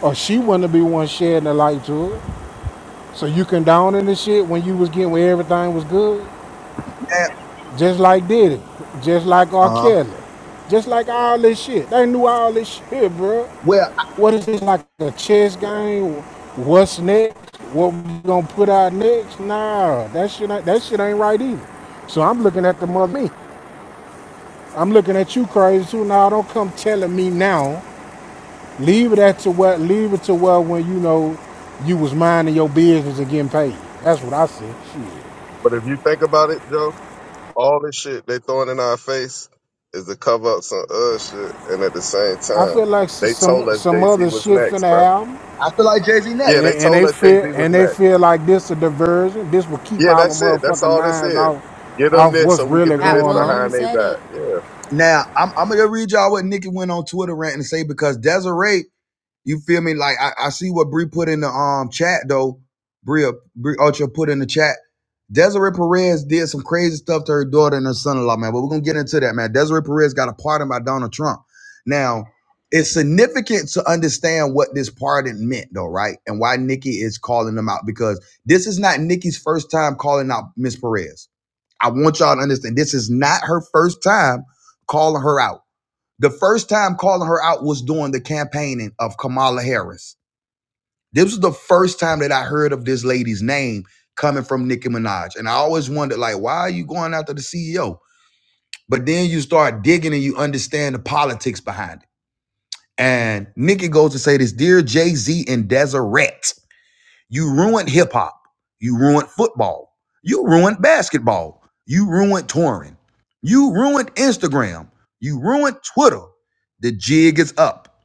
Speaker 5: Or she wouldn't be one shedding the light to it. So you condoning the shit when you was getting where everything was good,
Speaker 1: Uh
Speaker 5: just like Diddy, just like R.
Speaker 1: huh.
Speaker 5: Kelly. Just like all this shit. They knew all this shit, bro.
Speaker 1: Well.
Speaker 5: what is this like a chess game? What's next? What we gonna put out next? Nah, that shit ain't, that shit ain't right either. So I'm looking at the mother me. I'm looking at you crazy too. Now don't come telling me now. Leave it at to what leave it to what when you know you was minding your business and getting paid. That's what I said. Shit.
Speaker 11: But if you think about it, Joe, all this shit they throwing in our face is to cover up some other shit, and at the same
Speaker 5: I
Speaker 11: time,
Speaker 5: feel like
Speaker 11: they told
Speaker 5: some
Speaker 11: us
Speaker 5: some
Speaker 11: Jay Z
Speaker 5: other
Speaker 11: was
Speaker 5: shit
Speaker 11: next, bro.
Speaker 5: finna happen.
Speaker 1: I feel like Jay Z next.
Speaker 11: Yeah,
Speaker 5: And,
Speaker 11: they
Speaker 5: they, and
Speaker 11: told
Speaker 5: they
Speaker 11: us Jay Z
Speaker 5: feel
Speaker 11: was
Speaker 5: and they
Speaker 11: next.
Speaker 5: feel like this a diversion. This will keep
Speaker 11: Yeah,
Speaker 5: our
Speaker 11: that's it. That's
Speaker 5: motherfucking
Speaker 11: all this
Speaker 5: minds
Speaker 11: is.
Speaker 5: off
Speaker 11: Get them
Speaker 5: off
Speaker 11: this
Speaker 5: what's
Speaker 11: so we can
Speaker 5: really
Speaker 11: do
Speaker 3: Pat
Speaker 11: this
Speaker 5: going on.
Speaker 11: behind
Speaker 3: Williams
Speaker 11: their
Speaker 3: said
Speaker 11: back.
Speaker 3: it.
Speaker 11: Yeah.
Speaker 1: Now I'm, I'm gonna read y'all what Nikki went on Twitter rant and say because Desiree, you feel me? Like I, I see what Bree put in the um chat though. Bria Bree Ultra put in the chat. Desiree Perez did some crazy stuff to her daughter and her son-in-law, man. But we're gonna get into that, man. Desiree Perez got a pardon by Donald Trump. Now it's significant to understand what this pardon meant, though, right? And why Nikki is calling them out because this is not Nikki's first time calling out Miss Perez. I want y'all to understand this is not her first time calling her out. The first time calling her out was during the campaigning of Kamala Harris. This was the first time that I heard of this lady's name coming from Nicki Minaj. And I always wondered, like, why are you going after the CEO? But then you start digging and you understand the politics behind it. And Nicki goes to say this Dear Jay Z and Deseret. You ruined hip hop. You ruined football. You ruined basketball. You ruined touring. You ruined Instagram. You ruined Twitter. The jig is up.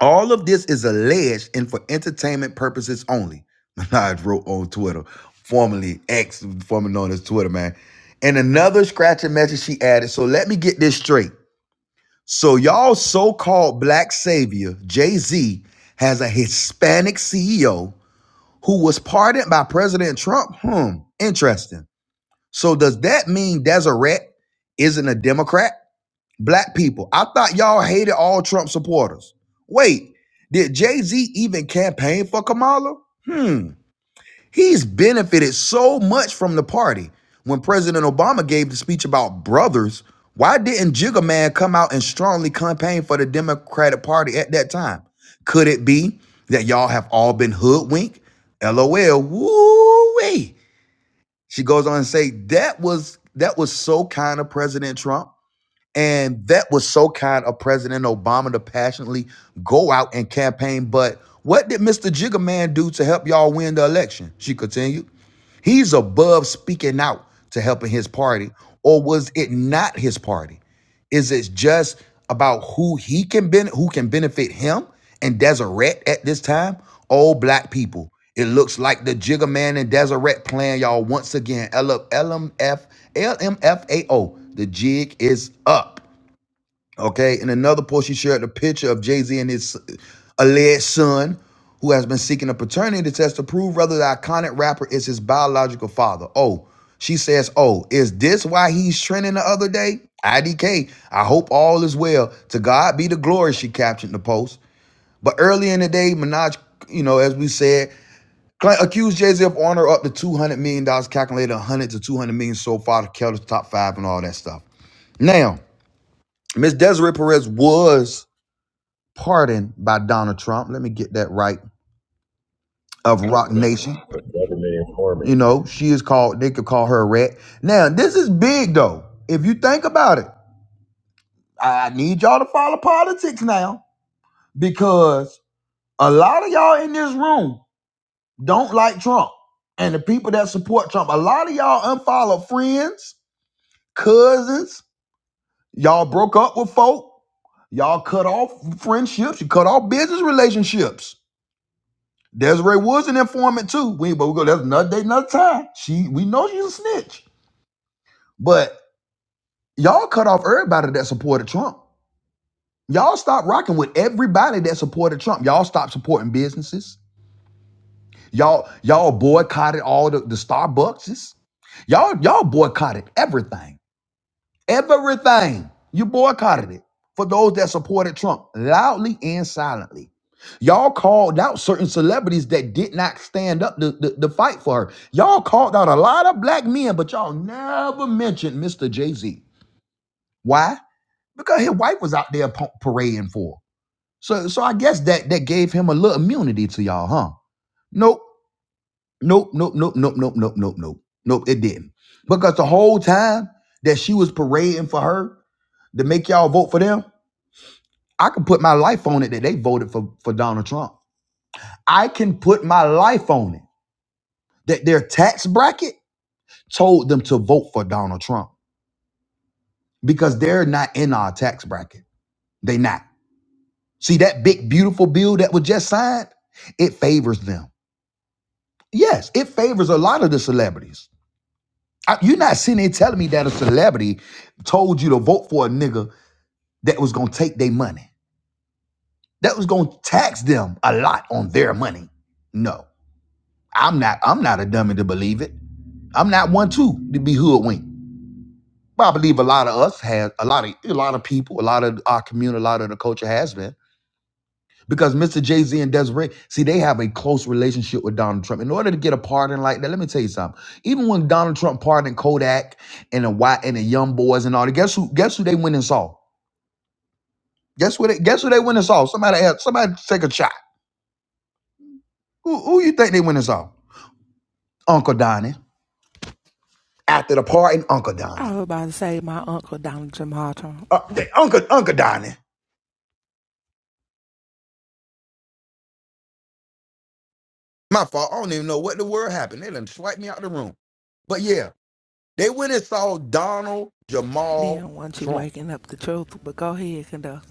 Speaker 1: All of this is alleged and for entertainment purposes only. Minaj wrote on Twitter, formerly X, formerly known as Twitter, man. And another scratching message she added. So let me get this straight. So y'all so-called black savior, Jay-Z, has a Hispanic CEO who was pardoned by President Trump. Hmm, interesting. So does that mean Deseret isn't a Democrat? Black people, I thought y'all hated all Trump supporters. Wait, did Jay Z even campaign for Kamala? Hmm. He's benefited so much from the party. When President Obama gave the speech about brothers, why didn't Jigga Man come out and strongly campaign for the Democratic Party at that time? Could it be that y'all have all been hoodwinked? LOL. Woo wee. She goes on and say that was that was so kind of President Trump, and that was so kind of President Obama to passionately go out and campaign. But what did Mr. Jigga Man do to help y'all win the election? She continued. He's above speaking out to helping his party, or was it not his party? Is it just about who he can ben- who can benefit him and Deseret at this time? All black people. It looks like the Jigger Man and Deseret plan, y'all, once again. L M F L M F A O. The jig is up. Okay. In another post, she shared a picture of Jay Z and his alleged son, who has been seeking a paternity test to prove whether the iconic rapper is his biological father. Oh, she says, Oh, is this why he's trending the other day? IDK, I hope all is well. To God be the glory, she captioned the post. But early in the day, Minaj, you know, as we said, accused Jay Z of owing her up to $200 million, dollars, calculated 100 to 200 million so far to Keller's top five and all that stuff. Now, Miss Desiree Perez was pardon by Donald Trump. Let me get that right. Of Rock Nation.
Speaker 4: The government
Speaker 1: You
Speaker 4: informing.
Speaker 1: know, she is called, they could call her a rat. Now, this is big though. If you think about it, I need y'all to follow politics now because a lot of y'all in this room don't like Trump. And the people that support Trump, a lot of y'all unfollow friends, cousins, y'all broke up with folk, y'all cut off friendships, you cut off business relationships Desiree was an informant too. We but we go that's another day, another time. She we know she's a snitch. But y'all cut off everybody that supported Trump. Y'all stop rocking with everybody that supported Trump. Y'all stop supporting businesses. Y'all y'all boycotted all the, the Starbuckses. Y'all y'all boycotted everything. Everything. You boycotted it for those that supported Trump loudly and silently. Y'all called out certain celebrities that did not stand up to, to, to fight for her. Y'all called out a lot of black men, but y'all never mentioned Mr. Jay Z. Why? Because his wife was out there pa- parading for. her. So, so I guess that that gave him a little immunity to y'all, huh? Nope, nope, nope, nope, nope, nope, nope, nope, nope, nope. It didn't because the whole time that she was parading for her to make y'all vote for them, I can put my life on it that they voted for, for Donald Trump. I can put my life on it that their tax bracket told them to vote for Donald Trump because they're not in our tax bracket. They not. See that big beautiful bill that was just signed? It favors them. Yes, it favors a lot of the celebrities. I- you're not sitting there telling me that a celebrity told you to vote for a nigga that was gonna take their money, that was gonna tax them a lot on their money. No. I'm not I'm not a dummy to believe it. I'm not one too to be hoodwinked. But I believe a lot of us have a lot of a lot of people, a lot of our community, a lot of the culture has been. Because Mr. Jay-Z and Desiree, see, they have a close relationship with Donald Trump. In order to get a pardon like that, let me tell you something. Even when Donald Trump pardoned Kodak and the white and the young boys and all that, guess who guess who they went and saw? Guess what they guess who they went and saw? Somebody else, somebody take a shot. Who, who you think they went and saw? Uncle Donnie. After the pardon, Uncle Donnie.
Speaker 6: I was about to say my uncle Donald Jamal Trump
Speaker 1: Uh, they- Uncle Uncle Donnie. My fault. I don't even know what the word happened. They done swiped me out the room. But yeah, they went and saw Donald Jamal
Speaker 6: didn't want you
Speaker 1: Trump.
Speaker 6: waking up the truth, but go ahead, conductor.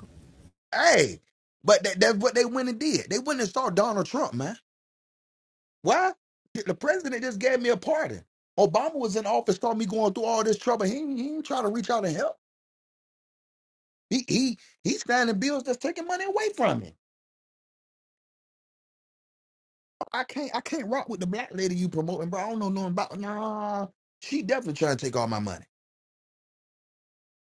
Speaker 1: Hey, but that, that's what they went and did. They went and saw Donald Trump, man. Why? The president just gave me a pardon. Obama was in office, saw me going through all this trouble. He, ain't- he ain't trying to reach out and help. He he he's signing bills that's taking money away from him. I can't I can't rock with the black lady you promoting, bro. I don't know nothing about. Nah, she definitely trying to take all my money.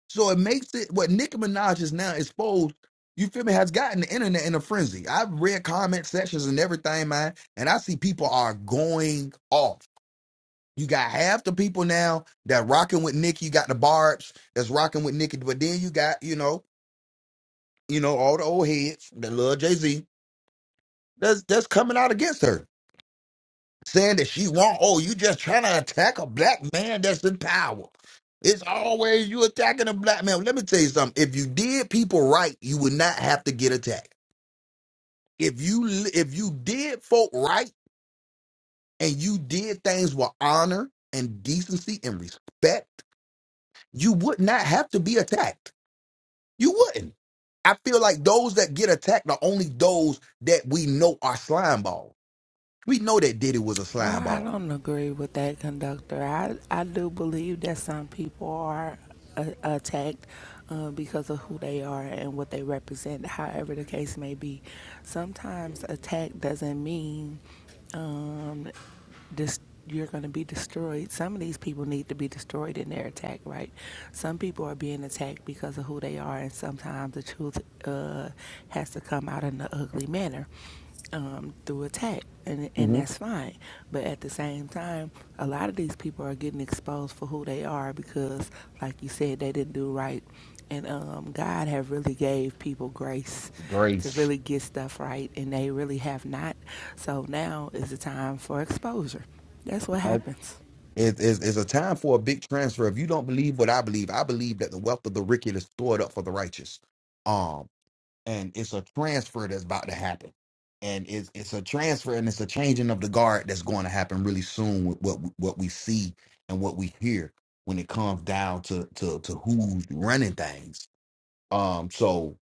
Speaker 1: So it makes it what Nicki Minaj is now exposed. You feel me? Has gotten the internet in a frenzy. I've read comment sections and everything, man, and I see people are going off. You got half the people now that rocking with Nicki. You got the Barb's that's rocking with Nicki, but then you got you know you know all the old heads, the little Jay Z that's that's coming out against her. saying that she want oh you just trying to attack a black man that's in power it's always you attacking a black man let me tell you something if you did people right you would not have to get attacked if you if you did folk right and you did things with honor and decency and respect you would not have to be attacked you wouldn't i feel like those that get attacked are only those that we know are slime balls we know that diddy was a
Speaker 6: Well,
Speaker 1: slime
Speaker 6: I
Speaker 1: ball.
Speaker 6: don't agree with that, conductor. I I do believe that some people are uh, attacked uh, because of who they are and what they represent. However, the case may be, sometimes attack doesn't mean um, dis- you're going to be destroyed. Some of these people need to be destroyed in their attack, right? Some people are being attacked because of who they are, and sometimes the truth uh, has to come out in an ugly manner um, through attack, and and
Speaker 1: hmm
Speaker 6: that's fine. But at the same time, a lot of these people are getting exposed for who they are because, like you said, they didn't do right, and um, God have really gave people grace to
Speaker 1: Grace.
Speaker 6: really get stuff right, and they really have not. So now is the time for exposure. That's what
Speaker 1: That-
Speaker 6: happens.
Speaker 1: It is it's a time for a big transfer. If you don't believe what I believe, I believe that the wealth of the wicked is stored up for the righteous. Um, and it's a transfer that's about to happen. And it's it's a transfer and it's a changing of the guard that's going to happen really soon with what what we see and what we hear when it comes down to to to who's running things. Um, so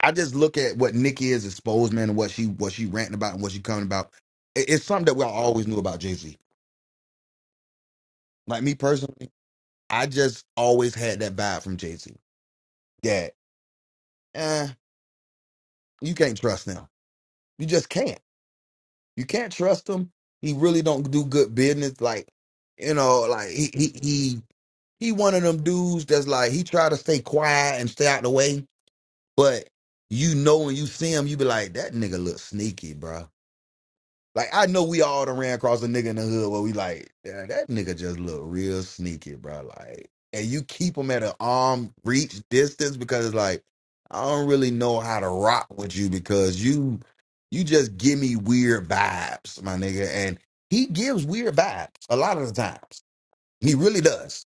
Speaker 1: I just look at what Nick is exposed, man, and what she what she ranting about and what she coming about. It- it's something that we always knew about Jay Z. Like me personally, I just always had that vibe from Jay Z that eh, you can't trust them. You just can't You can't trust him. He really don't do good business. Like, you know, like he he he he one of them dudes that's like he try to stay quiet and stay out the way, but you know when you see him, you be like, that nigga look sneaky, bro. Like I know we all done ran across a nigga in the hood where we like, "Yeah, that nigga just look real sneaky, bro. Like, and you keep him at an arm reach distance because like I don't really know how to rock with you because you you just give me weird vibes, my nigga. And he gives weird vibes a lot of the times. He really does.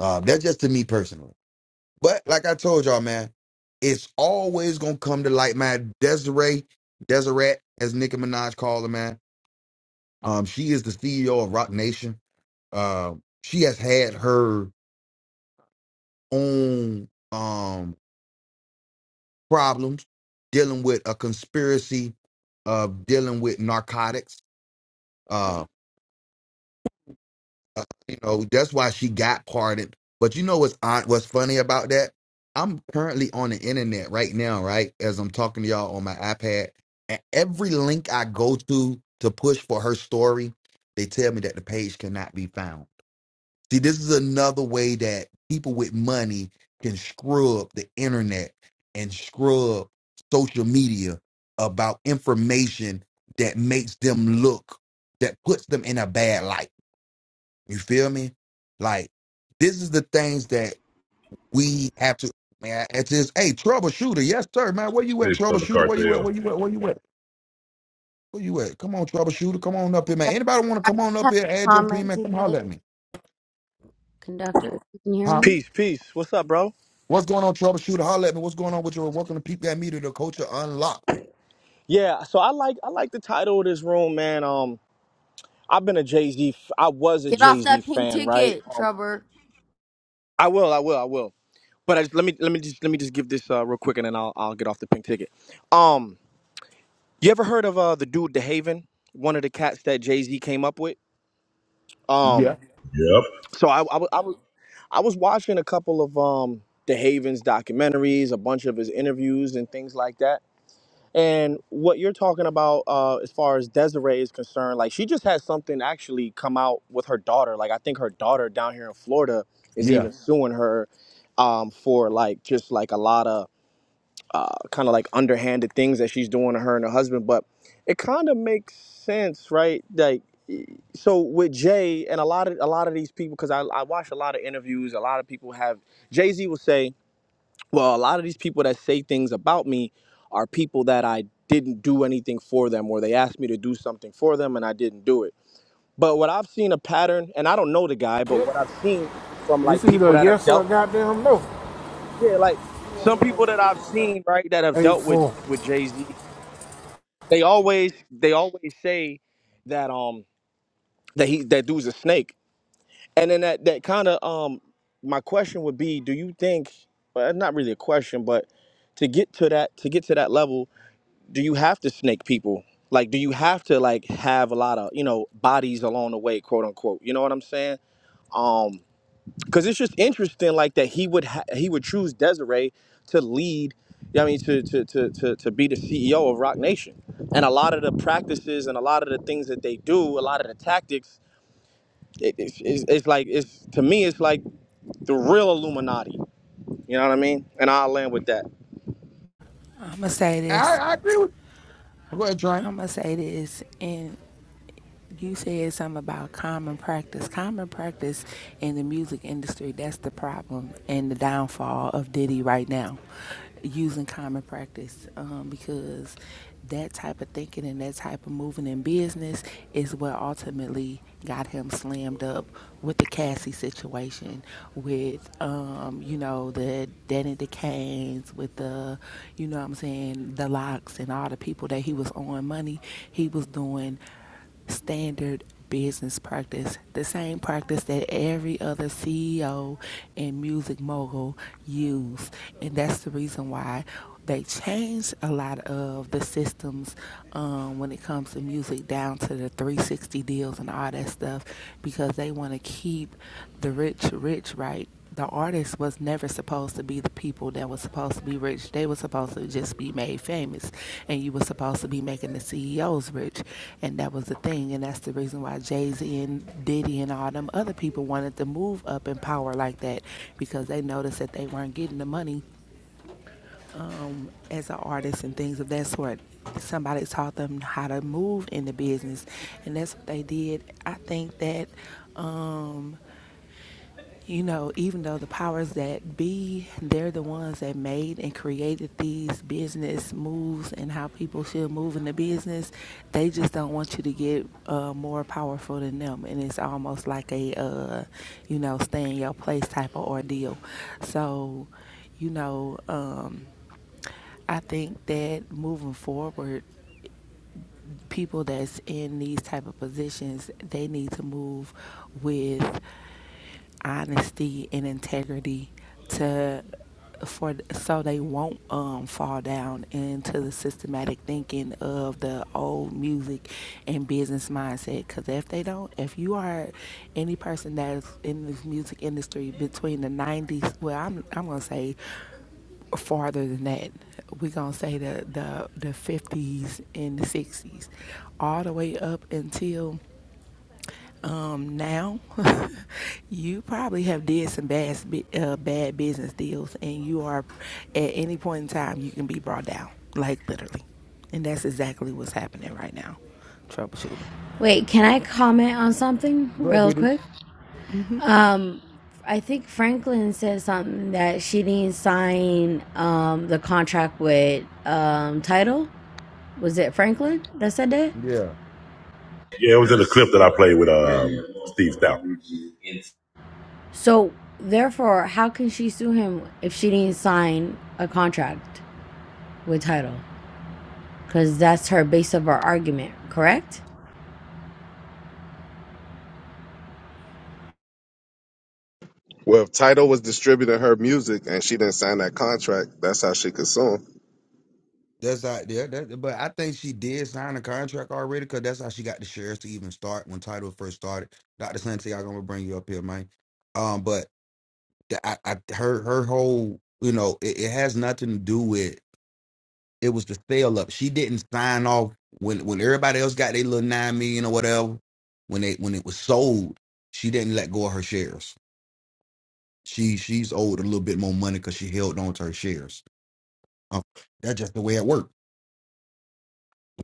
Speaker 1: Uh, that's just to me personally. But like I told y'all, man, it's always gonna come to light, man. Desiree, Deseret, as Nicki Minaj called her, man um, she is the CEO of Rock Nation. Uh, she has had her own um, problems dealing with a conspiracy of dealing with narcotics. Uh, uh, you know that's why she got pardoned. But you know what's odd- what's funny about that? I'm currently on the internet right now, right as I'm talking to y'all on my iPad, and every link I go to to push for her story, they tell me that the page cannot be found. See, this is another way that people with money can scrub the internet and scrub social media about information that makes them look, that puts them in a bad light. You feel me? Like, this is the things that we have to, man, it's just, hey, troubleshooter, yes, sir, man, where you at,
Speaker 4: Snitched on the
Speaker 1: troubleshooter? Where
Speaker 4: cartel.
Speaker 1: you at? Where you at? Where you at? Where you at? Come on, troubleshooter, come on up here, man. Anybody want to
Speaker 3: I
Speaker 1: come on up
Speaker 3: have a
Speaker 1: here, add your opinion,
Speaker 3: comment
Speaker 1: man,
Speaker 3: to
Speaker 1: come
Speaker 3: say.
Speaker 1: holler at me.
Speaker 3: Conductor, you can hear
Speaker 1: Huh?
Speaker 3: me?
Speaker 12: Peace, peace. What's up, bro?
Speaker 1: What's going on, troubleshooter? Holla at me. What's going on with your welcome to Peep That Meter, the culture Unlocked.
Speaker 12: Yeah, so I like I like the title of this room, man. Um, I've been a Jay Z. F- I was a
Speaker 3: Get
Speaker 12: Jay
Speaker 3: off
Speaker 12: Z
Speaker 3: that pink
Speaker 12: fan, right?
Speaker 3: ticket,
Speaker 12: Um,
Speaker 3: Trevor.
Speaker 12: I will, I will, I will. But I just, let me let me just let me just give this uh, real quick, and then I'll I'll get off the pink ticket. Um, you ever heard of uh the dude the Haven? One of the cats that Jay Z came up with.
Speaker 1: Yeah,
Speaker 12: Um,
Speaker 4: Yep.
Speaker 12: so I I, wa- I was I was watching a couple of um the Haven's documentaries, a bunch of his interviews and things like that And what you're talking about, uh, as far as Desiree is concerned, like she just had something actually come out with her daughter. Like I think her daughter down here in Florida is
Speaker 1: yeah.
Speaker 12: even suing her um, for like just like a lot of uh, kind of like underhanded things that she's doing to her and her husband. But it kind of makes sense, right? Like so with Jay and a lot of a lot of these people, because I, I watch a lot of interviews. A lot of people have Jay Z will say well, a lot of these people that say things about me are people that I didn't do anything for them or they asked me to do something for them and I didn't do it. But what I've seen a pattern, and I don't know the guy, but
Speaker 5: Shit.
Speaker 12: what I've seen from like
Speaker 5: It's either
Speaker 12: people
Speaker 5: a
Speaker 12: that have
Speaker 5: yes or a
Speaker 12: dealt,
Speaker 5: goddamn no.
Speaker 12: yeah, like some people that I've seen, right, that have
Speaker 5: Eight
Speaker 12: dealt with
Speaker 5: four.
Speaker 12: with Jay Z, they always they always say that um that he that dude's a snake, and then that that kind of um my question would be, do you think? Well, not really a question, but to get to that to get to that level do you have to snake people? Like, do you have to like have a lot of you know bodies along the way, quote unquote? You know what I'm saying? Um, because it's just interesting, like that he would ha- he would choose Desiree to lead. I mean, to, to to to to be the CEO of Rock Nation, and a lot of the practices and a lot of the things that they do, a lot of the tactics, it, it's, it's it's like it's to me, it's like the real Illuminati. You know what I mean? And I'll land with that.
Speaker 6: I'm going to say
Speaker 1: I,
Speaker 6: this
Speaker 1: I agree with you. Go ahead, Train.
Speaker 6: I'm gonna say this, and you said something about common practice. Common practice in the music industry, that's the problem and the downfall of Diddy right now, using common practice um, because that type of thinking and that type of moving in business is what ultimately got him slammed up with the Cassie situation, with um, um, you know, the Danny DeCanes with the, you know what I'm saying, the locks and all the people that he was owing money, he was doing standard business practice, the same practice that every other CEO and music mogul use. And that's the reason why they changed a lot of the systems um, when it comes to music down to the 360 deals and all that stuff because they want to keep the rich rich right the artist was never supposed to be the people that was supposed to be rich. They were supposed to just be made famous, and you were supposed to be making the CEOs rich, and that was the thing. And that's the reason why Jay Z and Diddy and all them other people wanted to move up in power like that because they noticed that they weren't getting the money as an artist and things of that sort. Somebody taught them how to move in the business, and that's what they did. I think that, um, you know, even though the powers that be, they're the ones that made and created these business moves and how people should move in the business, they just don't want you to get uh, more powerful than them. And it's almost like a, uh, you know, stay in your place type of ordeal. So, you know, um, I think that moving forward, people that's in these type of positions, they need to move with honesty and integrity to for so they won't um, fall down into the systematic thinking of the old music and business mindset because if they don't if you are any person that's in this music industry between the 90s well i'm, I'm gonna say farther than that. We're gonna say the the the fifties and the sixties, all the way up until um, now. you probably have did some bad uh, bad business deals, and you are at any point in time you can be brought down, like literally, and that's exactly what's happening right now. Troubleshooter.
Speaker 3: Wait, can I comment on something
Speaker 1: Go ahead,
Speaker 3: real
Speaker 1: BD.
Speaker 3: quick?
Speaker 6: hmm
Speaker 3: Um, I think Franklin said something that she didn't sign um, the contract with um, Title. Was it Franklin that said that?
Speaker 1: Yeah.
Speaker 4: Yeah, it was in the clip that I played with um, Steve Stout.
Speaker 3: So, therefore, how can she sue him if she didn't sign a contract with title? Because that's her base of her argument, correct?
Speaker 11: Well, if Title was distributing her music and she didn't sign that contract, that's how she could sue 'em.
Speaker 1: That's out there. That, but I think she did sign a contract already because that's how she got the shares to even start when title first started. Dr. Santiago, I'm going to bring you up here, man. Um, but the, I, I, her her whole, you know, it, it has nothing to do with It was the sale up. She didn't sign off when when everybody else got their little nine million or whatever. When they when it was sold, she didn't let go of her shares. She she's owed a little bit more money because she held on to her shares. Um, that's just the way it worked.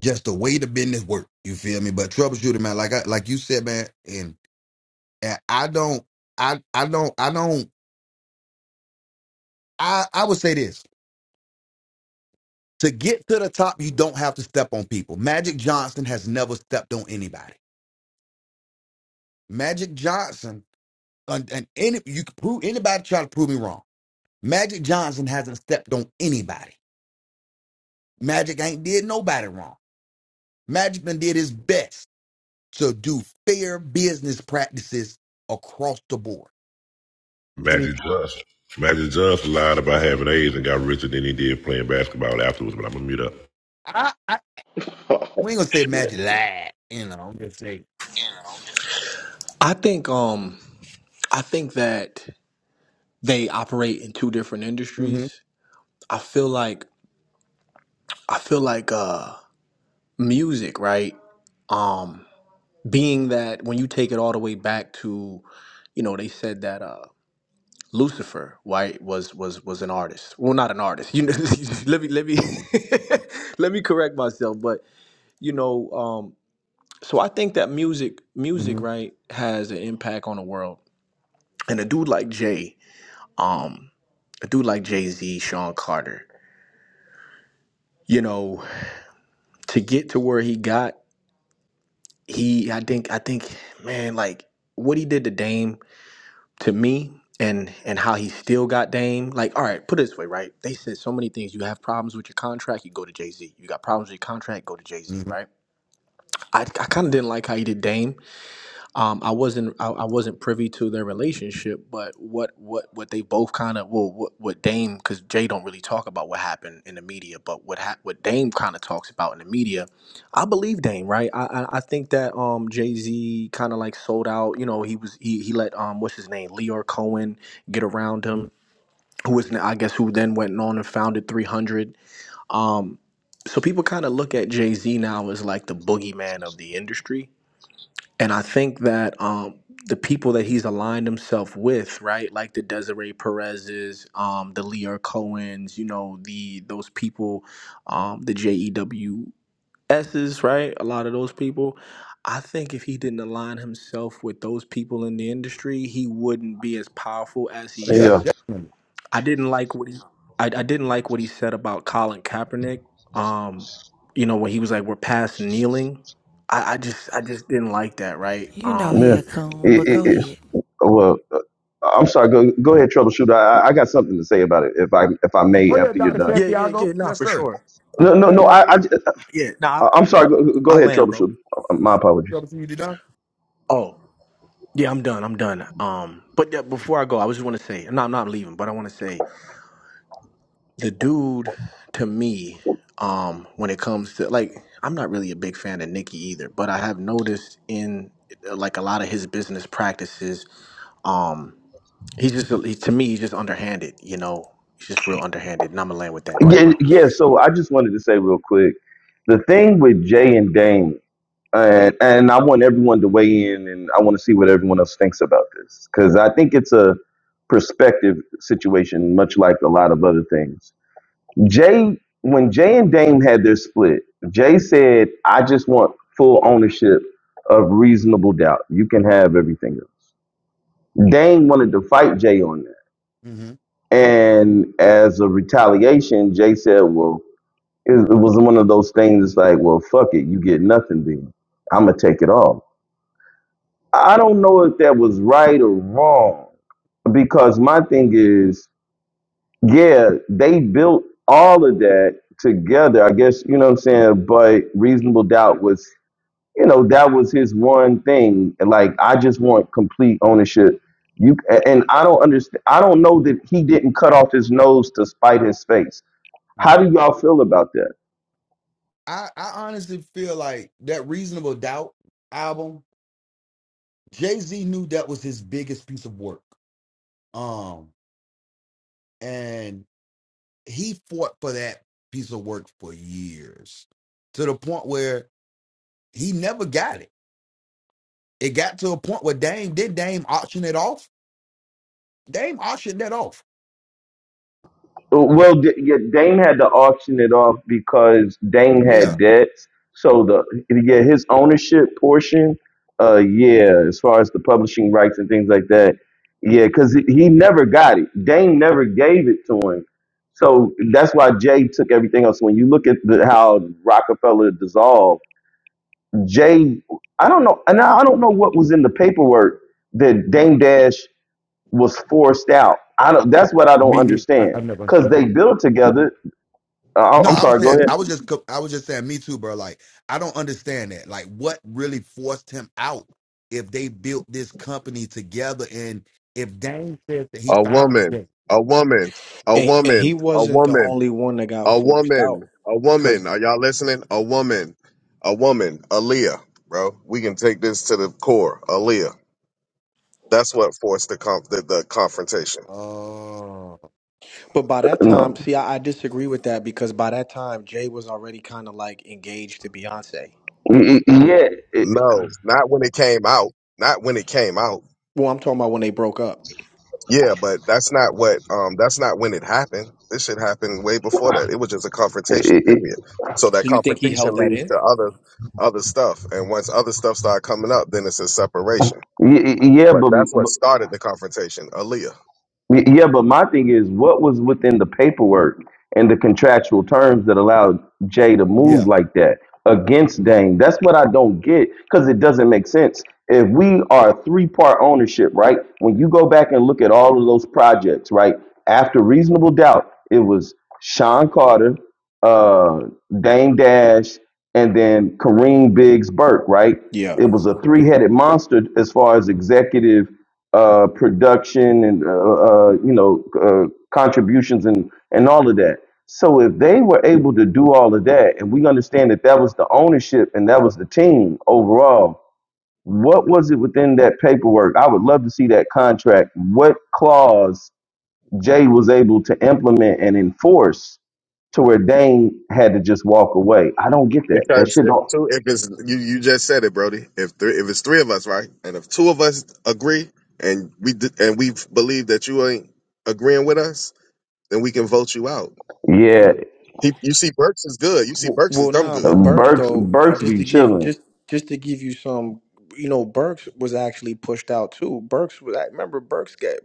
Speaker 1: Just the way the business worked. You feel me? But troubleshooting, man, like I like you said, man, and, and I don't I I don't I don't I I would say this. To get to the top, you don't have to step on people. Magic Johnson has never stepped on anybody. Magic Johnson And, and any, you can prove anybody try to prove me wrong. Magic Johnson hasn't stepped on anybody. Magic ain't did nobody wrong. Magic done did his best to do fair business practices across the board. And if
Speaker 4: Magic Johnson. Magic Johnson lied about having AIDS and got richer than he did playing basketball afterwards, but I'm going to mute up.
Speaker 1: I, I
Speaker 13: Oh,
Speaker 1: we ain't gonna say Magic lied, you know. I'm just saying.
Speaker 12: I think um I think that they operate in two different
Speaker 1: Mm-hmm.
Speaker 12: industries. I feel like I feel like uh music, right? Um being that when you take it all the way back to, you know, they said that uh Lucifer, right, was was was an artist. Well, not an artist. You know, let me let me let me correct myself, but you know, um so I think that music
Speaker 1: Uh huh.
Speaker 12: music, right, has an impact on the world. And a dude like Jay, um a dude like Jay-Z, Sean Carter, you know, to get to where he got he I think I think man like what he did to Dame to me and and how he still got Dame like all right put it this way right they said so many things you have problems with your contract you go to Jay Z you got problems with your contract go to Jay Z
Speaker 1: Mhm.
Speaker 12: right I I kind of didn't like how he did Dame um, I wasn't I, I wasn't privy to their relationship, but what what what they both kind of well what what Dame because Jay don't really talk about what happened in the media, but what hap what Dame kind of talks about in the media, I believe Dame right. I I, I think that um Jay Z kind of like sold out. You know he was he he let um what's his name Leor Cohen get around him, who was I guess who then went on and founded Three Hundred. Um, so people kind of look at Jay Z now as like the boogeyman of the industry and I think that um, the people that he's aligned himself with, right, like the Desiree Perez's, um, the Lear Cohen's, you know, the those people, um, the J E W Ss, right, a lot of those people. I think if he didn't align himself with those people in the industry, he wouldn't be as powerful as he
Speaker 1: Yeah,
Speaker 13: Yeah,
Speaker 12: is
Speaker 1: definitely.
Speaker 12: I didn't like what he I, I didn't like what he said about Colin Kaepernick. Um, you know, when he was like, We're past kneeling. I, I just I just didn't like that, right?
Speaker 6: You know
Speaker 12: Um
Speaker 13: yeah.
Speaker 6: he a coon,
Speaker 13: It,
Speaker 6: but go
Speaker 13: it, it,
Speaker 6: ahead.
Speaker 13: well, I'm sorry. Go go ahead, troubleshooter. I, I got something to say about it. If I if I may, after you're done.
Speaker 12: Yeah, yeah,
Speaker 1: Chicago,
Speaker 12: yeah, no,
Speaker 1: yes,
Speaker 12: for
Speaker 1: sir.
Speaker 12: sure.
Speaker 13: No, no, no. I, I
Speaker 12: Yeah, no, I,
Speaker 13: I'm sorry. Go,
Speaker 12: I
Speaker 13: go ahead,
Speaker 12: land, bro.
Speaker 13: troubleshooter. Uh, My
Speaker 1: Go
Speaker 13: apologies.
Speaker 1: community doc.
Speaker 12: Oh, yeah, I'm done. I'm done. Um but yeah, before I go, I was just wanna say, no, I'm not leaving, but I wanna say the dude to me um when it comes to like i'm not really a big fan of nikki either but i have noticed in like a lot of his business practices um he's just he, to me he's just underhanded you know he's just real underhanded and i'm gonna land with that go ahead
Speaker 13: Yeah,
Speaker 12: bro
Speaker 13: yeah. So I just wanted to say real quick, the thing with Jay and Dane, and and I want everyone to weigh in, and I want to see what everyone else thinks about this because I think it's a perspective situation, much like a lot of other things Jay, when Jay and Dame had their split, Jay said, I just want full ownership of reasonable doubt. You can have everything else. Dame wanted to fight Jay on that.
Speaker 1: hmm
Speaker 13: And as a retaliation, Jay said, Well, it, it was one of those things it's like, Well, fuck it. You get nothing then. I'm going to take it all. I don't know if that was right or wrong because my thing is yeah, they built all of that together. I guess you know what I'm saying. But reasonable doubt was, you know, that was his one thing. Like I just want complete ownership. You a- and I don't understand. I don't know that he didn't cut off his nose to spite his face. How
Speaker 1: hmm
Speaker 13: do y'all feel about that?
Speaker 1: I, I honestly feel like that Reasonable Doubt album, Jay Z knew that was his biggest piece of work. Um, he fought for that piece of work for years to the point where he never got it. It got to a point where Dame did Dame auction it off. Dame auctioned that off.
Speaker 13: Well, D- yeah, Dame had to auction it off because Dame
Speaker 1: Yeah,
Speaker 13: had debts. So the yeah, his ownership portion, uh, yeah, as far as the publishing rights and things like that, yeah, because he, he never got it. Dame never gave it to him. So that's why Jay took everything else. When you look at the, how Rockefeller dissolved, Jay, I don't know, and I I don't know what was in the paperwork that Dame Dash was forced out. I don't. That's what I don't
Speaker 1: me neither. I, I
Speaker 13: understand.
Speaker 1: never
Speaker 13: Because
Speaker 1: understood it.
Speaker 13: they built together. Uh,
Speaker 1: No,
Speaker 13: I'm
Speaker 1: I was
Speaker 13: sorry. Go
Speaker 1: saying
Speaker 13: ahead.
Speaker 1: I was just co- I was just saying me too, bro. Like I don't understand that. Like what really forced him out? If they built this company together, and if Dame says that he
Speaker 11: A
Speaker 1: found
Speaker 11: woman,
Speaker 1: Dame,
Speaker 11: a woman, a
Speaker 12: And, and he
Speaker 11: woman, a
Speaker 12: wasn't the
Speaker 11: woman,
Speaker 12: only one that got
Speaker 11: a
Speaker 12: forced out.
Speaker 11: woman, a
Speaker 12: Because,
Speaker 11: woman. Are y'all listening? A woman, a woman, Aaliyah, bro. We can take this to the core. Aaliyah. That's what forced the, conf- the, the confrontation.
Speaker 1: oh
Speaker 12: but by that time,
Speaker 13: No.
Speaker 12: see, I, I disagree with that because by that time, Jay was already kind of like engaged to Beyonce.
Speaker 13: Y- y- Yeah. it- it-
Speaker 11: No, not when it came out. Not when it came out
Speaker 12: Well, I'm talking about when they broke up.
Speaker 11: Yeah, but that's not what um that's not when it happened. This shit happened way before that. It was just a confrontation
Speaker 13: it-
Speaker 11: period. So that
Speaker 12: So you think he
Speaker 11: confrontation
Speaker 12: held that
Speaker 11: leads
Speaker 12: in?
Speaker 11: to other other stuff. And once other stuff start coming up, then it's a separation.
Speaker 13: y- y- Yeah.
Speaker 11: But that's
Speaker 13: But
Speaker 11: what started the confrontation, Aaliyah.
Speaker 13: Y- Yeah, but my thing is, what was within the paperwork and the contractual terms that allowed Jay to move
Speaker 1: yeah.
Speaker 13: like that against Dane? That's what I don't get because it doesn't make sense. If we are a three part ownership, right? When you go back and look at all of those projects, right? After reasonable doubt, it was Sean Carter, uh, Dane Dash, and then Kareem Biggs Burke, right?
Speaker 12: Yeah.
Speaker 13: It was a three headed monster as far as executive uh, production and uh, uh, you know uh, contributions and and all of that. So if they were able to do all of that, and we understand that that was the ownership and that was the team overall, what was it within that paperwork? I would love to see that contract. What clause Jay was able to implement and enforce to where Dane had to just walk away? I don't get that. That
Speaker 11: Because
Speaker 13: shit
Speaker 11: if
Speaker 13: don't.
Speaker 11: two if it's you, you just said it, Brody. If three if it's three of us, right? And if two of us agree and we d- and we believe that you ain't agreeing with us, then we can vote you out.
Speaker 13: Yeah,
Speaker 11: He, you see Burks is good. You see
Speaker 12: W-
Speaker 11: Burks is
Speaker 12: Well,
Speaker 11: dumb
Speaker 12: nah,
Speaker 11: good.
Speaker 12: but Burks
Speaker 13: Burks
Speaker 12: though, uh,
Speaker 13: Burks
Speaker 12: just
Speaker 13: be
Speaker 12: to give
Speaker 13: chilling.
Speaker 12: just just to give you some, you know, Burks was actually pushed out too. Burks was I remember Burks got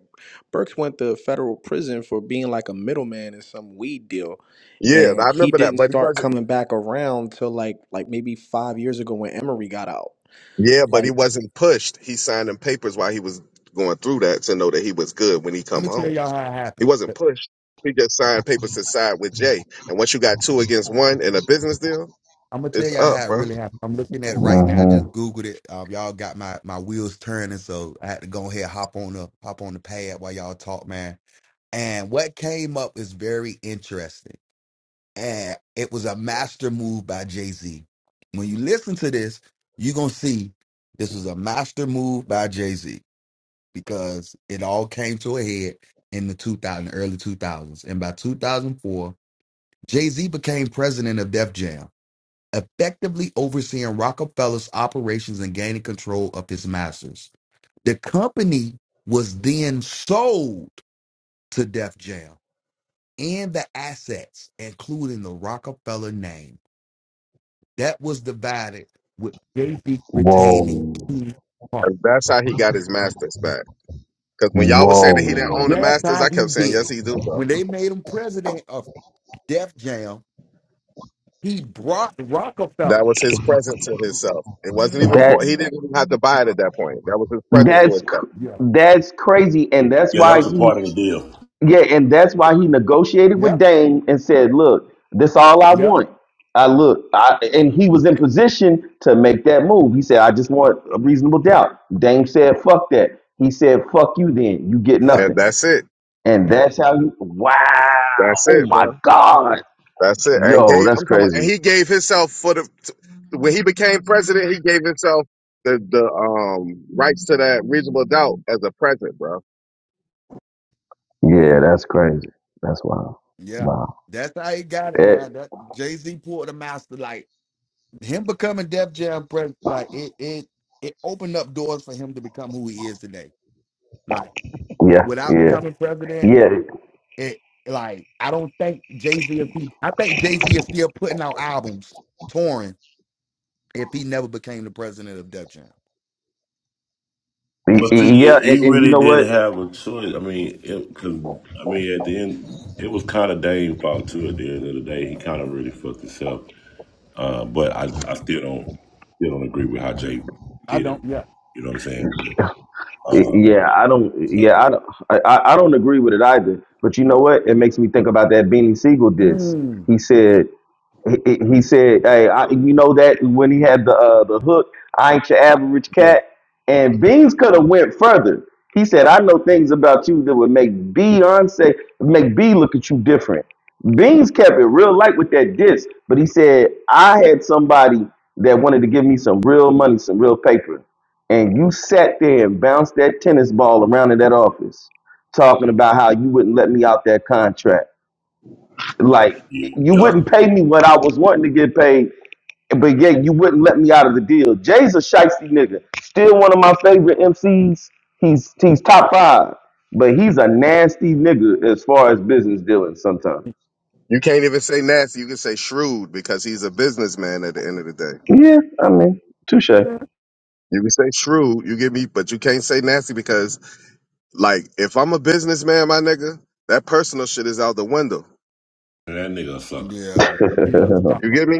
Speaker 12: Burks went to federal prison for being like a middleman in some weed deal.
Speaker 11: Yeah,
Speaker 12: and
Speaker 11: I
Speaker 12: he
Speaker 11: remember that,
Speaker 12: didn't
Speaker 11: but he
Speaker 12: start
Speaker 11: wasn't.
Speaker 12: coming back around till like like maybe five years ago when Emery got out.
Speaker 11: Yeah, but he
Speaker 12: Like
Speaker 11: wasn't pushed. He signed them papers while he was going through that to know that he was good when he
Speaker 1: Let
Speaker 11: come
Speaker 1: me tell
Speaker 11: home.
Speaker 1: y'all how it
Speaker 11: He
Speaker 1: happened.
Speaker 11: wasn't pushed. He just signed papers to side with Jay. And once you got two against one in a business deal,
Speaker 1: I'm gonna tell
Speaker 11: it's
Speaker 1: y'all
Speaker 11: up,
Speaker 1: how it
Speaker 11: bro.
Speaker 1: really happened. I'm looking at it right now. I
Speaker 13: hmm
Speaker 1: just googled it. Um, y'all got my my wheels turning, so I had to go ahead hop on the hop on the pad while y'all talk, man. And what came up is very interesting, and it was a master move by Jay Z. When you listen to this, you're gonna see this was a master move by Jay Z because it all came to a head in the 2000 early 2000s, and by 2004, Jay Z became president of Def Jam effectively overseeing Rockefeller's operations and gaining control of his masters. The company was then sold to Def Jam and the assets, including the Rockefeller name. That was divided with Jay-Z retaining
Speaker 13: Whoa.
Speaker 1: key parts.
Speaker 11: And that's how he got his masters back. Because when y'all was saying that he didn't own the
Speaker 1: That's
Speaker 13: Whoa.
Speaker 11: masters,
Speaker 1: how
Speaker 11: I
Speaker 1: he
Speaker 11: kept saying
Speaker 1: did
Speaker 11: yes,
Speaker 1: it.
Speaker 11: he do, bro.
Speaker 1: When they made him president of Def Jam, he brought
Speaker 11: That
Speaker 1: Rockefeller.
Speaker 11: was his present to himself. It wasn't even bro-
Speaker 13: That
Speaker 11: he didn't even have to buy it at that point. That was his present to
Speaker 13: that's
Speaker 11: himself,
Speaker 13: cr-
Speaker 1: Yeah.
Speaker 13: that's crazy, and that's
Speaker 4: Yeah, that
Speaker 13: why
Speaker 4: was a
Speaker 13: he
Speaker 4: part of the deal.
Speaker 13: yeah, and that's why he negotiated with
Speaker 1: Yep.
Speaker 13: Dame and said, "Look, this all I
Speaker 1: Yep.
Speaker 13: want." I look, I, and he was in position to make that move. He said, "I just want a reasonable doubt." Dame said, "Fuck that." He said, "Fuck you, then you get
Speaker 1: Yep.
Speaker 11: and
Speaker 13: nothing."
Speaker 11: that's it.
Speaker 13: And that's how you. Wow!
Speaker 11: That's
Speaker 13: Oh
Speaker 11: it,
Speaker 13: my
Speaker 11: bro.
Speaker 13: God!
Speaker 11: That's it. And
Speaker 13: Yo,
Speaker 11: gave
Speaker 13: that's
Speaker 11: I'm talking about, and
Speaker 13: crazy.
Speaker 11: he gave himself for the when he became president, he gave himself the the um rights to that reasonable doubt as a present, bro.
Speaker 13: Yeah, that's crazy. That's wild.
Speaker 1: Yeah,
Speaker 13: Wow.
Speaker 1: that's how he got it,
Speaker 13: Eh,
Speaker 1: man. That Jay Z pulled the master, like him becoming Def Jam president, like it it it opened up doors for him to become who he is today. Like
Speaker 13: yeah,
Speaker 1: without
Speaker 13: yeah.
Speaker 1: becoming president,
Speaker 13: Yeah,
Speaker 1: it like I don't think Jay Z if he, I think Jay Z is still putting out albums, touring. If he never became the president of Def Jam,
Speaker 13: y-
Speaker 4: But
Speaker 13: y-
Speaker 4: see,
Speaker 13: yeah, and,
Speaker 4: he
Speaker 13: and you
Speaker 4: really
Speaker 13: know
Speaker 4: didn't
Speaker 13: what?
Speaker 4: have a choice. I mean, because I mean, at the end, it was kind of Dame's fault too. At the end of the day, he kind of really fucked himself. Uh, but I, I still don't still don't agree with how Jay
Speaker 1: I
Speaker 4: did
Speaker 1: don't.
Speaker 4: him.
Speaker 1: Yeah,
Speaker 4: You know what I'm saying?
Speaker 13: Y-
Speaker 4: Uh,
Speaker 13: Yeah, I don't. Yeah,
Speaker 4: you
Speaker 13: I don't. I, I I don't agree with it either. But you know what? It makes me think about that Beanie Siegel diss.
Speaker 1: mm,
Speaker 13: He said he, he he said, "Hey, I, you know that when he had the uh, the hook, I ain't your average
Speaker 1: yeah,
Speaker 13: cat." And Beans could have went further. He said, "I know things about you that would make B unsafe, make B look at you different." Beans kept it real light with that diss, but he said, "I had somebody that wanted to give me some real money, some real paper, and you sat there and bounced that tennis ball around in that office, talking about how you wouldn't let me out that contract." Like you
Speaker 4: know,
Speaker 13: wouldn't
Speaker 4: yup,
Speaker 13: pay me what I was wanting to get paid, but yet you wouldn't let me out of the deal. Jay's a shiesty nigga. Still one of my favorite MCs. He's he's top five, but he's a nasty nigga as far as business dealings. Sometimes.
Speaker 11: You can't even say nasty. You can say shrewd because he's a businessman at the end of the day.
Speaker 13: Yeah, I mean, touche. yeah,
Speaker 11: You can say shrewd, you get me, but you can't say nasty because like if I'm a businessman, my nigga, that personal shit is out the window.
Speaker 4: that nigga a sucker.
Speaker 1: yeah. He's a
Speaker 11: You
Speaker 1: sucker.
Speaker 11: get me?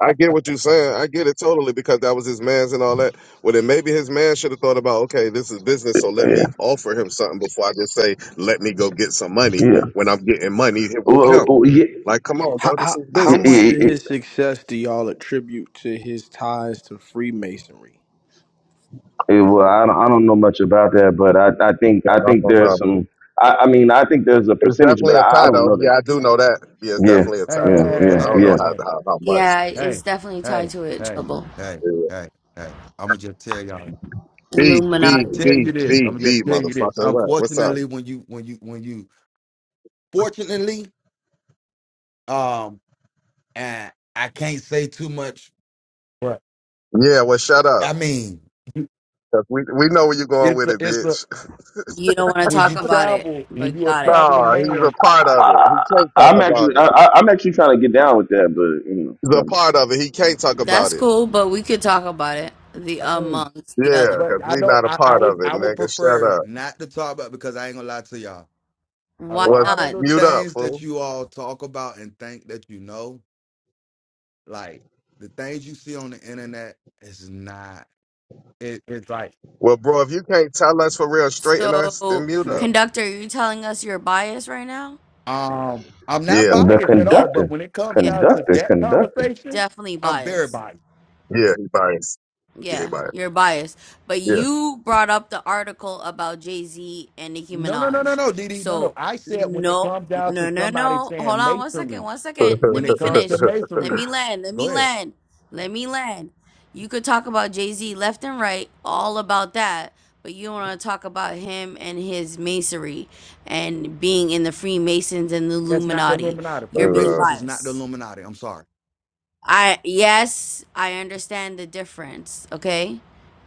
Speaker 11: I get what you're saying. I get it totally because that was his man's and all that. Well, then maybe his man should have thought about, okay, this is business, so let me offer him something before I just say, let me go get some money
Speaker 13: yeah.
Speaker 11: when I'm getting money with
Speaker 13: Well,
Speaker 11: him.
Speaker 13: well, yeah,
Speaker 11: Like, come on,
Speaker 12: how
Speaker 11: bro, this
Speaker 12: how
Speaker 11: is
Speaker 12: how
Speaker 13: it,
Speaker 11: business.
Speaker 12: much
Speaker 13: it, it,
Speaker 12: of his success do y'all attribute to his ties to Freemasonry?
Speaker 13: it, well, I don't, I don't know much about that, but I, I think
Speaker 11: Yeah,
Speaker 13: I
Speaker 11: I
Speaker 13: think
Speaker 11: don't
Speaker 13: there's
Speaker 11: know.
Speaker 13: some. I, I mean, I think there's a
Speaker 11: It's
Speaker 13: percentage,
Speaker 11: definitely
Speaker 13: but
Speaker 11: a
Speaker 13: I, I
Speaker 11: tie,
Speaker 13: don't
Speaker 11: though.
Speaker 13: know that.
Speaker 11: Yeah, I do know that. Yeah, it's
Speaker 13: Yeah,
Speaker 11: definitely a tie
Speaker 13: yeah,
Speaker 11: to it, but
Speaker 13: yeah,
Speaker 11: I don't
Speaker 13: yeah.
Speaker 11: know how
Speaker 1: Hey.
Speaker 11: how, how much.
Speaker 3: Yeah, it's
Speaker 1: hey,
Speaker 3: definitely tied
Speaker 1: hey,
Speaker 3: to it.
Speaker 1: hey,
Speaker 3: Trouble.
Speaker 1: hey,
Speaker 11: Yeah.
Speaker 1: hey, hey. I'ma just tell y'all.
Speaker 11: B,
Speaker 1: I'ma
Speaker 11: B,
Speaker 1: just
Speaker 3: Illuminati.
Speaker 1: tell
Speaker 11: B,
Speaker 1: you this.
Speaker 11: B,
Speaker 1: I'ma just
Speaker 11: B,
Speaker 1: tell you this.
Speaker 11: motherfucker. What? What's up?
Speaker 1: Unfortunately, when you when you when you fortunately, um, and I can't say too much. Right.
Speaker 11: Yeah, well, shut up.
Speaker 1: I mean, you-
Speaker 11: 'Cause We, we know where you're going
Speaker 1: it's
Speaker 11: with
Speaker 1: a
Speaker 11: it,
Speaker 1: it's a
Speaker 11: bitch.
Speaker 3: You don't want to
Speaker 1: when you
Speaker 3: talk about it,
Speaker 1: travel and
Speaker 3: but
Speaker 1: you're a
Speaker 3: got it.
Speaker 1: traveling
Speaker 11: Oh, he's a
Speaker 1: man.
Speaker 11: part of it. He can't
Speaker 13: I,
Speaker 11: talk
Speaker 13: am
Speaker 11: about
Speaker 13: actually,
Speaker 11: it.
Speaker 13: I, I- I'm actually trying to get down with that, but you know,
Speaker 11: The
Speaker 13: never
Speaker 11: part of it. He can't talk
Speaker 1: Yeah.
Speaker 11: about
Speaker 3: That's
Speaker 11: it.
Speaker 3: cool, but we could talk about it. The
Speaker 1: I mean,
Speaker 3: amongst the
Speaker 11: Yeah,
Speaker 3: other.
Speaker 11: because
Speaker 1: but I
Speaker 11: we
Speaker 1: don't.
Speaker 11: not a
Speaker 1: I, I
Speaker 11: part
Speaker 1: would
Speaker 11: of it,
Speaker 1: I would
Speaker 11: nigga. Shut
Speaker 1: prefer
Speaker 11: up.
Speaker 1: not to talk about because I ain't gonna lie to y'all. A
Speaker 3: Why
Speaker 11: What's
Speaker 1: lot of
Speaker 3: not?
Speaker 1: the
Speaker 11: mute up,
Speaker 1: things that
Speaker 11: fool?
Speaker 1: you all talk about and think that you know, like the things you see on the internet is not it, it's like
Speaker 11: Well, bro, if you can't tell us for real, straighten us, then
Speaker 3: So,
Speaker 11: mute
Speaker 1: yeah
Speaker 11: up.
Speaker 3: conductor, are you telling us you're biased right now?
Speaker 1: um i'm not
Speaker 11: Yeah,
Speaker 13: mind. the
Speaker 1: biased at
Speaker 3: Yeah,
Speaker 1: all but
Speaker 13: conductor,
Speaker 1: when it comes
Speaker 3: yeah,
Speaker 1: down to
Speaker 13: conductor,
Speaker 1: that
Speaker 13: conductor,
Speaker 1: conversation
Speaker 3: definitely
Speaker 1: i'm very
Speaker 3: biased.
Speaker 1: biased
Speaker 11: yeah, he biased. Yeah, he
Speaker 3: Yeah,
Speaker 11: biased.
Speaker 3: you're biased. But
Speaker 11: Yeah.
Speaker 3: you brought up the article about Jay Z and Nicki
Speaker 1: no no no no
Speaker 3: Minaj.
Speaker 1: no Didi. no no
Speaker 3: So,
Speaker 1: i said when it
Speaker 3: no,
Speaker 1: comes down
Speaker 3: no,
Speaker 1: to
Speaker 3: no,
Speaker 1: somebody
Speaker 3: no. Hold
Speaker 1: saying
Speaker 3: on one second.
Speaker 1: masonry
Speaker 3: One second. Let
Speaker 1: when
Speaker 3: me
Speaker 1: it comes to
Speaker 3: finish. Let
Speaker 1: masonry
Speaker 3: me land. Let
Speaker 1: go
Speaker 3: me
Speaker 1: ahead
Speaker 3: land. Let me land. You could talk about Jay Z left and right, all about that. But you don't want to talk about him and his masonry and being in the Freemasons and the
Speaker 1: that's not the
Speaker 3: Illuminati.
Speaker 1: illuminati
Speaker 3: You're
Speaker 11: And,
Speaker 3: being
Speaker 11: uh,
Speaker 1: freemasons is not the
Speaker 3: biased.
Speaker 1: illuminati i'm sorry
Speaker 3: I yes, I understand the difference, okay?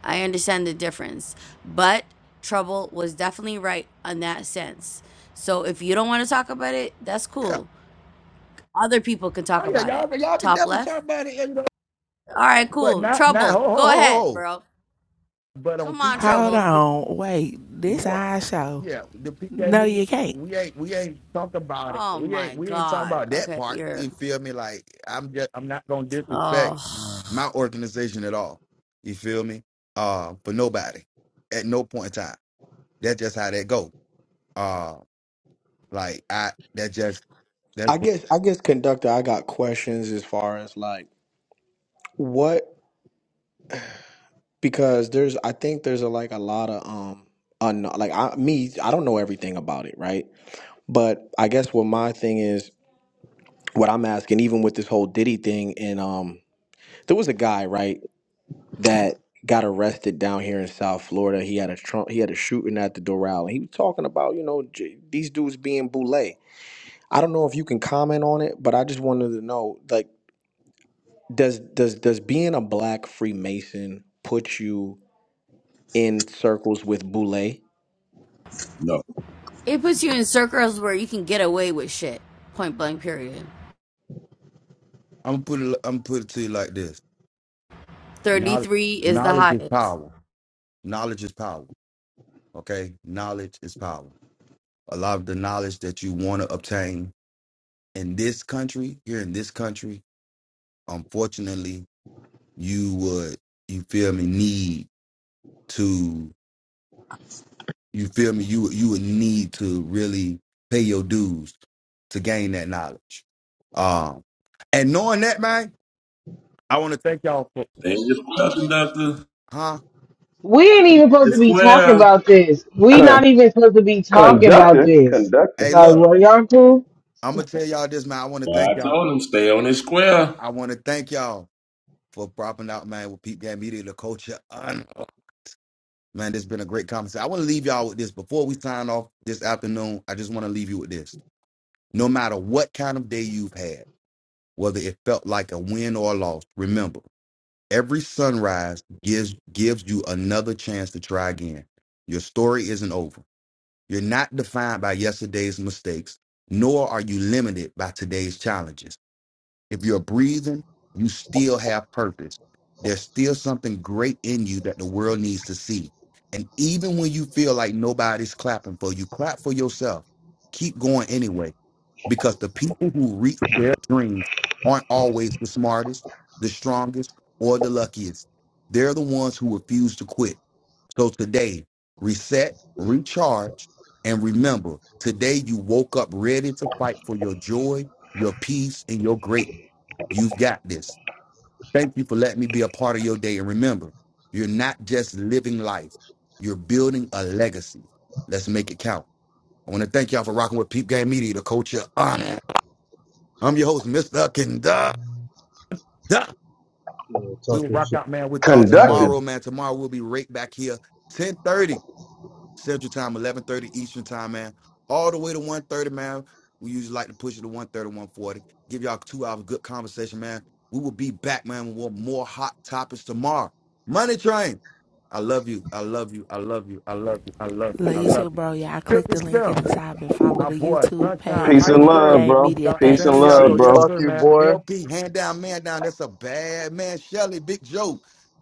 Speaker 3: I understand the difference. But Trouble was definitely right in that sense. So if you don't want to talk about it, that's
Speaker 1: yeah
Speaker 3: cool. Other people can talk
Speaker 1: oh yeah
Speaker 3: about
Speaker 1: y'all,
Speaker 3: it.
Speaker 1: y'all can
Speaker 3: Top
Speaker 1: definitely
Speaker 3: left.
Speaker 1: talk about it you know,
Speaker 3: All right,
Speaker 1: but
Speaker 3: cool.
Speaker 1: not not ho
Speaker 3: Trouble.
Speaker 1: ho ho
Speaker 3: Go
Speaker 1: ho
Speaker 3: ahead,
Speaker 1: ho.
Speaker 3: bro.
Speaker 1: but on
Speaker 3: Come on,
Speaker 1: peep game
Speaker 6: Hold
Speaker 3: Trouble.
Speaker 1: media,
Speaker 6: on, wait.
Speaker 1: we
Speaker 6: This
Speaker 1: don't.
Speaker 6: I show.
Speaker 1: Yeah, the PK
Speaker 6: No,
Speaker 1: meeting.
Speaker 6: you can't.
Speaker 1: We ain't we ain't talk about it.
Speaker 3: Oh
Speaker 1: We ain't
Speaker 3: my
Speaker 1: we ain't talk
Speaker 3: god.
Speaker 1: about that
Speaker 3: Okay,
Speaker 1: part.
Speaker 3: you're
Speaker 1: You feel me? Like I'm just I'm not gonna disrespect
Speaker 3: oh.
Speaker 1: my organization at all. You feel me? Uh, for nobody, at no point in time. That's just how that go. Uh, like I that just that's
Speaker 12: I guess I guess conductor, I got questions as far as like what because there's I think there's a, like a lot of um un, like I me I don't know everything about it right, but I guess what my thing is what I'm asking even with this whole Diddy thing and um there was a guy right that got arrested down here in South Florida. He had a Trump, he had a shooting at the Doral, and he was talking about you know j- these dudes being boule. I don't know if you can comment on it, but I just wanted to know like does does does being a black Freemason put you in circles with boule?
Speaker 4: No,
Speaker 3: It puts you in circles where you can get away with shit. Point blank period.
Speaker 1: I'm put it I'm put it to you like this. Knowledge
Speaker 3: 33 is the
Speaker 1: knowledge is
Speaker 3: highest.
Speaker 1: power. Knowledge is power. Okay, knowledge is power. A lot of the knowledge that you want to obtain in this country, here in this country, unfortunately you would you feel me need to you feel me you would- you would need to really pay your dues to gain that knowledge um and knowing that man i want to thank y'all for
Speaker 4: they ain't just club conductor.
Speaker 1: huh
Speaker 14: We ain't even
Speaker 4: Your
Speaker 14: supposed to be talking
Speaker 4: square.
Speaker 14: about this. We
Speaker 13: Con-
Speaker 14: not even supposed to be talking about
Speaker 13: conductor,
Speaker 14: this.
Speaker 13: conductor,
Speaker 1: hey
Speaker 14: Like,
Speaker 1: look
Speaker 14: well, y'all cool?
Speaker 1: i'm gonna tell y'all this man i want to
Speaker 4: Well, I
Speaker 1: thank y'all
Speaker 4: told him stay on his square.
Speaker 1: i want to thank y'all for propping out man with peep game media the culture Um, man this has been a great conversation i want to leave y'all with this before we sign off this afternoon i just want to leave you with this no matter what kind of day you've had whether it felt like a win or a loss. Remember, every sunrise gives gives you another chance to try again. Your story isn't over. You're not defined by yesterday's mistakes, nor are you limited by today's challenges. If you're breathing, you still have purpose. There's still something great in you that the world needs to see. And even when you feel like nobody's clapping for you, clap for yourself. Keep going anyway, because the people who reach their dreams aren't always the smartest, the strongest, or the luckiest. They're the ones who refuse to quit. So today, reset, recharge, and remember today you woke up ready to fight for your joy, your peace, and your greatness You've got this. Thank you for letting me be a part of your day. And remember, you're not just living life, you're building a legacy. Let's make it count. I want to thank y'all for rocking with Peep Game Media, the culture of honor. I'm your host, Mr. Conductor.
Speaker 15: Yeah,
Speaker 1: We will
Speaker 15: talking
Speaker 1: rock
Speaker 15: shit.
Speaker 1: out, man, with y'all
Speaker 15: Yes, sir.
Speaker 13: conductor.
Speaker 1: tomorrow, man. Tomorrow we'll be right back here, 10:30. Central Time, 11:30 Eastern Time, man. All the way to one thirty, man. We usually like to push it to one thirty, one forty. Give y'all two hours of good conversation, man. We will be back, man, with more hot topics tomorrow. Money Train. I love you. I love you. I love you. I love you. I love you.
Speaker 6: Love
Speaker 1: I
Speaker 6: you
Speaker 1: love you.
Speaker 6: bro. Y'all click
Speaker 1: 50
Speaker 6: the link at
Speaker 1: Slim.
Speaker 6: the top and follow
Speaker 1: My
Speaker 6: the
Speaker 1: boy,
Speaker 6: YouTube
Speaker 1: Sunshine
Speaker 6: page
Speaker 13: Peace
Speaker 6: for the
Speaker 13: and
Speaker 6: Peep
Speaker 1: Iceberg,
Speaker 13: love,
Speaker 6: Game
Speaker 13: bro.
Speaker 6: Media.
Speaker 1: Dr.
Speaker 13: Peace and
Speaker 6: Thanks.
Speaker 4: Peace,
Speaker 1: Santiago,
Speaker 13: love,
Speaker 4: peace,
Speaker 1: yes,
Speaker 13: bro.
Speaker 4: peace.
Speaker 11: fuck
Speaker 1: sir,
Speaker 11: you,
Speaker 1: man.
Speaker 11: boy.
Speaker 1: LP, hand down, man down. That's a bad man. Shelly, Big Joe,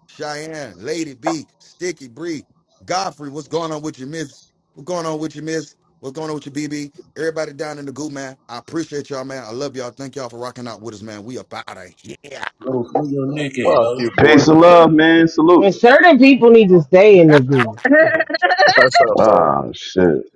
Speaker 1: Cheyenne, Lady B, Sticky Bree, Godfrey, what's going on with you, miss? What's going on with you, miss? What's going on with you, BB? Everybody down in the goo, man. I appreciate y'all, man. I love y'all. Thank y'all for rocking out with us, man. We about out of here.
Speaker 4: Bro, where your neck at,
Speaker 11: Fuck
Speaker 4: bro?
Speaker 11: you,
Speaker 13: Peace
Speaker 11: boy.
Speaker 13: and love, man.
Speaker 14: And
Speaker 13: Salute.
Speaker 14: certain people need to stay in the group.
Speaker 9: So
Speaker 11: That's up, fool.
Speaker 13: Oh shit.